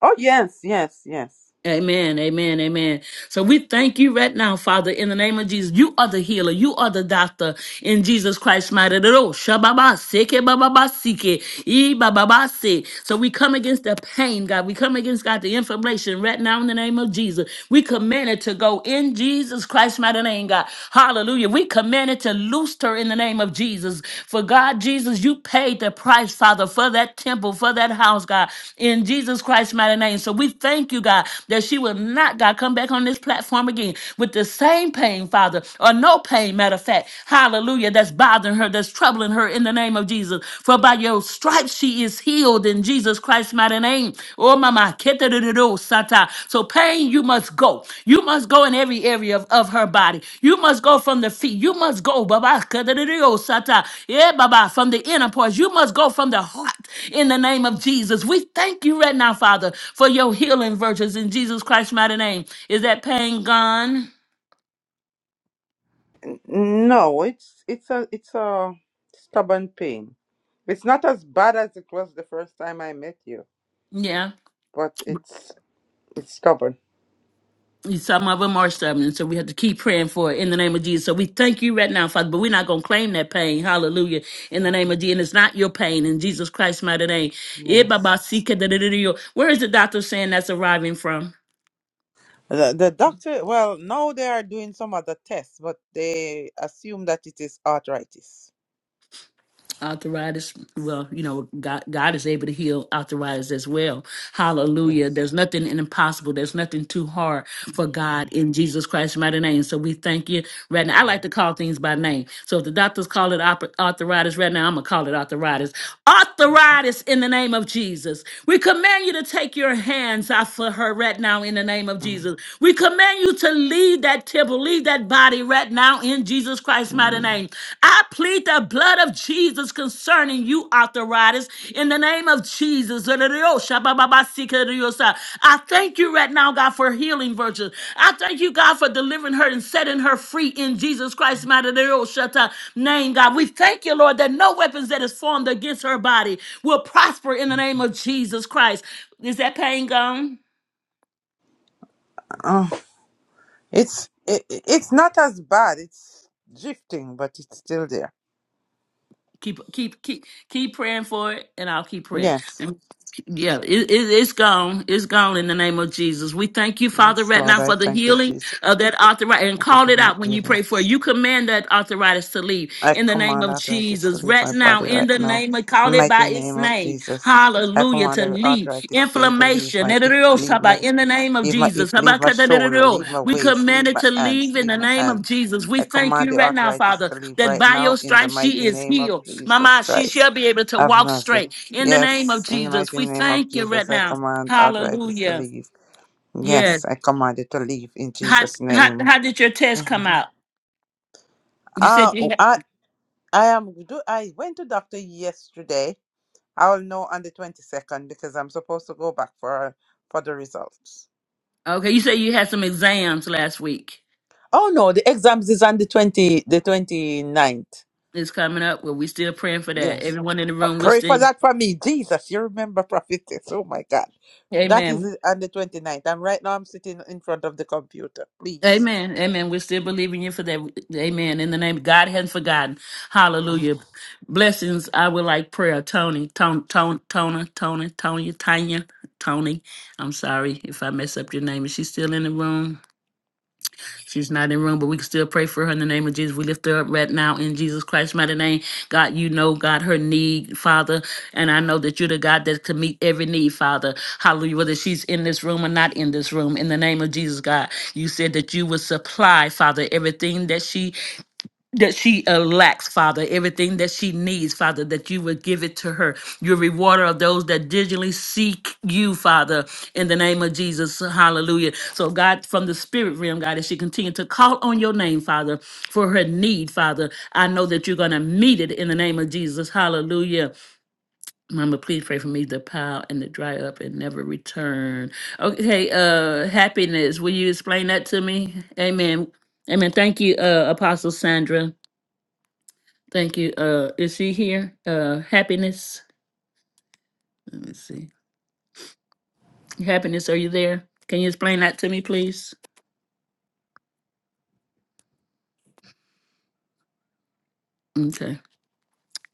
Speaker 8: Oh, yes, yes, yes.
Speaker 1: Amen, amen, amen. So we thank you right now, Father, in the name of Jesus. You are the healer. You are the doctor in Jesus Christ's mighty name. Oh, shababa, seke, bababa, seke, ee, bababa, se. So we come against the pain, God. We come against, God, the inflammation right now in the name of Jesus. We command it to go in Jesus Christ's mighty name, God. Hallelujah. We command it to loosed her in the name of Jesus. For God, Jesus, you paid the price, Father, for that temple, for that house, God, in Jesus Christ's mighty name. So we thank you, God, that she will not, God, come back on this platform again with the same pain, Father, or no pain, matter of fact. Hallelujah. That's bothering her, that's troubling her in the name of Jesus. For by your stripes she is healed in Jesus Christ. Christ's mighty name. Oh, mama, keterero sata. So pain, you must go. You must go in every area of, of her body. You must go from the feet. You must go, baba, keterero sata. Yeah, baba, from the inner parts. You must go from the heart in the name of Jesus. We thank you right now, Father, for your healing virtues in Jesus Christ's mighty name. Is that pain gone?
Speaker 8: N- No, it's it's a it's a stubborn pain. It's not as bad as it was the first time I met you,
Speaker 1: Yeah.
Speaker 8: but it's it's stubborn.
Speaker 1: Some of them are stubborn, so we have to keep praying for it in the name of Jesus. So we thank you right now, Father, but we're not going to claim that pain. Hallelujah. In the name of Jesus. And it's not your pain in Jesus Christ's mighty name. Eh,
Speaker 8: Yes.
Speaker 1: baba, sika, da, da, da, da, yo. Where is the doctor saying that's arriving from?
Speaker 8: The, the doctor, well, now they are doing some other tests, but they assume that it is arthritis.
Speaker 1: arthritis well you know god god is able to heal arthritis as well hallelujah
Speaker 8: Yes.
Speaker 1: there's nothing impossible there's nothing too hard for god in jesus christ's mighty name so we thank you right now i like to call things by name so if the doctors call it op- arthritis right now i'm gonna call it arthritis arthritis in the name of jesus we command you to take your hands off of her right now in the name of
Speaker 8: Mm.
Speaker 1: jesus we command you to leave that temple leave that body right now in Jesus Christ's mighty name. I plead the blood of Jesus concerning you, arthritis, in the name of Jesus. I thank you right now, God, for healing virtues. I thank you, God, for delivering her and setting her free in Jesus Christ's mighty name, God. We thank you, Lord, that no weapons that is formed against her body will prosper in the name of Jesus Christ. Is that pain gone?
Speaker 8: Mm. It's it, it's not as bad. It's drifting, but it's still there.
Speaker 1: keep keep keep keep praying for it and i'll keep praying
Speaker 8: Yes,
Speaker 1: yeah it, it, it's gone it's gone in the name of jesus we thank you father
Speaker 8: yes,
Speaker 1: right now
Speaker 8: Lord, I
Speaker 1: for the
Speaker 8: thank you,
Speaker 1: healing
Speaker 8: Jesus.
Speaker 1: of that arthritis and
Speaker 8: Thank you
Speaker 1: call
Speaker 8: for
Speaker 1: it
Speaker 8: my
Speaker 1: out when you
Speaker 8: healing.
Speaker 1: pray for it. you command that arthritis to leave
Speaker 8: I
Speaker 1: in the name
Speaker 8: command
Speaker 1: of
Speaker 8: arthritis to
Speaker 1: jesus
Speaker 8: leave
Speaker 1: right
Speaker 8: my
Speaker 1: now
Speaker 8: body
Speaker 1: in
Speaker 8: right
Speaker 1: the
Speaker 8: now,
Speaker 1: name of call
Speaker 8: in the
Speaker 1: it
Speaker 8: mighty
Speaker 1: by its
Speaker 8: name of
Speaker 1: name
Speaker 8: Jesus. I
Speaker 1: hallelujah
Speaker 8: command
Speaker 1: to
Speaker 8: every
Speaker 1: leave
Speaker 8: arthritis pain to leave
Speaker 1: inflammation
Speaker 8: my
Speaker 1: in
Speaker 8: hip, leave my
Speaker 1: the name of
Speaker 8: Leave my hip,
Speaker 1: jesus
Speaker 8: leave my shoulder, leave my
Speaker 1: we
Speaker 8: waist,
Speaker 1: command
Speaker 8: leave
Speaker 1: it
Speaker 8: my
Speaker 1: to
Speaker 8: hands,
Speaker 1: leave in
Speaker 8: leave
Speaker 1: the
Speaker 8: my
Speaker 1: name
Speaker 8: hands.
Speaker 1: of jesus we
Speaker 8: I
Speaker 1: thank
Speaker 8: command
Speaker 1: you
Speaker 8: the
Speaker 1: right now
Speaker 8: arthritis
Speaker 1: father
Speaker 8: to leave
Speaker 1: that
Speaker 8: right
Speaker 1: by
Speaker 8: now
Speaker 1: your
Speaker 8: in the
Speaker 1: stripes
Speaker 8: mighty
Speaker 1: she is
Speaker 8: name of
Speaker 1: healed
Speaker 8: Jesus
Speaker 1: Mama, she
Speaker 8: Christ
Speaker 1: shall be able to
Speaker 8: of
Speaker 1: walk
Speaker 8: Nazareth.
Speaker 1: straight. In the name of
Speaker 8: Yes, in the
Speaker 1: Jesus,
Speaker 8: mighty
Speaker 1: we
Speaker 8: name of
Speaker 1: thank you right
Speaker 8: Jesus, I
Speaker 1: now.
Speaker 8: command arthritis to
Speaker 1: Hallelujah.
Speaker 8: leave.
Speaker 1: Yeah.
Speaker 8: Yes, I command it to leave in
Speaker 1: How,
Speaker 8: Jesus'
Speaker 1: how,
Speaker 8: name.
Speaker 1: how did your test come out? You said
Speaker 8: Ah,
Speaker 1: you
Speaker 8: oh,
Speaker 1: had,
Speaker 8: I, I am. Do I went to doctor yesterday? I will know on the twenty second because I'm supposed to go back for for the results.
Speaker 1: okay. You said you had some exams last week.
Speaker 8: Oh no, the exams is on the twenty the twenty ninth.
Speaker 1: It's coming up. Well, we still praying for that.
Speaker 8: Yes.
Speaker 1: Everyone in the
Speaker 8: Uh,
Speaker 1: room, we're
Speaker 8: Pray for
Speaker 1: still.
Speaker 8: that for me. Jesus, you remember prophetess. Oh my God. That
Speaker 1: Amen.
Speaker 8: is uh, on the twenty ninth. And right now I'm sitting in front of the computer. Please.
Speaker 1: Amen. Amen. We're still believing you for that. Amen. In the name of God hasn't forgotten. Hallelujah. Blessings. I would like prayer. Tony, Tony, Tony, Tony, Tony, Tony, Tanya, Tony. I'm sorry if I mess up your name. Is she still in the room? She's not in the room, but we can still pray for her in the name of Jesus. We lift her up right now in Jesus Christ's mighty name. God, you know, God, her need, Father. And I know that you're the God that can meet every need, Father. Hallelujah. Whether she's in this room or not in this room, in the name of Jesus, God, you said that you would supply, Father, everything that she that she uh, lacks, Father, everything that she needs, Father, that you would give it to her. You're a rewarder of those that diligently seek you, Father, in the name of Jesus. Hallelujah. So, God, from the spirit realm, God, as she continues to call on your name, Father, for her need, Father, I know that you're going to meet it in the name of Jesus. Hallelujah. Mama, please pray for me to pile and to dry up and never return. Okay, uh, happiness. Will you explain that to me? Amen. Amen. Thank you, uh, Apostle Sandra. Thank you. Uh, is she here? Uh, happiness. Let me see. Happiness, are you there? Can you explain that to me, please? Okay.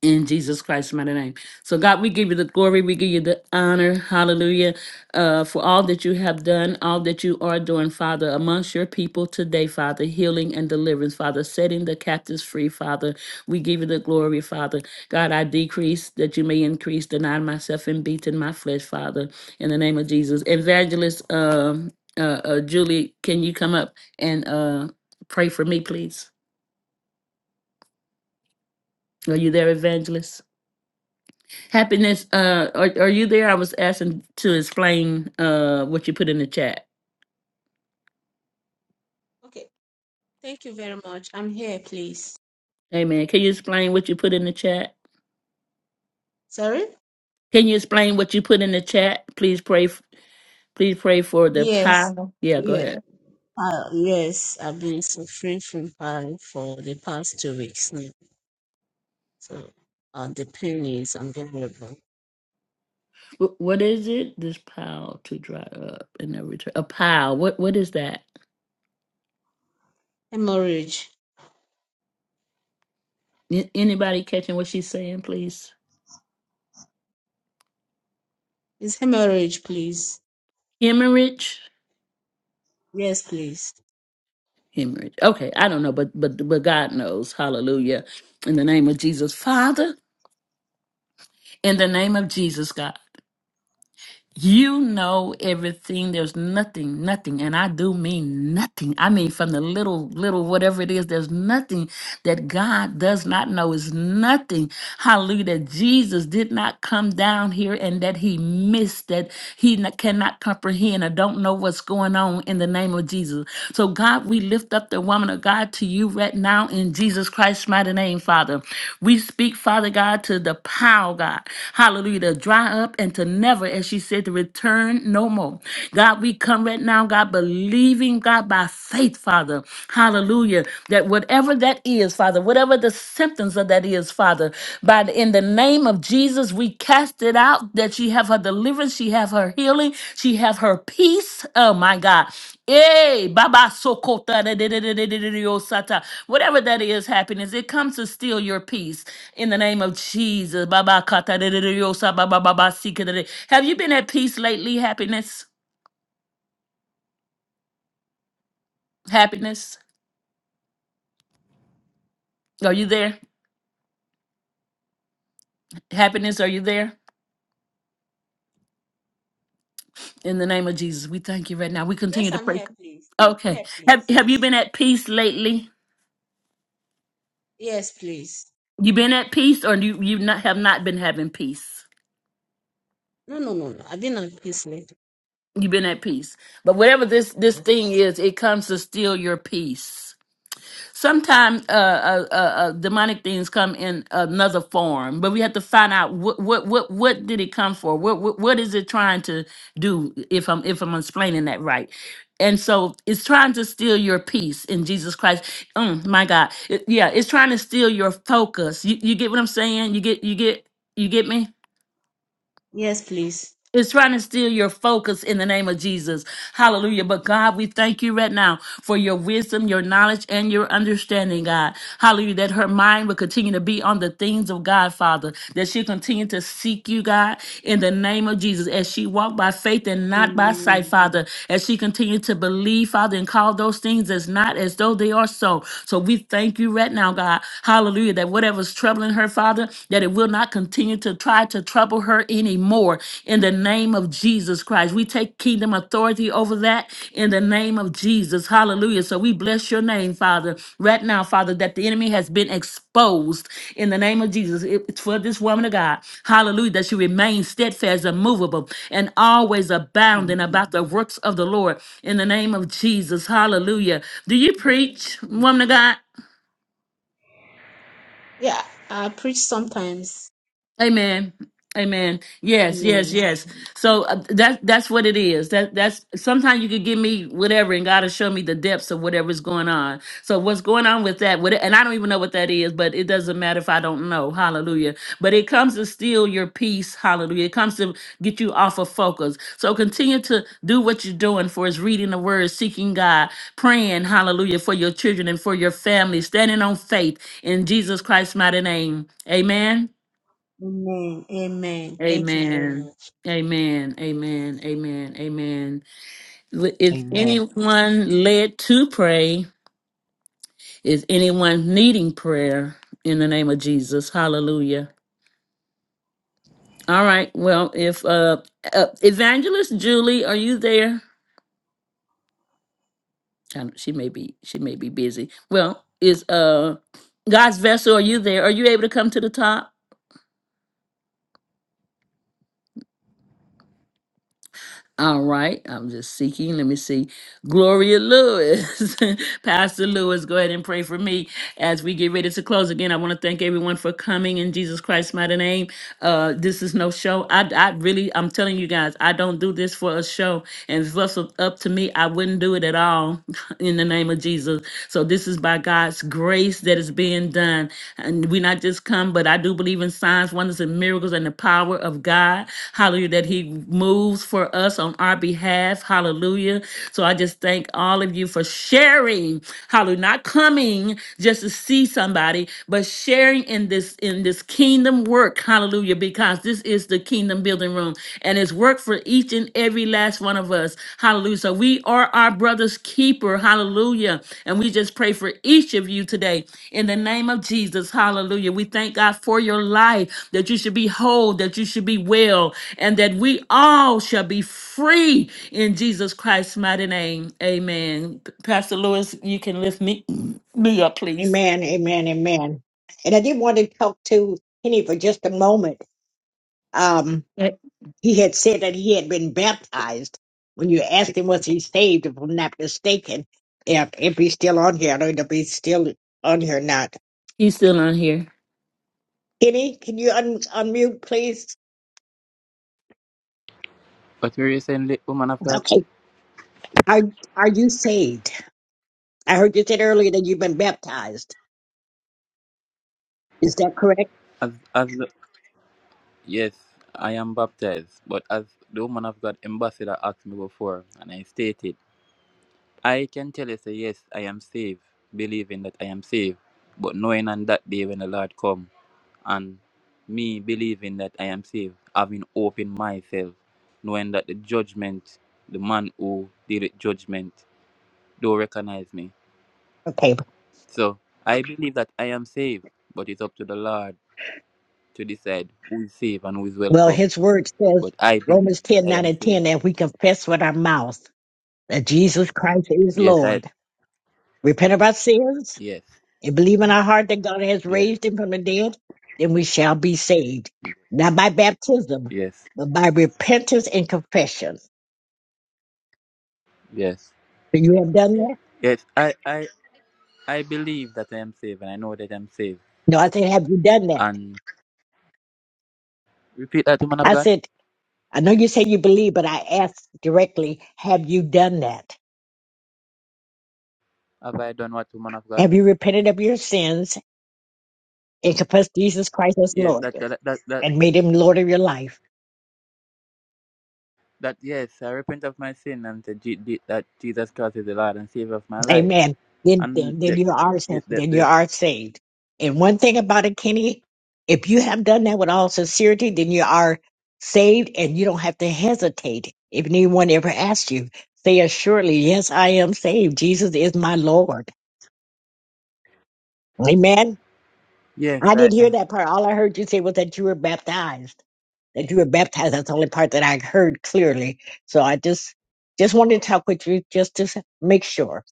Speaker 1: in Jesus Christ's mighty name. So, God, we give you the glory. We give you the honor. Hallelujah. Uh, for all that you have done, all that you are doing, Father, amongst your people today, Father, healing and deliverance, Father, setting the captives free, Father. We give you the glory, Father. God, I decrease that you may increase, denying myself and beating my flesh, Father, in the name of Jesus. Evangelist um, uh, uh, Julie, can you come up and uh, pray for me, please? Are you there, Evangelist? Happiness, uh, are, are you there? I was asking to explain uh what you put in the chat.
Speaker 9: Okay, thank you very much. I'm here, please.
Speaker 1: Amen. Can you explain what you put in the chat?
Speaker 9: Sorry?
Speaker 1: Can you explain what you put in the chat? Please pray. f- Please pray for the
Speaker 9: Yes.
Speaker 1: pile. Yeah, go
Speaker 9: Yeah.
Speaker 1: ahead.
Speaker 9: Uh, yes, I've been suffering from pain for the past two weeks now. So uh, the pain is unbearable.
Speaker 1: Wh- What is it? This pile to dry up and then return. A pile. What? What is that?
Speaker 9: Hemorrhage.
Speaker 1: A- Anybody catching what she's saying? Please.
Speaker 9: Is hemorrhage, please?
Speaker 1: Hemorrhage.
Speaker 9: Yes, please.
Speaker 1: Hemorrhage. Okay, I don't know, but but but God knows. Hallelujah. In the name of Jesus, Father. In the name of Jesus, God. You know everything. There's nothing, nothing, and I do mean nothing. I mean, from the little, little, whatever it is, there's nothing that God does not know. Is nothing. Hallelujah. That Jesus did not come down here and that he missed, that he n- cannot comprehend or don't know what's going on in the name of Jesus. So, God, we lift lift up the woman of God to you right now in Jesus Christ's mighty name, Father. We speak, Father God, to the power, God. Hallelujah. To dry up and to never, as she said, to return no more. God, we come right now, God, believing, God, by faith, Father. Hallelujah. That whatever that is, Father, whatever the symptoms of that is, Father, by the. In the name of Jesus, we cast it out that she have her deliverance, she have her healing, she have her peace. Oh my God. Hey, Baba Sokota, da- da- da- da- da- da- da- da- yo, Sata. whatever that is, happiness, it comes to steal your peace. In the name of Jesus, Baba Kata, da- da- da- da- yo, Sa- Ba- Ba- Ba- Ba- Sika, da- da. have you been at peace lately? Happiness, happiness, are you there? Happiness, are you there? In the name of Jesus, we thank you right now. We continue
Speaker 9: Yes,
Speaker 1: to
Speaker 9: I'm
Speaker 1: pray.
Speaker 9: here, please.
Speaker 1: Okay,
Speaker 9: Here,
Speaker 1: have
Speaker 9: please.
Speaker 1: have you been at peace lately?
Speaker 9: Yes, please.
Speaker 1: You been at peace, or you you not have not been having peace.
Speaker 9: No, no, no, no. I've been on peace later.
Speaker 1: You've been at peace, but whatever this this thing is, it comes to steal your peace. Sometimes uh, uh, uh, uh, demonic things come in another form, but we have to find out what what what what did it come for? What what, what is it trying to do? If I'm if I'm explaining that right, and so it's trying to steal your peace in Jesus Christ. Mm, my God, It- yeah, it's trying to steal your focus. You, you get what I'm saying? You get you get you get me?
Speaker 9: Yes, please.
Speaker 1: It's trying to steal your focus in the name of Jesus. Hallelujah. But God, we thank you right now for your wisdom, your knowledge, and your understanding, God. Hallelujah. That her mind will continue to be on the things of God, Father. That she'll continue to seek you, God, in the name of Jesus. As she walk by faith and not by sight,
Speaker 9: Mm.
Speaker 1: Father. As she continue to believe, Father, and call those things as not as though they are so. So we thank you right now, God. Hallelujah. That whatever's troubling her, Father, that it will not continue to try to trouble her anymore in the name of Jesus Christ. We take kingdom authority over that in the name of Jesus. Hallelujah. So we bless your name, Father, right now, Father, that the enemy has been exposed in the name of Jesus. It's for this woman of God. Hallelujah. That she remains steadfast, immovable, and always abounding about the works of the Lord in the name of Jesus. Hallelujah. Do you preach, woman of God?
Speaker 9: Yeah, I preach sometimes.
Speaker 1: Amen. Amen. Yes, yes,
Speaker 9: Amen.
Speaker 1: yes. So uh, that that's what it is. That that's sometimes you could give me whatever, and God will show me the depths of whatever's going on. So what's going on with that? What and I don't even know what that is, but it doesn't matter if I don't know. Hallelujah. But it comes to steal your peace. Hallelujah. It comes to get you off of focus. So continue to do what you're doing for is reading the word, seeking God, praying. Hallelujah for your children and for your family, standing on faith in Jesus Christ's mighty name. Amen.
Speaker 9: Amen. Amen. Thank you very
Speaker 1: Amen.
Speaker 9: much.
Speaker 1: Amen. Amen. Amen. Amen. L- Is
Speaker 5: Amen.
Speaker 1: anyone led to pray? Is anyone needing prayer in the name of Jesus? Hallelujah. All right. Well, if uh, uh evangelist Julie, are you there? I don't- She may be she may be busy. Well, is uh God's vessel, are you there? Are you able to come to the top? All right, I'm just seeking. Let me see. Gloria Lewis. <laughs> Pastor Lewis, go ahead and pray for me as we get ready to close. Again, I want to thank everyone for coming in Jesus Christ's mighty name. Uh, this is no show. I, I really, I'm telling you guys, I don't do this for a show. And if it was up to me, I wouldn't do it at all <laughs> in the name of Jesus. So this is by God's grace that is being done. And we not just come, but I do believe in signs, wonders, and miracles and the power of God. Hallelujah, that He moves for us on our behalf. Hallelujah. So I just thank all of you for sharing. Hallelujah. Not coming just to see somebody, but sharing in this in this kingdom work. Hallelujah. Because this is the kingdom building room. And it's work for each and every last one of us. Hallelujah. So we are our brother's keeper. Hallelujah. And we just pray for each of you today. In the name of Jesus. Hallelujah. We thank God for your life, that you should be whole, that you should be well and that we all shall be free in Jesus Christ's mighty name. Amen. Pastor Lewis, you can lift me me up, please.
Speaker 4: Amen, amen, amen. And I did want to talk to Kenny for just a moment. Um,
Speaker 1: Eh,
Speaker 4: he had said that he had been baptized. When you asked him was he saved, if I'm not mistaken, if if he's still on here, I don't know if he's still on here or not.
Speaker 1: You still on here?
Speaker 4: Kenny, can you un- unmute, please?
Speaker 7: But we recently, woman of God,
Speaker 4: Okay. Are are you saved? I heard you said earlier that you've been baptized. Is that correct?
Speaker 7: as as the, yes, I am baptized, but as the woman of God ambassador asked me before, and I stated, I can tell you say yes, I am saved, believing that I am saved, but knowing on that day when the Lord come. and me believing that I am saved, having hope in myself, knowing that the judgment, the man who did it judgment, don't recognize me.
Speaker 4: Okay.
Speaker 7: So I believe that I am saved, but it's up to the Lord to decide who is saved and who is
Speaker 4: Well,
Speaker 7: welcome.
Speaker 4: his word says,
Speaker 7: But I believe
Speaker 4: Romans
Speaker 7: that
Speaker 4: 10
Speaker 7: I
Speaker 4: 9
Speaker 7: am
Speaker 4: and 10,
Speaker 7: saved.
Speaker 4: that we confess with our mouth that Jesus Christ is
Speaker 7: Yes, I
Speaker 4: Lord, repent of our sins,
Speaker 7: yes,
Speaker 4: and believe in our heart that God has
Speaker 7: yes,
Speaker 4: raised him from the dead, then we shall be saved. Not by baptism,
Speaker 7: yes,
Speaker 4: but by repentance and confession. So
Speaker 7: yes.
Speaker 4: you have done that?
Speaker 7: Yes, I I, I believe that I am saved and I know that I'm saved.
Speaker 4: No, I said, have you done that?
Speaker 7: And repeat that woman of
Speaker 4: I
Speaker 7: God.
Speaker 4: said, I know you say you believe, but I asked directly, have you done that?
Speaker 7: Have I done what woman of God?
Speaker 4: Have you repented of your sins and confess Jesus Christ as
Speaker 7: Yes,
Speaker 4: Lord
Speaker 7: that that that, that
Speaker 4: and made him Lord of your life.
Speaker 7: that yes, I repent of my sin and that, Je- Je- that Jesus Christ is the Lord and Savior of my life.
Speaker 4: Amen. Then,
Speaker 7: And
Speaker 4: then, then
Speaker 7: the,
Speaker 4: you
Speaker 7: the,
Speaker 4: are
Speaker 7: the,
Speaker 4: saved.
Speaker 7: the,
Speaker 4: Then you
Speaker 7: the-
Speaker 4: are saved. And one thing about it, Kenny, if you have done that with all sincerity, then you are saved and you don't have to hesitate. If anyone ever asks you, say assuredly, yes, I am saved. Jesus is my Lord. Amen.
Speaker 7: yes,
Speaker 4: I
Speaker 7: I
Speaker 4: didn't
Speaker 7: uh,
Speaker 4: hear that part. All I heard you say was that you were baptized. that you were baptized. That's the only part that I heard clearly. So I just just wanted to talk with you just to make sure.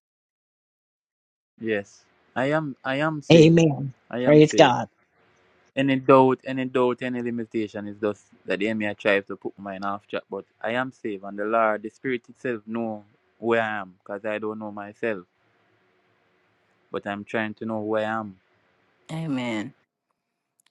Speaker 7: yes, I am I am saved.
Speaker 4: Amen.
Speaker 7: I am
Speaker 4: Praise
Speaker 7: saved.
Speaker 4: God.
Speaker 7: Any doubt, any doubt, any limitation is just that the enemy tries to put mine off track. But I am saved, and the Lord, the Spirit itself, know where I am, because I don't know myself, but I'm trying to know where I am.
Speaker 1: Amen.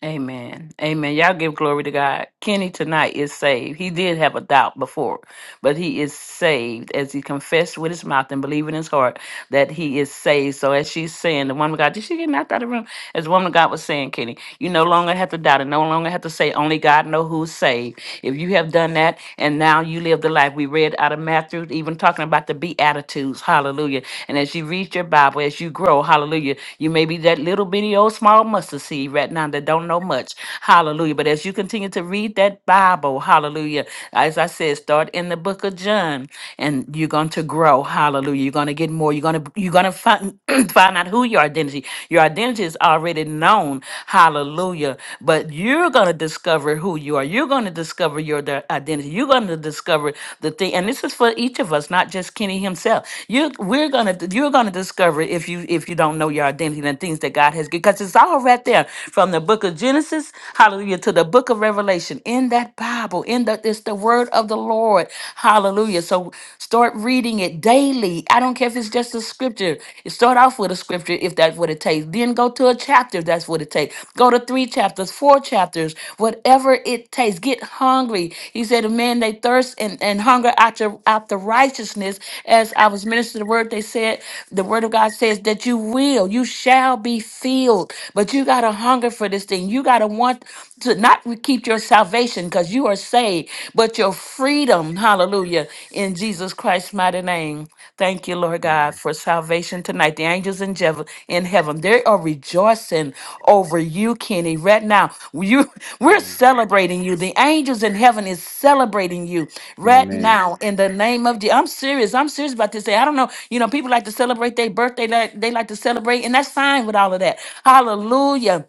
Speaker 1: Amen. Amen. Y'all give glory to God. Kenny tonight is saved. He did have a doubt before, but he is saved as he confessed with his mouth and believed in his heart that he is saved. So as she's saying, the woman of God, did she get knocked out of the room? As the woman of God was saying, Kenny, you no longer have to doubt and no longer have to say only God know who's saved. If you have done that and now you live the life we read out of Matthew, even talking about the Beatitudes, hallelujah. And as you read your Bible, as you grow, hallelujah, you may be that little bitty old small mustard seed right now that don't know much, hallelujah. But as you continue to read that Bible, hallelujah, as I said, start in the book of John, and and you're going to grow. Hallelujah. You're going to get more. You're going to you're going to find <clears throat> find out who your identity. Your identity is already known. Hallelujah. But you're going to discover who you are. You're going to discover your di- identity. You're going to discover the thing. And this is for each of us, not just Kenny himself. You we're going to you're going to discover if you if you don't know your identity and things that God has because it's all right there from the book of Genesis, hallelujah, to the book of Revelation in that Bible, in that it's the word word of the Lord. Hallelujah. So start reading it daily. I don't care if it's just a scripture. You Start off with a scripture if that's what it takes. Then go to a chapter if that's what it takes. Go to three chapters, four chapters, whatever it takes. Get hungry. He said, a Man, they thirst and, and hunger after after righteousness. As I was ministering the word, they said, the word of God says that you will, you shall be filled. But you gotta hunger for this thing. You gotta want to not keep your salvation because you are saved, but your freedom, hallelujah, in Jesus Christ's mighty name. Thank you, Lord God,
Speaker 7: Amen.
Speaker 1: for salvation tonight. The angels in, jev- in heaven, they are rejoicing over you, Kenny, right now. You, <laughs> we're
Speaker 7: Amen.
Speaker 1: celebrating you. The angels in heaven is celebrating you right
Speaker 7: Amen.
Speaker 1: now in the name of Jesus. I'm serious. I'm serious about this. I don't know. You know, people like to celebrate their birthday. Like, they like to celebrate, and that's fine with all of that. Hallelujah.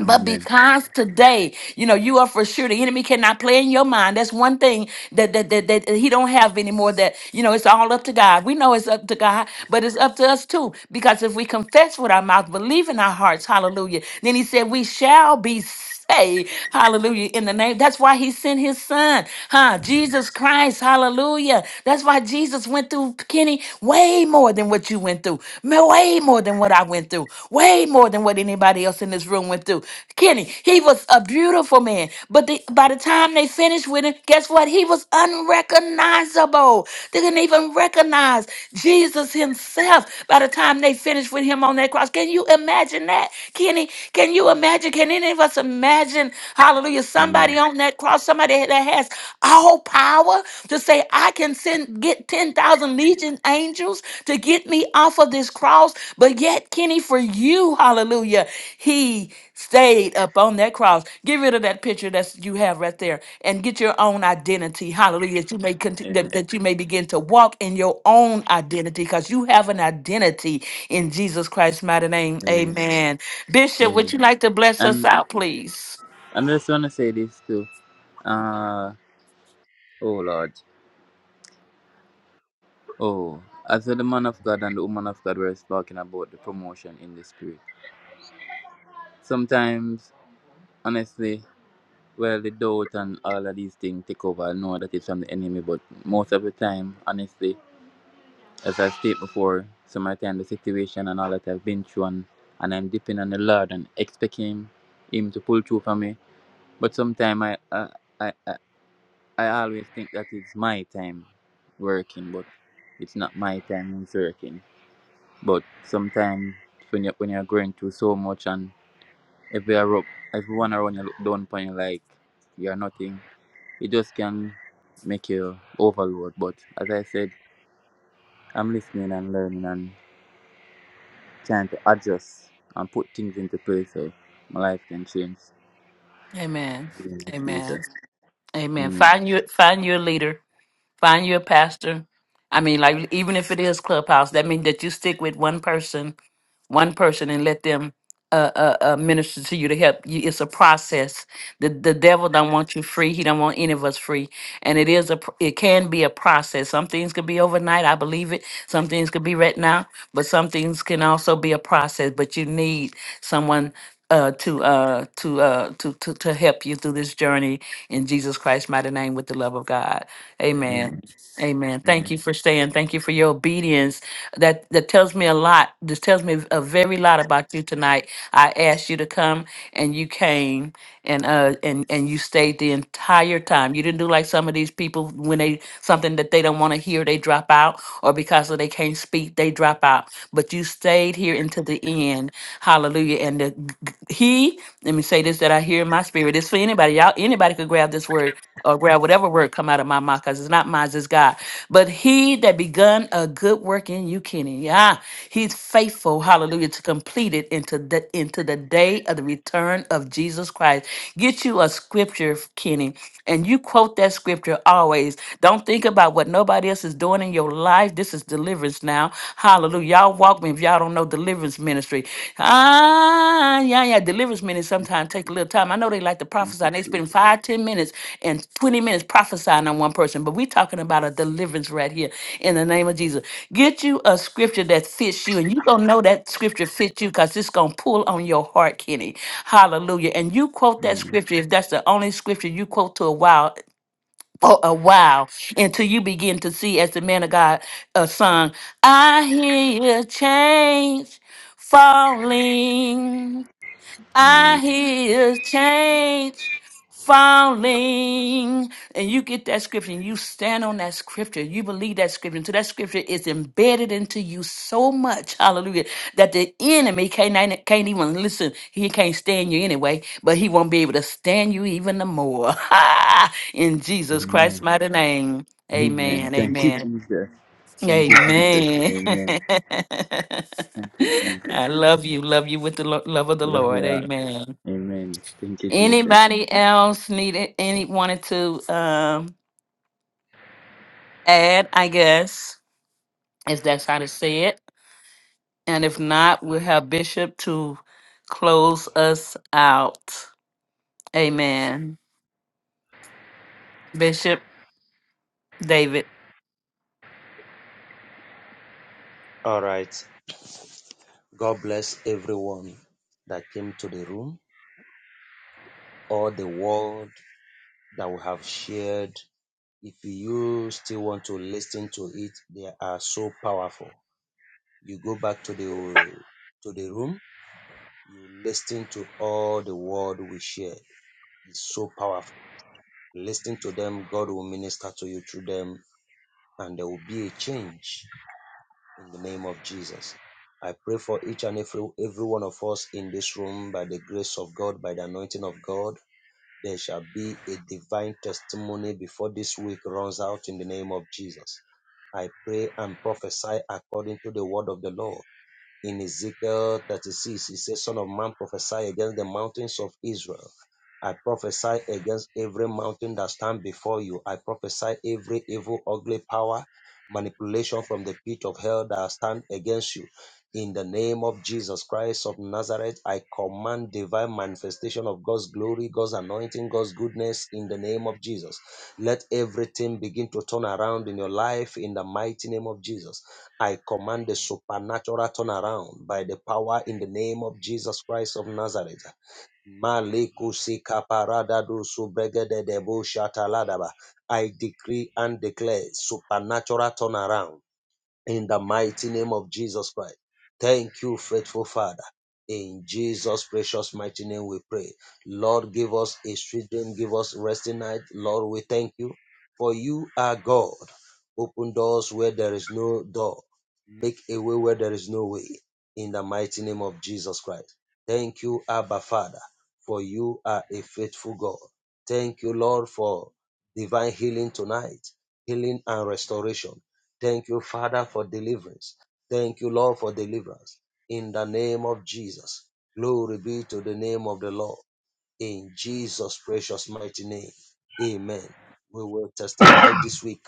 Speaker 1: But
Speaker 7: Amen.
Speaker 1: because today, you know, you are for sure the enemy cannot play in your mind. That's one thing that that that, that he don't have anymore. That you know, it's all up to God. We know it's up to God, but it's up to us too. Because if we confess with our mouth, believe in our hearts, hallelujah. Then he said, we shall be. saved say, hallelujah, in the name. That's why he sent his son, huh? Jesus Christ, hallelujah. That's why Jesus went through, Kenny, way more than what you went through, ma- way more than what I went through, way more than what anybody else in this room went through. Kenny, he was a beautiful man, but the, by the time they finished with him, guess what? He was unrecognizable unrecognizable. They couldn't even recognize Jesus himself by the time they finished with him on that cross. Can you imagine that? Kenny, can you imagine? Can any of us imagine, hallelujah, somebody
Speaker 7: Amen.
Speaker 1: on that cross, somebody that has all power to say, I can send get 10,000 legion angels to get me off of this cross, but yet, Kenny, for you, hallelujah, he stayed up on that cross. Get rid of that picture that you have right there and get your own identity. Hallelujah. That you may conti- that,
Speaker 7: Amen.
Speaker 1: that you may begin to walk in your own identity because you have an identity in Jesus Christ's mighty name.
Speaker 7: Amen.
Speaker 1: Amen. Bishop, would
Speaker 7: Amen.
Speaker 1: you like to bless
Speaker 7: And
Speaker 1: us out, please?
Speaker 7: And I just want to say this too. Uh, oh Lord. Oh, as the man of God and the woman of God were talking about the promotion in the spirit. Sometimes, honestly, well, the doubt and all of these things take over. I know that it's from the enemy, but most of the time, honestly, as I stated before, some of the time the situation and all that I've been through, and, and I'm dipping on the Lord and expecting Him him to pull through for me. But sometimes I, I, I, I I always think that it's my time working, but it's not my time who's working. But sometimes when you when you're going through so much and if you are up, everyone around you look down upon you like you're nothing, it just can make you overload. But as I said, I'm listening and learning and trying to adjust and put things into place so my life can change
Speaker 1: Amen.
Speaker 7: in the future.
Speaker 1: Amen. Amen.
Speaker 7: Amen.
Speaker 1: Find your find your leader. Find you a pastor. I mean, like even if it is clubhouse, that means that you stick with one person, one person, and let them uh, uh, uh, minister to you to help you. It's a process. The the devil don't want you free. He don't want any of us free. And it is a pr- it can be a process. Some things could be overnight. I believe it. Some things could be right now, but some things can also be a process. But you need someone uh, to uh, to, uh, to to to help you through this journey in Jesus Christ's mighty name with the love of God.
Speaker 7: Amen.
Speaker 1: Amen. Amen. Thank
Speaker 7: Amen.
Speaker 1: you for staying. Thank you for your obedience. That that tells me a lot. This tells me a very lot about you tonight. I asked you to come and you came and uh and and you stayed the entire time. You didn't do like some of these people when they something that they don't want to hear, they drop out, or because of they can't speak, they drop out. But you stayed here until the end. Hallelujah. And the he, let me say this that I hear in my spirit. It's for anybody. Y'all, anybody could grab this word or grab whatever word come out of my mouth, because it's not mine, it's God. But he that begun a good work in you, Kenny, yeah, he's faithful, hallelujah, to complete it into the into the day of the return of Jesus Christ. Get you a scripture, Kenny, and you quote that scripture always. Don't think about what nobody else is doing in your life. This is deliverance now. Hallelujah. Y'all walk me if y'all don't know know deliverance ministry. Ah, yeah, yeah. Deliverance ministry sometimes take a little time. I know they like to
Speaker 7: Thank
Speaker 1: prophesy. and They
Speaker 7: you, Jesus.
Speaker 1: spend five, ten minutes and twenty minutes prophesying on one person, but we're talking about a deliverance right here in the name of Jesus. Get you a scripture that fits you, and you gonna know that scripture fits you because it's gonna pull on your heart, Kenny. Hallelujah. And you quote that
Speaker 7: Amen.
Speaker 1: scripture if that's the only scripture you quote to a while for a while until you begin to see, as the man of God uh, sung, I hear change falling. I
Speaker 7: Amen.
Speaker 1: hear change falling. And you get that scripture and you stand on that scripture. You believe that scripture. And so that scripture is embedded into you so much, hallelujah, that the enemy can't, can't even listen. He can't stand you anyway, but he won't be able to stand you even the more. <laughs> In Jesus
Speaker 7: Amen.
Speaker 1: Christ's mighty name.
Speaker 7: Amen.
Speaker 1: Amen.
Speaker 7: Thank you,
Speaker 1: Amen.
Speaker 7: Jesus. Thank you, Jesus.
Speaker 1: Amen.
Speaker 7: Amen. Thank
Speaker 1: <laughs>
Speaker 7: you, Jesus.
Speaker 1: I love you. Love you with the lo- love of the
Speaker 7: I love
Speaker 1: Lord.
Speaker 7: you. all.
Speaker 1: Amen.
Speaker 7: Amen. Thank you, Jesus.
Speaker 1: Anybody else needed any wanted to um add, I guess, if that's how to say it. And if not, we'll have Bishop to close us out. Amen. Bishop David.
Speaker 6: All right. God bless everyone that came to the room or the word that we have shared. If you still want to listen to it, they are so powerful. You go back to the room, you hear it's powerful. Listen and change in Jesus. I pray at the grace of God. There shall be a divine testimony before this week runs out in the name of Jesus. I pray and prophesy according to the word of the Lord in Ezekiel 36, he says, Son of man, prophesy against the mountains of Israel I prophesy against every mountain that stand before you. I prophesy every evil, ugly power, manipulation from the pit of hell that stand against you. In the name of Jesus Christ of Nazareth, I command divine manifestation of God's glory, God's anointing, God's goodness in the name of Jesus. Let everything begin to turn around in your life in the mighty name of Jesus. I command the supernatural turnaround by the power in the name of Jesus Christ of Nazareth. Malikusi kaparadadu subregede debo shataladaba. I decree and declare supernatural turnaround in the mighty name of Jesus Christ. Thank you, faithful Father. In Jesus' precious mighty name we pray. Lord, give us a sweet dream, give us resting night. Lord, we thank you. For you are God. Open doors where there is no door. Make a way where there is no way. In the mighty name of Jesus Christ. Thank you, Abba Father, for you are a faithful God. Thank you, Lord, for divine healing tonight, healing and restoration Thank you, Father, for deliverance. Thank you, Lord, for deliverance. In the name of Jesus. Glory be to the name of the Lord. In Jesus' precious mighty name. Amen. We will testify this week.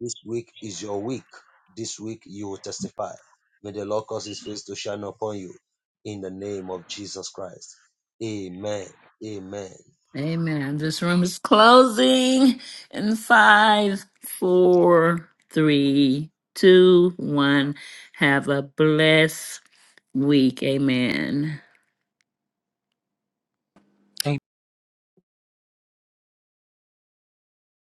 Speaker 6: This week is your week. This week you will testify. May the Lord cause his face to shine upon you. In the name of Jesus Christ. Amen. Amen.
Speaker 1: Amen. This room is closing in five, four, three, two, one. Have a blessed week. Amen.